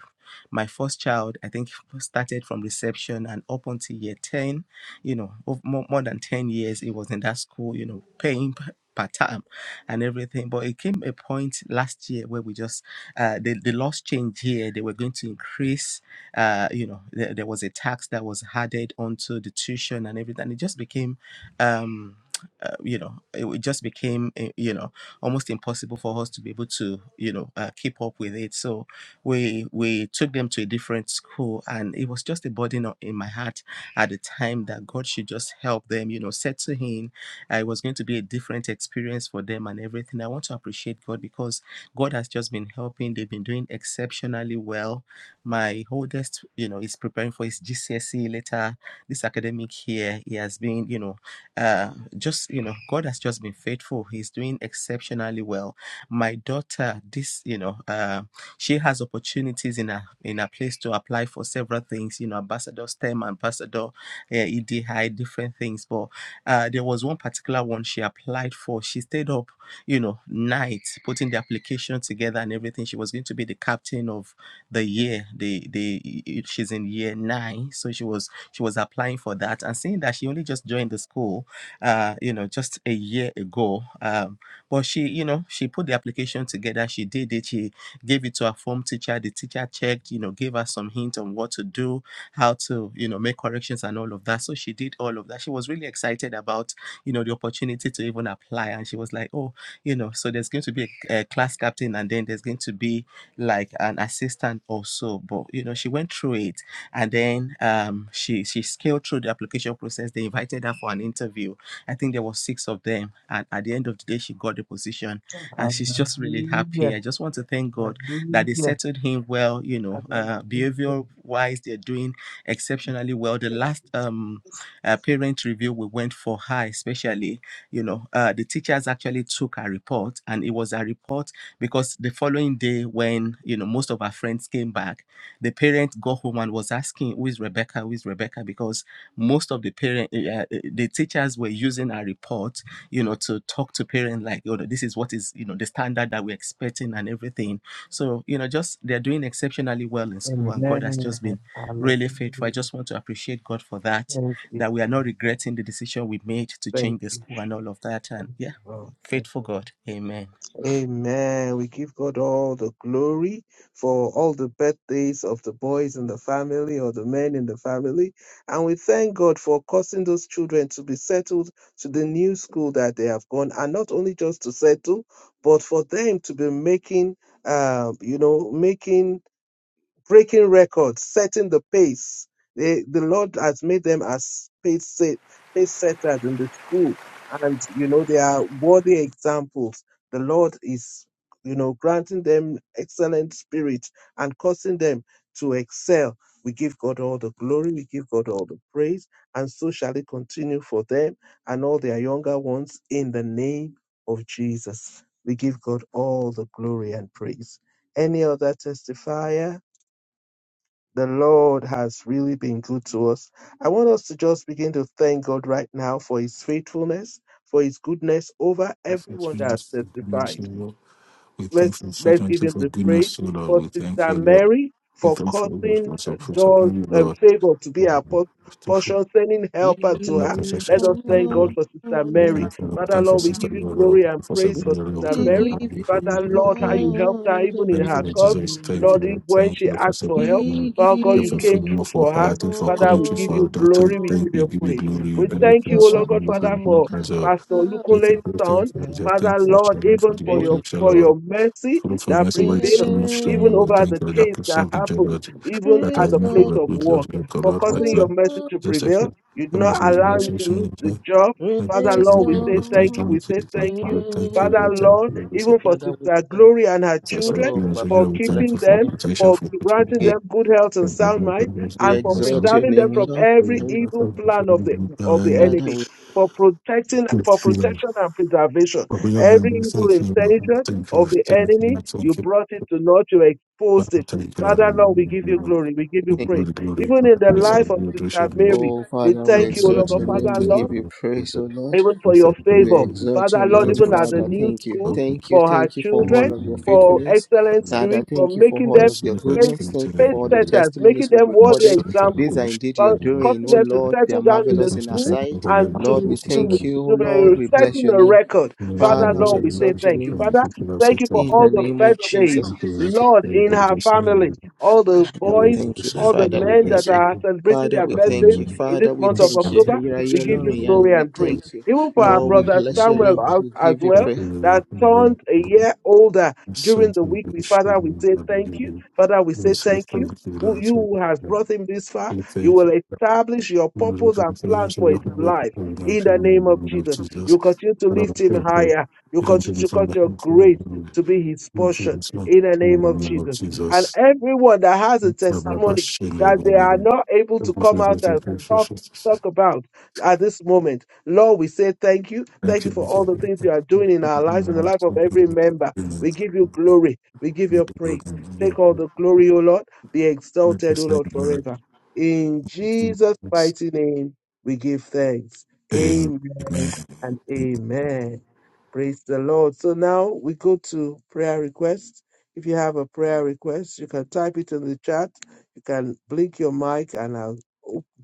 A: my first child, I think, started from reception and up until year 10, you know, more, more than 10 years, it was in that school, you know, paying p- per term and everything. But it came a point last year where we just uh, the, the laws changed here. They were going to increase, uh, you know, there, there was a tax that was added onto the tuition and everything. It just became, um, uh, you know, it it just became, uh, you know, almost impossible for us to be able to, you know, uh, keep up with it. So we we took them to a different school, and it was just a burden on- in my heart at the time that God should just help them, you know, settle in uh, it was going to be a different experience for them and everything. I want to appreciate God because God has just been helping. They've been doing exceptionally well. My oldest, you know, is preparing for his GCSE later this academic year. He has been, you know, uh, just, you know, God has just been faithful. He's doing exceptionally well. My daughter, this, you know, uh, she has opportunities in her in her place to apply for several things. You know, ambassador STEM, ambassador uh, EDI, different things. But uh, there was one particular one she applied for. She stayed up you know, night putting the application together and everything. She was going to be the captain of the year. The the she's in year nine, so she was she was applying for that and seeing that she only just joined the school, uh, you know, just a year ago. Um, but she, you know, she put the application together. She did it. She gave it to her form teacher. The teacher checked, you know, gave her some hint on what to do, how to, you know, make corrections and all of that. So she did all of that. She was really excited about, you know, the opportunity to even apply. And she was like, oh you know so there's going to be a, a class captain and then there's going to be like an assistant also but you know she went through it and then um she she scaled through the application process they invited her for an interview i think there was six of them and at the end of the day she got the position and she's just really happy
E: Hallelujah.
A: i just want to thank god that they
E: Hallelujah.
A: settled him well you know uh
E: Hallelujah.
A: behavior wise they're doing exceptionally well the last um uh, parent review we went for her especially you know uh, the teachers actually took her report and it was a report because the following day when you know most of our friends came back the parent got home and was asking who is rebecca who is rebecca because most of the parent eh, eh, eh, the teachers were using our report you know to talk to parents like oh this is what is you know the standard that we're expecting and everything so you know just they're doing exceptionally well in school and god has
E: Amen.
A: just been really faithful. I
E: Hallelujah.
A: just want to appreciate God for that,
E: Thank you,
A: that we are not
E: Jesus.
A: regretting the decision we made to
E: Thank
A: change the
E: you,
A: school and all of
E: Jesus.
A: that. And
E: Thank you,
A: yeah,
E: Lord. Thank
A: faithful
E: you, Lord.
A: God. Amen.
E: Amen. We give God all the glory for all the birthdays of the boys in the family or the men in the family. And we thank God for causing those children to be settled to the new school that they have gone. And not only just to settle, but for them to be making, um, you know, making breaking records, setting the pace. They, the Lord has made them as pace, set, pace setters in the school. And, you know, they are worthy examples. The Lord is, you know, granting them excellent spirit and causing them to excel. We give God all the glory. We give God all the praise. And so shall it continue for them and all their younger ones in the name of Jesus. We give God all the glory and praise. Any other testifier? the Lord has really been good to us. I want us to just begin to thank God right now for His faithfulness, for His goodness over everyone that has testified.
C: We thank
E: Let's
C: you for such
E: let's give
C: and
E: him
C: for
E: the praise
C: goodness, O Lord.
E: for
C: We thank
E: Sister
C: you, Lord.
E: Mary
C: We
E: for
C: thank you for
E: causing
C: your
E: doors
C: supporting,
E: and
C: Lord.
E: favor to
C: We
E: be our por-
C: thank you for
E: portion, sending helper to
C: the
E: her.
C: protection
E: Let us
C: of
E: thank God
C: company.
E: for Sister
C: We
E: Mary.
C: thank you, Lord. We
E: Father
C: thank you for
E: Lord, we
C: sister,
E: give you
C: Lord. We thank
E: glory and
C: you for
E: praise for
C: serving, you,
E: Sister
C: Lord. We
A: We give
E: Mary.
C: thank you for your faith
E: Father
A: you
E: Lord, how you helped
A: all
E: her
A: the
E: even in
C: Thank you,
E: her
C: Lord
E: cause.
C: Jesus. Thank
A: glory.
C: you,
E: Lord, even
C: Lord.
E: when
C: Thank you,
E: she
C: Lord, for
E: asked
C: serving,
E: for
C: you,
E: help,
C: Lord.
A: We give
E: Father
C: Thank
A: you
E: God, you
C: you for
E: came
C: food,
E: through
C: Lord, for
E: for
C: her.
E: her.
C: Thank you for
E: Father,
C: coming
E: we
C: to
E: give
A: all
C: for
E: you
C: that time.
E: glory, we
C: Thank
E: give
C: you.
E: you
C: Give you
E: praise.
C: glory. We
E: We
C: Give
A: praise
C: you
E: thank you, O
C: praise.
A: God.
E: Lord
C: We
E: God,
C: Give you praise. We
E: Father,
C: Give you
E: for
C: praise. Lord.
E: Pastor
C: We
A: Hallelujah.
E: Olukunle's
C: thank you.
E: son.
C: Thank you, Lord.
E: Father
C: Thank you for
E: Lord,
C: Shalom, for
E: even
C: the
E: for
C: work
E: your
A: Praise
C: of
E: for
A: God.
C: Shalom.
E: your mercy
C: Fruit of
E: that
C: mercy, why is shall
E: prevails,
C: not shame you?
E: even
C: Lord,
A: Amen.
E: over
C: thank
E: the
C: you, Lord, that
E: case that
C: preserve the joy,
E: happened,
C: Lord,
E: even
C: that I
E: at
A: Praise
E: the
C: may have
E: place
A: God.
C: a
E: of
C: good
E: work.
C: Lord, your God,
E: For
C: Lord, my
E: causing
A: Praise
E: your
C: God.
E: mercy
A: God.
E: to
C: Just like
E: prevail,
C: it.
E: you did
C: Let me
E: not
C: see the
E: allow me to
C: relationship
E: lose
C: in
E: the
C: joy.
E: job.
C: Let me
E: Father
C: see
A: Praise
C: the
E: Lord, we
C: joy,
E: say
C: Lord. Please
E: thank
C: tell
E: you.
C: me,
E: We
A: God.
E: say
C: please thank
E: thank
C: you,
E: you.
C: Lord, thank you,
E: Father
C: Lord, thank
E: Lord,
C: you, Lord, we say
E: even for
C: thank
A: Father,
C: you.
A: we
E: Sister
A: thank
E: Glory and her
C: As I said,
E: children,
A: Oh,
C: we are
A: Baba,
C: so
E: for
C: here, we
A: we bless
C: thank you
E: keeping
C: for
A: your
E: them,
A: name.
C: protection,
E: for
C: for protecting
E: granting
C: the
A: Again,
E: them good health and
C: and my
E: sound
C: brother,
E: mind,
C: brothers,
A: we
E: and
C: and
E: for
A: exalt
C: myself.
A: your
E: preserving them
A: name, O
E: from
A: Lord.
C: I thank
E: every
A: And we-
E: evil
C: you for
E: plan of the
C: the power
E: of the
C: and
A: Father,
E: enemy,
A: we
E: for protecting,
C: the
E: for
C: freedom.
E: protection and preservation.
C: But we have a
E: Every evil
C: thank you, Lord.
E: intention
C: Thank you,
E: of the
C: thank
E: enemy,
C: you,
E: you
C: thank you,
E: brought it to naught, you
C: But
E: exposed
C: I
E: it.
C: thank you, Lord,
E: Father,
C: in the
E: Lord, we
C: name
E: give you
C: of
E: glory, we give you
C: the
A: thank
C: Lord,
E: praise.
C: the glory, give
E: Even
C: you
E: in
C: the glory,
E: the
A: you, O
C: praise of
A: Lord.
E: life
C: the
E: of
C: Lord,
E: Sister
C: worship,
E: Mary,
C: worship.
A: Oh,
E: we
A: Father,
C: Now,
A: we
C: we
E: thank you,
C: say,
E: O
A: exalt
E: Lord,
A: your
C: Lord, we
A: name.
E: Father,
A: We
C: thank
E: Lord
C: you,
A: give you
C: Lord.
A: praise, O Lord.
E: even
C: We
E: for your
C: thank you,
A: We
E: favor.
C: Lord.
A: exalt
E: Father,
A: your
C: And
E: Lord,
C: those
A: name,
C: who
E: even
C: are
E: at the
A: Father.
C: single, we
E: new
A: Thank
C: thank
A: you.
E: school,
C: you,
A: Thank you.
E: for her
A: Thank you for
C: for
A: all
E: children,
A: of
C: saving
A: your
C: us, Lord. We
E: for
A: faithfulness.
E: excellent
A: Father,
E: spirit, for
A: thank you for
E: making
A: all
E: them
C: praise
A: of
C: you,
A: your
C: Lord, Father, we love you, Lord, we thank you. Lord, sing with us,
E: faith
C: for
A: goodness.
C: the name of
A: Thank you
C: the
E: faith
A: for all the
C: Lord.
E: setters, making
A: testimonies we've
E: them
C: Now,
E: worthy
C: so
A: recorded.
C: that we
A: These
E: examples,
A: are
C: worship,
A: indeed your
E: for
C: Lord, we
A: doing,
E: causing
A: O
C: thank
E: them to
C: you.
A: Lord. They are
E: settle down
C: In
E: in
C: the
E: the
A: marvelous
C: first
A: in
C: and
A: our
E: school
C: second of the
A: sight.
C: Holy
E: and
C: Spirit,
A: Lord,
C: we
A: we
E: to,
C: also say the we
E: to,
A: thank
C: of
A: you, oh
E: to
C: the
A: Lord.
E: be
A: We
C: Lord.
A: bless
E: setting
A: your
E: a
A: name.
E: record.
C: In the name of the
E: Father,
C: Lord,
A: Father,
C: we say
A: we
E: Lord,
C: that
E: we
C: we
E: say
A: exalt
C: thank
A: your
C: you,
E: thank you.
A: name
E: Father,
C: Lord. Thank you, Lord, we thank you, Lord. Thank you,
E: thank you for
A: in
C: Lord,
E: all
A: the
E: the
A: name of
E: birthdays,
A: Jesus.
E: Lord, in her
C: we thank you,
E: family,
C: Lord.
E: all the
A: Father, we
E: boys,
A: thank you.
C: Jesus.
E: all the
A: Father, we
E: men that
A: thank you.
E: are celebrating
A: Father,
E: their
A: we
E: birthdays
A: thank you.
E: in this
A: Father, we
E: month of
A: thank you.
E: October.
A: You are
E: We
A: here,
E: give
A: Lord,
E: you glory
A: and we
E: and praise.
A: thank you.
E: Even for our
A: Lord, we
E: brother
A: bless your
E: Samuel
A: name.
E: as,
A: We
E: as
A: give you
E: well,
A: praise.
E: that turned a year older during the week. We, Father, we say thank you. Father, we say thank you. Who- You who has brought him this far, you will establish your purpose and plan for his life in the name of Jesus. You continue to lift him higher. You continue to cut your grace to be his portion in the name of Jesus. And everyone that has a
C: Thank you.
E: testimony that they are
C: Amen.
E: not able to come out and talk, talk about at this moment. Lord, we say thank you. Thank you for all the things you are doing in our lives, in the life of every member. We give you glory. We give you praise. Take all the glory, O Lord. Be exalted, O Lord, forever. In Jesus' mighty name, we give thanks. Amen and amen. Praise the Lord. So now we go to prayer requests. If you have a prayer request, you can type it in the chat. You can blink your mic and I'll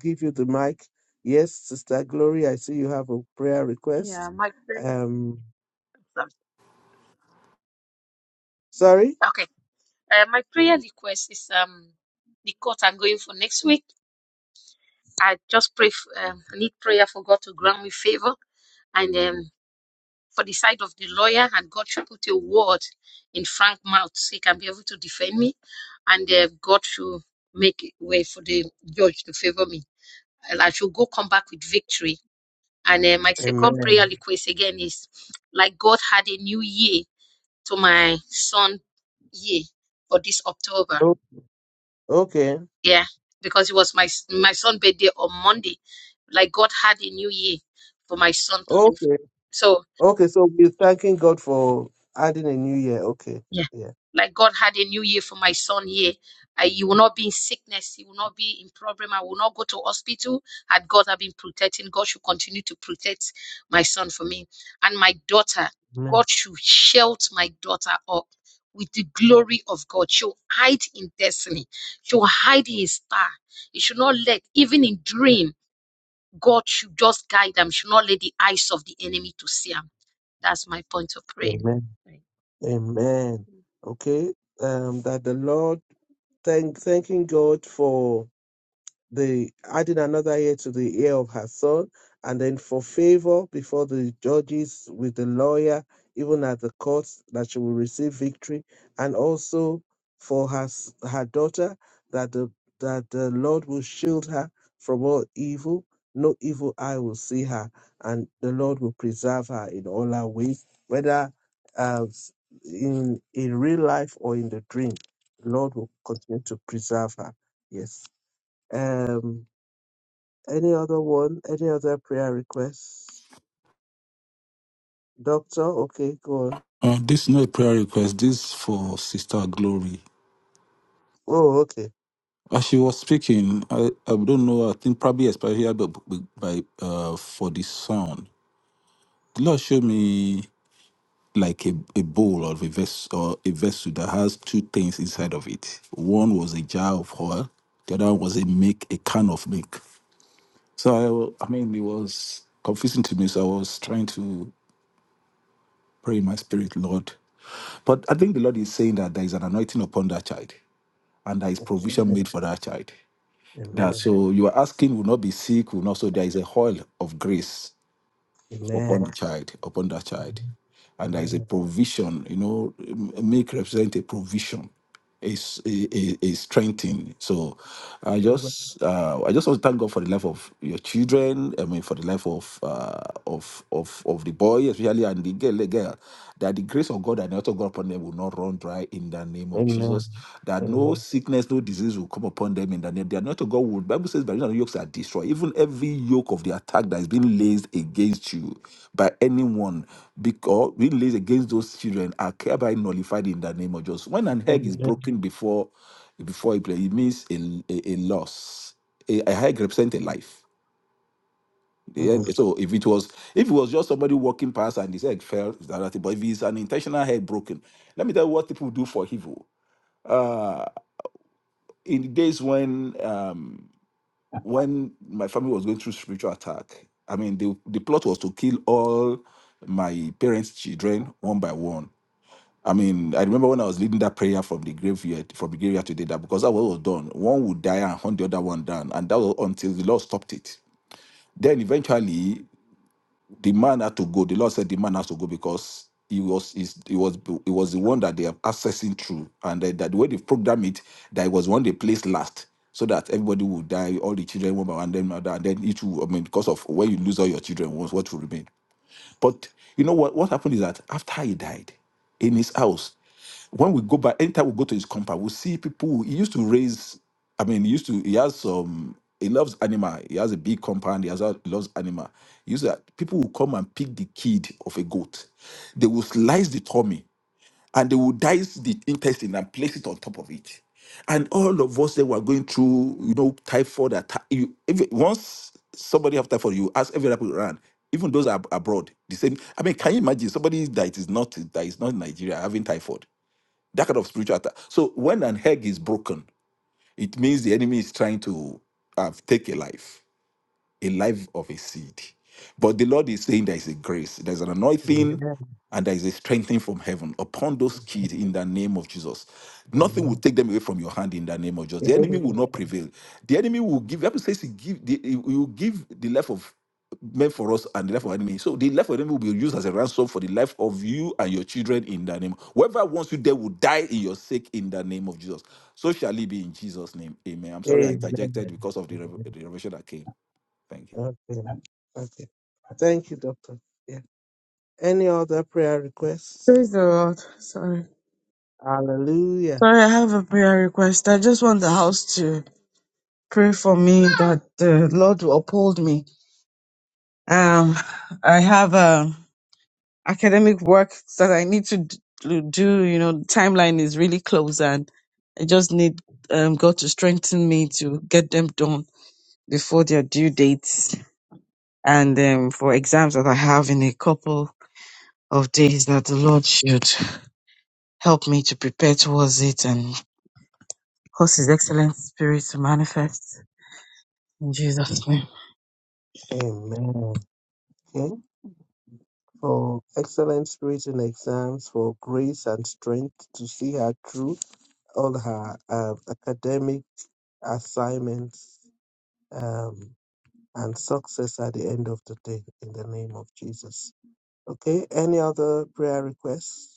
E: give you the mic Yes, Sister Glory, I see you have a prayer
G: Yeah,
E: request.
G: my prayer.
E: Um, sorry?
G: Okay. Uh, my prayer request is um the court I'm going for next week. I just pray. f- um, I need prayer for God to grant me favor, and um, for the side of the lawyer, and God should put a word in Frank's mouth so he can be able to defend me, and uh, God should make a way for the judge to favor me. And I should go come back with victory. And uh, my second
E: Amen.
G: prayer request again is like God had a new year to my son year for this October.
E: O- Okay.
G: Yeah, because it was my my son's birthday on Monday. Like God had a new year for my son's life.
E: Okay.
G: so.
E: Okay. So we're thanking God for adding a new year. Okay.
G: Yeah.
E: Yeah.
G: Like God had a new year for my son here. I, you will not be in sickness. You will not be in problem. I will not go to hospital. Had God have been protecting, God should continue to protect my son for me. And my daughter,
E: Amen.
G: God should shelter my daughter up with the glory of God. She'll hide in destiny. She'll hide in his star. You should not let, even in dream, God should just guide them. Should not let the eyes of the enemy to see them. That's my point of prayer.
E: Amen.
G: Right.
E: Amen. Okay. Um, that the Lord thank thanking God for the adding another ear to the ear of her son, and then for favor before the judges with the lawyer, even at the court, that she will receive victory, and also for her s- her daughter that the that the Lord will shield her from all evil. No evil eye will see her, and the Lord will preserve her in all her ways, whether uh, in in real life or in the dream. The Lord will continue to preserve her. Yes. Um, any other one? Any other prayer requests? Doctor, okay, go on.
C: Uh, this is not a prayer request. This is for Sister Glory.
E: Oh, okay.
C: As she was speaking, I, I don't know. I think probably especially by, by uh, for the sound. The Lord showed me. like a, a bowl or a vessel or a vessel that has two things inside of it. One was a jar of oil, the other was a milk, a can of milk. So I, I mean, it was confusing to me. So I was trying to pray in my spirit, Lord. But I think the Lord is saying that there is an anointing upon that child, and there is provision
E: Amen.
C: made for that child. That
E: Amen.
C: so you are asking will not be sick, will not. So there is a oil of grace upon
E: Amen.
C: the child, upon that child. And there is a
E: Amen.
C: provision, you know, m- milk represent a provision, a, s- a, a- a strengthening. So I
E: Amen.
C: just uh, I just want to thank God for the life of your children. I mean, for the life of uh, of of of the boy, especially and the girl, the girl, that the grace of God and the author God upon them will not run dry in the name of of
E: Amen.
C: Jesus, that no
E: Amen.
C: sickness, no disease will come upon them in the name. They are not a God Will Bible says by reason of yokes are destroyed. Even every yoke of the attack that is being laid against you by anyone, because being laid against those children are hereby nullified in the name of Jesus. When an egg is
E: Amen.
C: broken before before a play, it means a, a, a loss. A, a egg represents a life.
E: Mm.
C: The egg-
E: Amen.
C: So if it was if it was just somebody walking past and his egg fell, it's another thing. But if it's an intentional egg broken, let me tell you what people do for evil. Ah, in the days when um when my family was going through spiritual attack i mean the the plot was to kill all my parents children one by one i mean i remember when i was leading that prayer from the graveyard from the graveyard today that because that was what was done one would die and hunt the other one down and that was until the lord stopped it then eventually the man had to go. The Lord said the man has to go because he was is he was he was the one that they are accessing through, and that, that the way they programmed it, that it was one they placed last, so that everybody would die, all the children one by one, then and then it will. I mean, because of when you lose all your children, what's what will remain? But you know what? What happened is that after he died, in his house, when we go back, anytime we go to his compound, we see people. He used to raise. I mean, he used to. He has some. He loves animal. He has a big compound. He has a, loves animal. He used to, people will come and pick the kid of a goat. They will slice the tummy and they will dice the intestine and place it on top of it. And all of us that were going through, you know, typhoid attack. You, if, once somebody have typhoid, you ask every people around, even those ab- abroad, the same. I mean, can you imagine somebody that is not that is not in Nigeria having typhoid? That kind of spiritual attack. So when an egg is broken, it means the enemy is trying to uh, take a life a life of a seed. But the Lord is saying there is a grace, there's an anointing, and there is a strengthening from heaven upon those kids in the name of Jesus. Nothing will
E: Amen.
C: take them away from your hand in the name of Jesus. The enemy will
E: Amen.
C: not prevail. The enemy will give. The Bible says he give. The, he will give the life of men for us and the life of enemy. So the life of enemy will be used as a ransom for the life of you and your children in the name. Whoever wants you there will die in your sake in the name of Jesus. So shall it be in Jesus' name. Amen. I'm sorry I
E: Amen.
C: interjected because of the rev-
E: Amen.
C: the revelation that came. Thank you.
E: Okay. Okay. Thank you, Doctor. Yeah. Any other prayer requests?
F: Praise the Lord. Sorry.
E: Hallelujah.
F: Sorry, I have a prayer request. I just want the house to pray for me that the Lord will uphold me. Um, I have um academic work that I need to d- to do. You know, the timeline is really close and I just need um, God to strengthen me to get them done before their due dates. and um, for exams that I have in a couple of days that the Lord should help me to prepare towards it and cause His excellent spirit to manifest in Jesus' name.
E: Amen. Hmm? for excellent grades in exams, for grace and strength to see her through all her um, academic assignments um, and success at the end of the day in the name of Jesus. Okay, any other prayer requests?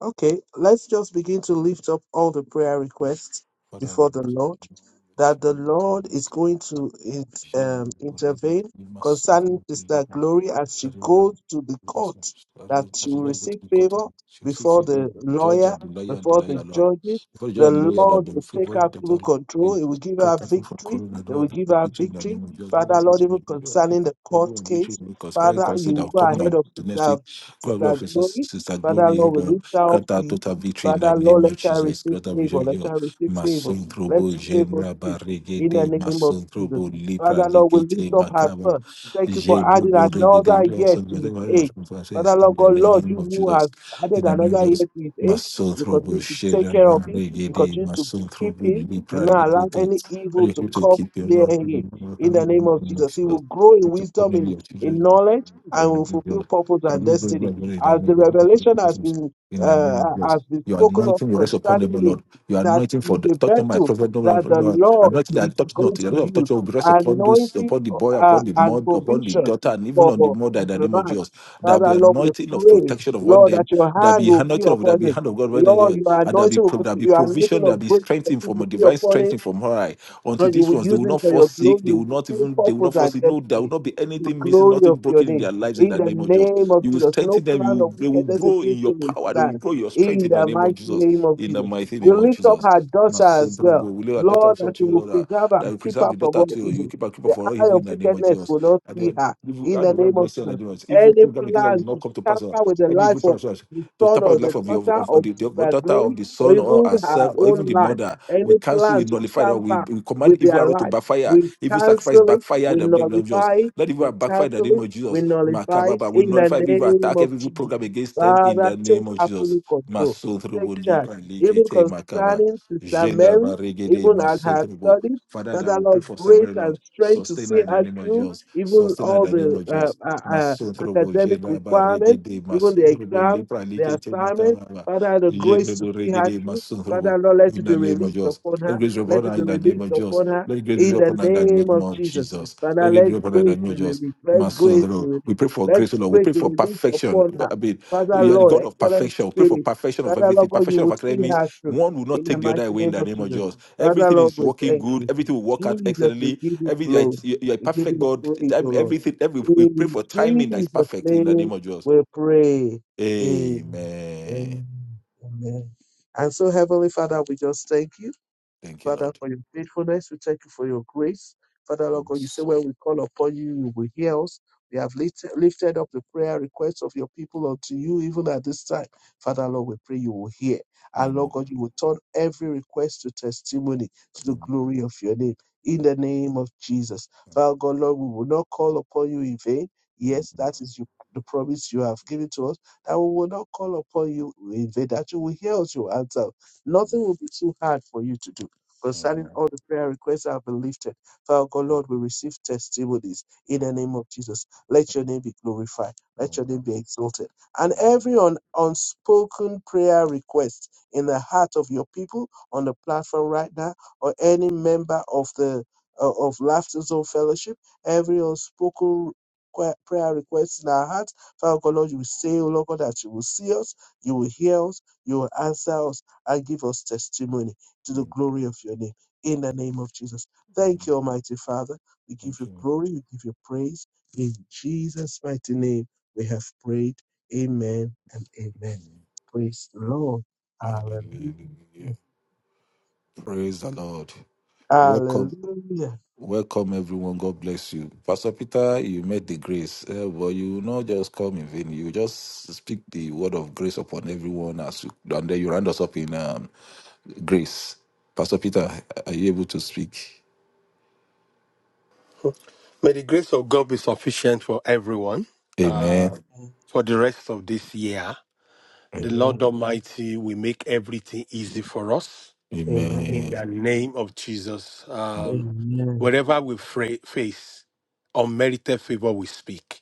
E: Okay, let's just begin to lift up all the prayer requests
C: Father, we
E: before the
C: lift
E: Lord,
C: up the Lord, the
E: that the
C: King of the
E: Lord
C: Universe,
E: is
C: the
E: going
C: Lord,
E: to
C: the
E: in-
C: King
E: um,
C: of the
E: intervene
C: Universe, the Lord, the
E: concerning
C: King of the
E: Sister
C: Universe,
E: Glory as she
C: that will, um,
E: goes to the
C: yes, yes.
E: court,
C: yes. As
E: that
C: you
E: she
C: as you
E: will
C: now go to
E: receive
C: the court,
E: favor
C: um, she will see
E: before
C: three people,
E: the
C: the judge
E: lawyer,
C: and the lawyer and the
E: before the
C: lawyer lord.
E: judges.
C: Before the judge
E: The
C: and the lawyer lord,
E: Lord
C: they will
E: will
C: favor
E: take
C: the doctor,
E: absolute control.
C: the
E: He will give her
C: grant us for
E: victory.
C: corona, and
E: He
C: all
E: will give
C: people
E: her
C: victory in the
E: victory.
C: name of Jesus. Give
E: Father,
C: us
E: Lord,
C: this
E: even
C: meeting, give us this
E: concerning the court
C: approval and victory
E: case,
C: in because Christ
E: Father,
C: Christ said
E: you will
C: that
E: go
C: coming on
E: ahead of
C: to next
E: Sister,
C: week, God
E: Sister
C: love us,
E: Glory
C: sister
E: Father
C: glory,
E: Lord, we
C: Lord,
E: lift our
C: grant us
E: feet.
C: total victory in the
E: Father Lord,
C: name of
E: let her
C: Jesus.
E: receive
C: Grant us
E: favor.
C: victory,
E: Let
C: Lord.
E: her receive favor.
C: Mason
E: Let
C: Grobo,
E: your favor
C: Genra
E: speak
C: Barrege,
E: in the name of
C: Mason
E: Jesus.
C: Grobo, Lipra,
E: Father Lord, we lift
C: Likete,
E: up her son. Thank you for
C: Ye bro
E: adding
C: bro re ge de
E: another
C: bro.
E: year
C: So
E: to
C: we
E: his
C: thank God
E: age.
C: for our
E: Father
C: in
E: Lord
C: the
E: God, Lord,
C: name
E: you
C: of
E: who has
C: Jesus.
E: added
C: In the name of
E: another year
C: Jesus.
E: to his
C: My
E: age,
C: soul
E: you
C: trouble,
E: continue to
C: share
E: take
C: and
E: care
C: one
E: of him. You
C: reggae,
E: continue
C: my
E: to
C: soul
E: keep
C: trouble,
E: him. You
C: libra,
E: not allow any
C: Are
E: evil
C: you
E: to
C: able to
E: come
C: keep your
E: near
C: heart?
E: him.
C: in the
E: In the name of
C: name of
E: Jesus, he will
C: Jesus? Are
E: grow
C: you
E: in
C: able to
E: wisdom,
C: come in
E: in,
C: your
E: in
C: children?
E: knowledge,
C: In the
E: and will
C: name of
E: fulfill
C: Jesus.
E: purpose
C: That
E: and
C: we will do
E: destiny
C: it in the
E: as
C: name
E: the revelation
C: of
E: has
C: Jesus.
E: been
C: In the
E: uh,
C: name of Jesus.
E: has been
C: Your
E: spoken of
C: anointing will rest upon them,
E: concerning
C: O
E: it,
C: Lord. Your
E: that
C: anointing for
E: is
C: the,
E: a
C: touch on my
E: vessel that
C: prophet.
E: the Lord
C: Anointing
E: is
C: that touch not.
E: going
C: The
E: to
C: Lord of touch
E: use,
C: will be rest upon those,
E: anointing
C: upon the boy,
E: uh,
C: upon the
E: and
C: mother, upon the
E: provision
C: daughter, and even on the
E: for
C: mother in
E: his
C: the name of
E: life.
C: Jesus. There'll be
E: Father, Lord, we
C: anointing of
E: pray,
C: protection upon
E: Lord,
C: them.
E: that your
C: There'll
E: hand
C: be
E: will be
C: anointing of there'll
E: upon
C: be
E: him.
C: hand of God when they
E: Lord,
C: are-
E: your
C: and there'll be
E: anointing, will-
C: pro- there'll be
E: your
C: provision,
E: anointing
C: there'll
E: of
C: be
E: grace will
C: strengthening
E: continue
C: from a
E: to be
C: divine
E: upon him
C: strengthening from her eye.
E: no,
C: Unto
E: you
C: these
E: will
C: ones, they
E: use
C: will
E: him
C: not
E: for
C: fall
E: your glory.
C: sick, they will
E: You
C: not even they
E: fulfill
C: will not
E: purpose
C: fall
E: and
C: sick. No, there will
E: destiny.
C: not be
E: The
C: anything missing,
E: glory
C: nothing
E: of your
C: broken in
E: name.
C: their lives in
E: In
C: the
E: the
C: name of Jesus.
E: name of
C: You will
E: Jesus. No
C: strengthen them, you
E: plan
C: will,
E: of
C: they will
E: wickedness
C: grow in
E: against
C: your
E: him will
C: power, they will
E: stand.
C: grow in your strength
E: In
C: in the
E: the
C: name of
E: mighty
C: Jesus.
E: name of
C: In the
E: Jesus.
C: mighty
E: We
C: name of
E: lift up
C: Jesus.
E: her daughter as
C: Masundrubu,
E: well.
C: we will lay our daughter
E: Lord,
C: also
E: that
C: to
E: you
C: you,
E: will
C: Lord, that
E: preserve
C: that
E: and
C: you
E: keep
C: preserve
E: her
C: the
E: from
C: daughter
E: all
C: to you. You
E: evil.
C: keep her, keep her
E: The
C: for all
E: eye
C: evil in
E: of
C: the name of
E: wickedness
C: Jesus.
E: will not
C: And
E: see
C: the
E: her.
C: evil,
E: In
C: I the
E: the
C: very
E: name
C: not
E: of
C: say on the
E: Jesus.
C: demons. Evil
E: Any
C: program against that will
E: plan
C: not
E: to
C: come to pass. Lord.
E: tamper with the
C: Any evil
E: life of
C: program
E: the
C: to
E: son
C: tap out
E: or
C: the
E: the
C: life of, your,
E: daughter
C: of, of
E: of
C: the, the
E: Sister
C: daughter of
E: Glory
C: the
E: or
C: son or
E: even her
C: herself or even
E: own
C: the
E: life.
C: mother, we
E: Any
C: cancel, we
E: plan to
C: nullify that. We,
E: tamper
C: we command
E: with
C: evil
E: their
C: arrow to
E: life.
C: backfire,
E: We
C: evil sacrifice
E: cancel it,
C: backfire in
E: we
C: the name of Jesus.
E: nullify it,
C: Let evil arrow
E: we
C: backfire in the
E: cancel
C: name
E: it,
C: of
E: we
C: Jesus.
E: nullify it
C: Makababa, we
E: in the
C: nullify every evil
E: name
C: attack,
E: of
C: every evil
E: Jesus.
C: program against them in
E: Father,
C: the
E: take
C: name of Jesus.
E: absolute control, take
C: Masundrubu,
E: charge,
C: Lipa,
E: even
C: Likete, Makaba.
E: concerning Sister
C: Jendra
E: Mary,
C: Barigede
E: even at her
C: Masotribo.
E: studies.
C: Father, that
E: Father,
C: we pray
E: Lord,
C: for
E: grace
C: Samuel,
E: and
C: Lord.
E: strength to
C: Sustain her
E: see
C: in the
E: her
C: name of
E: through,
C: Jesus.
E: even
C: Sustain her in
E: all
C: the name
E: the
C: of
E: uh,
C: Jesus.
E: uh, uh,
C: Masotrobo,
E: academic
C: Jendra
E: requirements,
C: Barigede,
E: even the
C: Masotrobo,
E: exams,
C: Lipra
E: the
C: Likete
E: assignments.
C: Makaraba.
E: Father, the grace
C: Jendra
E: to see her
C: regede
E: through.
C: Masotrobo.
E: Father, Lord, let
C: In
E: it be
C: the name of
E: released
C: Jesus.
E: upon her.
C: Let grace be upon
E: Let
C: her
E: it be
C: in the name
E: released
C: of Jesus.
E: upon her
C: Let grace be
E: in
C: upon
E: the
C: her in the
E: name
C: name
E: of
C: of
E: Jesus.
C: Jesus. Let
E: Father,
C: grace be
E: let
C: upon her in the
E: grace
C: name of
E: be
C: Jesus.
E: released. Let grace be
C: Masundro. We
E: released.
C: pray for
E: Let
C: grace, Lord. We
E: grace
C: pray
E: be
C: for
E: released
C: perfection.
E: upon her.
C: I mean,
E: Father,
C: you are the
E: Lord,
C: God of
E: excellent
C: perfection. We pray for
E: spirit.
C: perfection of
E: Father, Lord
C: everything,
E: God, you
C: perfection of
E: will see
C: academics,
E: her through
C: one will not
E: in the
C: take the
E: mighty
C: other away in
E: name
C: the
E: of
C: name of
E: Jesus.
C: Jesus.
E: Father,
C: Everything
E: Lord,
C: is
E: we
C: working
E: thank
C: good.
E: you.
C: Everything will work out
E: Jesus, we
C: excellently.
E: give you
C: Every you are,
E: glory.
C: you are a
E: We give
C: perfect
E: you
C: God.
E: praise,
C: Time-
E: O Lord.
C: Everything. Every we pray
E: In
C: for timing that is
E: Jesus'
C: perfect in the name
E: name,
C: of Jesus.
E: we pray. Amen.
C: Amen.
E: Amen. And so, Heavenly Father, we just thank you.
C: Thank you,
E: Father,
C: Lord.
E: for your faithfulness. We thank you for your grace. Father, Lord God, you say
C: Yes.
E: when we call upon you, you will hear us. We have lift- lifted up the prayer requests of your people unto you, even at this time. Father, Lord, we pray you will hear. And
C: Amen.
E: Lord God, you will turn every request to testimony to the
C: Amen.
E: glory of your name. In the name of Jesus. Father God, Lord, we will not call upon you in vain.
C: Amen.
E: Yes, that is you, the promise you have given to us, that we will not call upon you in vain, that you will hear us, you will answer. Nothing will be too hard for you to do. Concerning
C: Amen.
E: all the prayer requests that have been lifted, Father God, Lord, we receive testimonies in
C: Amen.
E: the name of Jesus. Let your name be glorified. Let your
C: Amen.
E: name be exalted. And
C: Amen.
E: every un- unspoken prayer request in the heart of your people on the platform right now, or any member of the uh, of Laughter Zone Fellowship, every unspoken que- prayer request in our heart, Father God, Lord, you say, oh Lord God, that you will see us, you will hear us, you will answer us, and give us testimony to the glory of your name. In the name of Jesus.
C: Amen.
E: Thank you, Almighty Father. We give
C: Thank
E: you
C: you.
E: glory. We give you praise. In Jesus' mighty name, we have prayed. Amen and amen. Praise the Lord.
C: Lord.
E: Hallelujah.
C: Amen. Hallelujah. Praise the Lord. Welcome.
E: Hallelujah.
C: Welcome, everyone. God bless you. Pastor Peter, you made the grace, uh, but you will not just come in vain. You just speak the word of grace upon everyone as you, and then you round us up in um, grace. Pastor Peter, are you able to speak?
H: May the grace of God be sufficient for everyone uh,
C: Amen.
H: for the rest of this year. The
C: Amen.
E: Amen.
H: Lord Almighty will make everything easy for us
E: Amen.
H: in the name of Jesus. Um,
E: Amen.
H: whatever we fra- face, unmerited favor we speak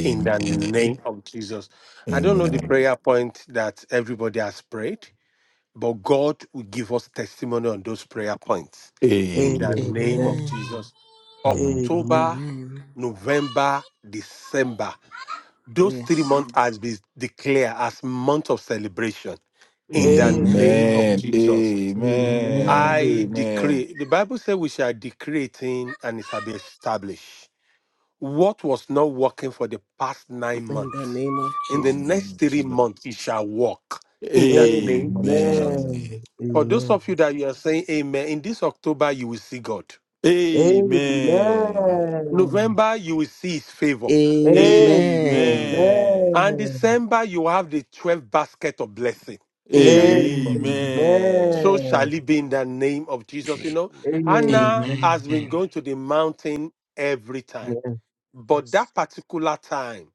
H: in the name of Jesus. I don't know the
C: Amen.
H: prayer point that everybody has prayed, but God will give us testimony on those prayer points
C: Amen.
H: in the
C: Amen.
H: name of
E: Amen.
A: Amen.
H: Jesus.
E: Amen.
H: October,
A: Amen.
H: November, December. Those three
A: Yes.
H: months has been declared as month of celebration in the name of
A: Amen.
C: Amen.
H: Jesus.
C: Amen.
H: I
A: Amen.
C: Amen.
H: decree, the Bible says we shall decree it in, and it shall be established. What was not working for the past nine
A: In the
H: months,
A: name of
H: in the
A: Jesus.
H: next
C: Amen.
H: three
C: Jesus.
H: months, it shall work in the
E: Amen.
H: name of Jesus.
C: Amen.
E: Amen.
H: For those
E: Amen.
H: of you that you are saying amen, in this October, you will see God.
E: Amen.
C: Amen.
E: Amen.
H: November, you will see his favor.
E: Amen.
A: Amen.
C: Amen.
H: And December, you will have the 12 basket of blessing in the name of Jesus.
A: Amen.
H: So
C: Amen.
E: Amen.
H: shall it be in the name of Jesus. You know, Anna
A: Amen.
H: has
E: Amen.
H: been going to the mountain every time. But
E: Yes.
H: that particular time,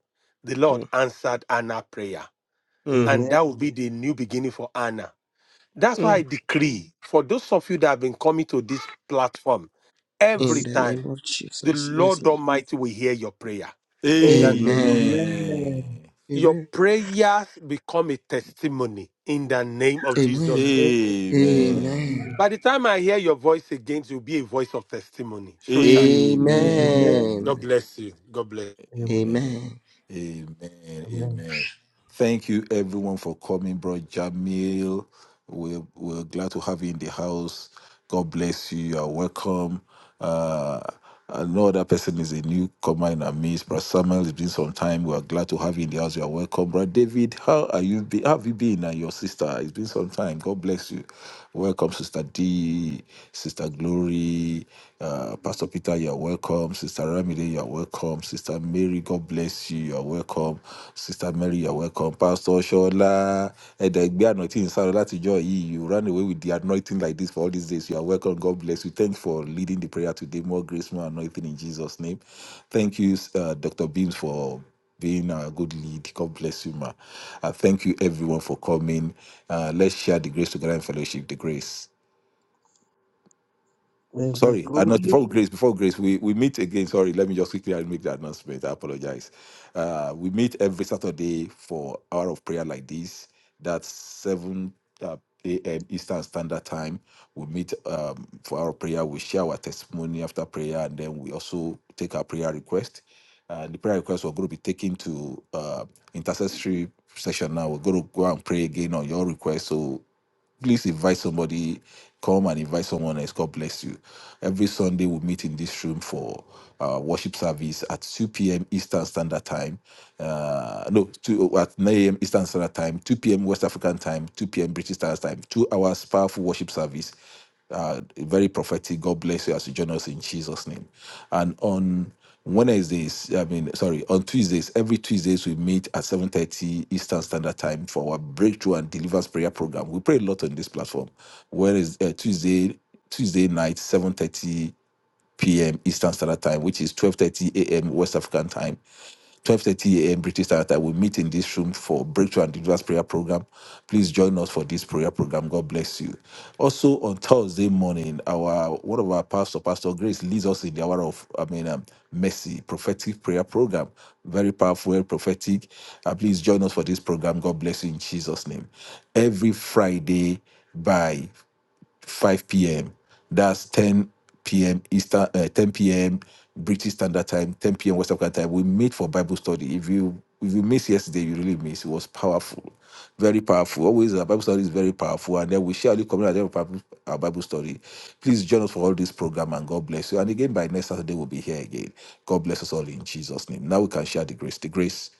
H: the Lord
A: Mm,
H: answered Anna's prayer.
A: mm,
H: And
E: Amen.
H: that will be the new beginning for Anna. That's why I
A: mm.
H: decree for those of you that have been coming to this platform
A: In
H: every
E: Yes.
A: the name
H: time,
A: of
H: the
A: Jesus. Yes,
H: Lord
A: Lord.
H: Almighty will hear your prayer
C: Amen.
H: in the name of
A: Amen.
E: Amen.
C: Amen.
H: your
A: Amen.
H: prayers become a testimony in the name of Jesus.
A: Amen.
E: Yes. Amen.
A: Amen.
H: By the time I hear your voice again, it will be a voice of testimony.
C: Amen.
H: So shall it be.
E: Amen.
A: Amen.
H: God
C: Amen.
H: bless you. God bless.
E: Amen. Amen.
A: Amen.
C: Amen.
E: Amen.
C: Amen. Thank you everyone for coming, bro. Jamil. We're, we're glad to have you in the house. God bless you. You are welcome. Uh, I know that person is a newcomer in our midst. Brother Samuel, it's been some time. We are glad to have you in the house. You are welcome. Brother David, how are you? Be- how have you been? And your sister, it's been some time. God bless you. Welcome, Sister D, Sister Glory, uh, Pastor Peter, you are welcome. Sister Ramide, you are welcome. Sister Mary, God bless you. You are welcome. Sister Mary, Mary, you're welcome. Pastor Shola, Edegbe Anointing Saro, Latijọ́ joy. you ran away with the anointing like this for all these days. You are welcome. God bless you. Thanks for leading the prayer today. More grace, more anointing in Jesus' name. Thank you, uh, Dr. Beams, for being a good lead. God bless you, ma. Uh, thank you, everyone, for coming. Uh, let's share the grace together in fellowship. The grace
E: May the
C: sorry, announce
E: grace,
C: before grace, before grace, we, we meet again. Sorry, let me just quickly make the announcement. I apologize. Uh, we meet every Saturday for hour of prayer like this. That's 7 uh, a.m. Eastern Standard Time. We meet um, for our prayer. We share our testimony after prayer, and then we also take our prayer request. And the prayer requests we're going to be taking to uh, intercessory session now. We're going to go and pray again on your request. So please invite somebody come and invite someone else god bless you every sunday we meet in this room for uh, worship service at 2 p.m eastern standard time uh, no 2 oh, at 9 a.m eastern standard time 2 p.m west african time 2 p.m british standard time two hours powerful worship service uh, very prophetic god bless you as you join us in jesus name and on Wednesdays, I mean, sorry, on Tuesdays, every Tuesdays we meet at 7.30 Eastern Standard Time for our Breakthrough and Deliverance Prayer Program. We pray a lot on this platform. Whereas uh, Tuesday, Tuesday night, 7.30 p.m. Eastern Standard Time, which is 12:30 a.m. West African Time, 12:30 a.m. British Standard Time. We meet in this room for Breakthrough and Deliverance Prayer Program. Please join us for this prayer program. God bless you. Also on Thursday morning, our one of our pastor, Pastor Grace, leads us in the hour of I mean um, mercy prophetic prayer program. Very powerful, prophetic. Uh, please join us for this program. God bless you in Jesus' name. Every Friday by 5 p.m. That's 10 p.m. Eastern, uh, 10 p.m. British Standard Time, 10 p.m. West African Time. We meet for Bible study. If you if you miss yesterday, you really miss. It was powerful, very powerful. Always our Bible study is very powerful, and then we share the community our Bible our Bible study. Please join us for all this program, and God bless you. And again, by next Saturday, we'll be here again. God bless us all in Jesus' name. Now we can share the grace. The grace,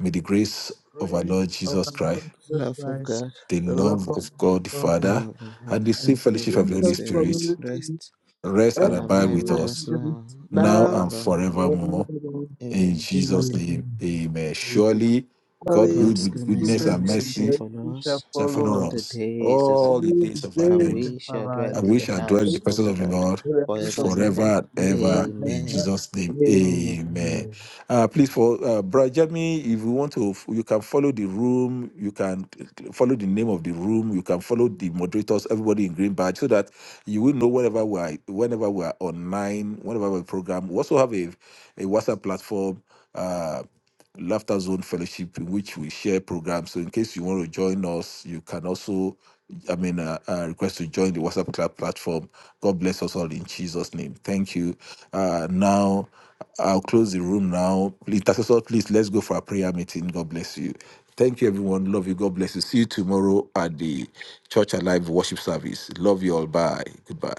C: may the grace of
E: grace
C: our Lord
E: of
C: Jesus
E: our
C: Christ
E: Lord
A: The
E: Jesus
A: love of
E: Christ,
A: God
C: the
E: the love
C: love
E: of
C: of God the
E: God,
A: and
C: Father,
A: of the
C: and the
A: host,
E: and
C: sweet
A: the
E: the
C: fellowship
A: favor
C: of
A: of
C: the
A: the
C: Holy
E: spiritual
A: Spirit,
C: Spirit
E: community,
A: rest
C: rest and
A: and
C: abide
A: abide
C: with
A: with us
C: us
E: everyone
A: now and
C: now
E: now
C: and
E: and
A: forevermore.
C: forevermore.
E: forevermore.
C: In
A: Amen.
C: Jesus'
A: Surely
C: name,
E: Amen.
C: amen. Surely God will
E: Surely
A: God's
E: his
C: with
A: goodness
C: goodness
A: and
E: goodness
C: and
A: mercy
E: and
A: shall
C: mercy
E: mercy
A: follow
E: shall
A: us
C: shall
E: follow us
A: all
C: follow
A: the
C: us
A: days of our
E: all
C: all the
A: life,
E: the
C: days of our
A: and
E: days
C: lives
E: of
A: we shall
E: our life.
A: dwell
C: and
A: in
C: we
A: the
C: shall dwell in the
A: house
E: and
A: of
C: presence
A: the
C: of the
A: Lord
C: Lord
E: we
A: forever
E: shall
A: and
E: dwell
A: ever.
C: forever and
E: in the house
C: ever
E: of the
C: in
A: Amen.
E: Lord
C: Jesus' name.
E: forever and
C: Amen.
E: ever. Amen.
C: Uh, please, for uh, Brother Jimmy, if you want to, you can follow the room, you can follow the name of the room, you can follow the moderators, everybody in green badge, so that you will know whenever we are, whenever we are online, whenever we program. We also have a, a WhatsApp platform. Uh, Laughter Zone Fellowship, in which we share programs. So, in case you want to join us, you can also, I mean, uh, uh, request to join the WhatsApp Club platform. God bless us all in Jesus' name. Thank you. Uh, now, I'll close the room now. Intercessor, please, let's go for a prayer meeting. God bless you. Thank you, everyone. Love you. God bless you. See you tomorrow at the Church Alive worship service. Love you all. Bye. Goodbye.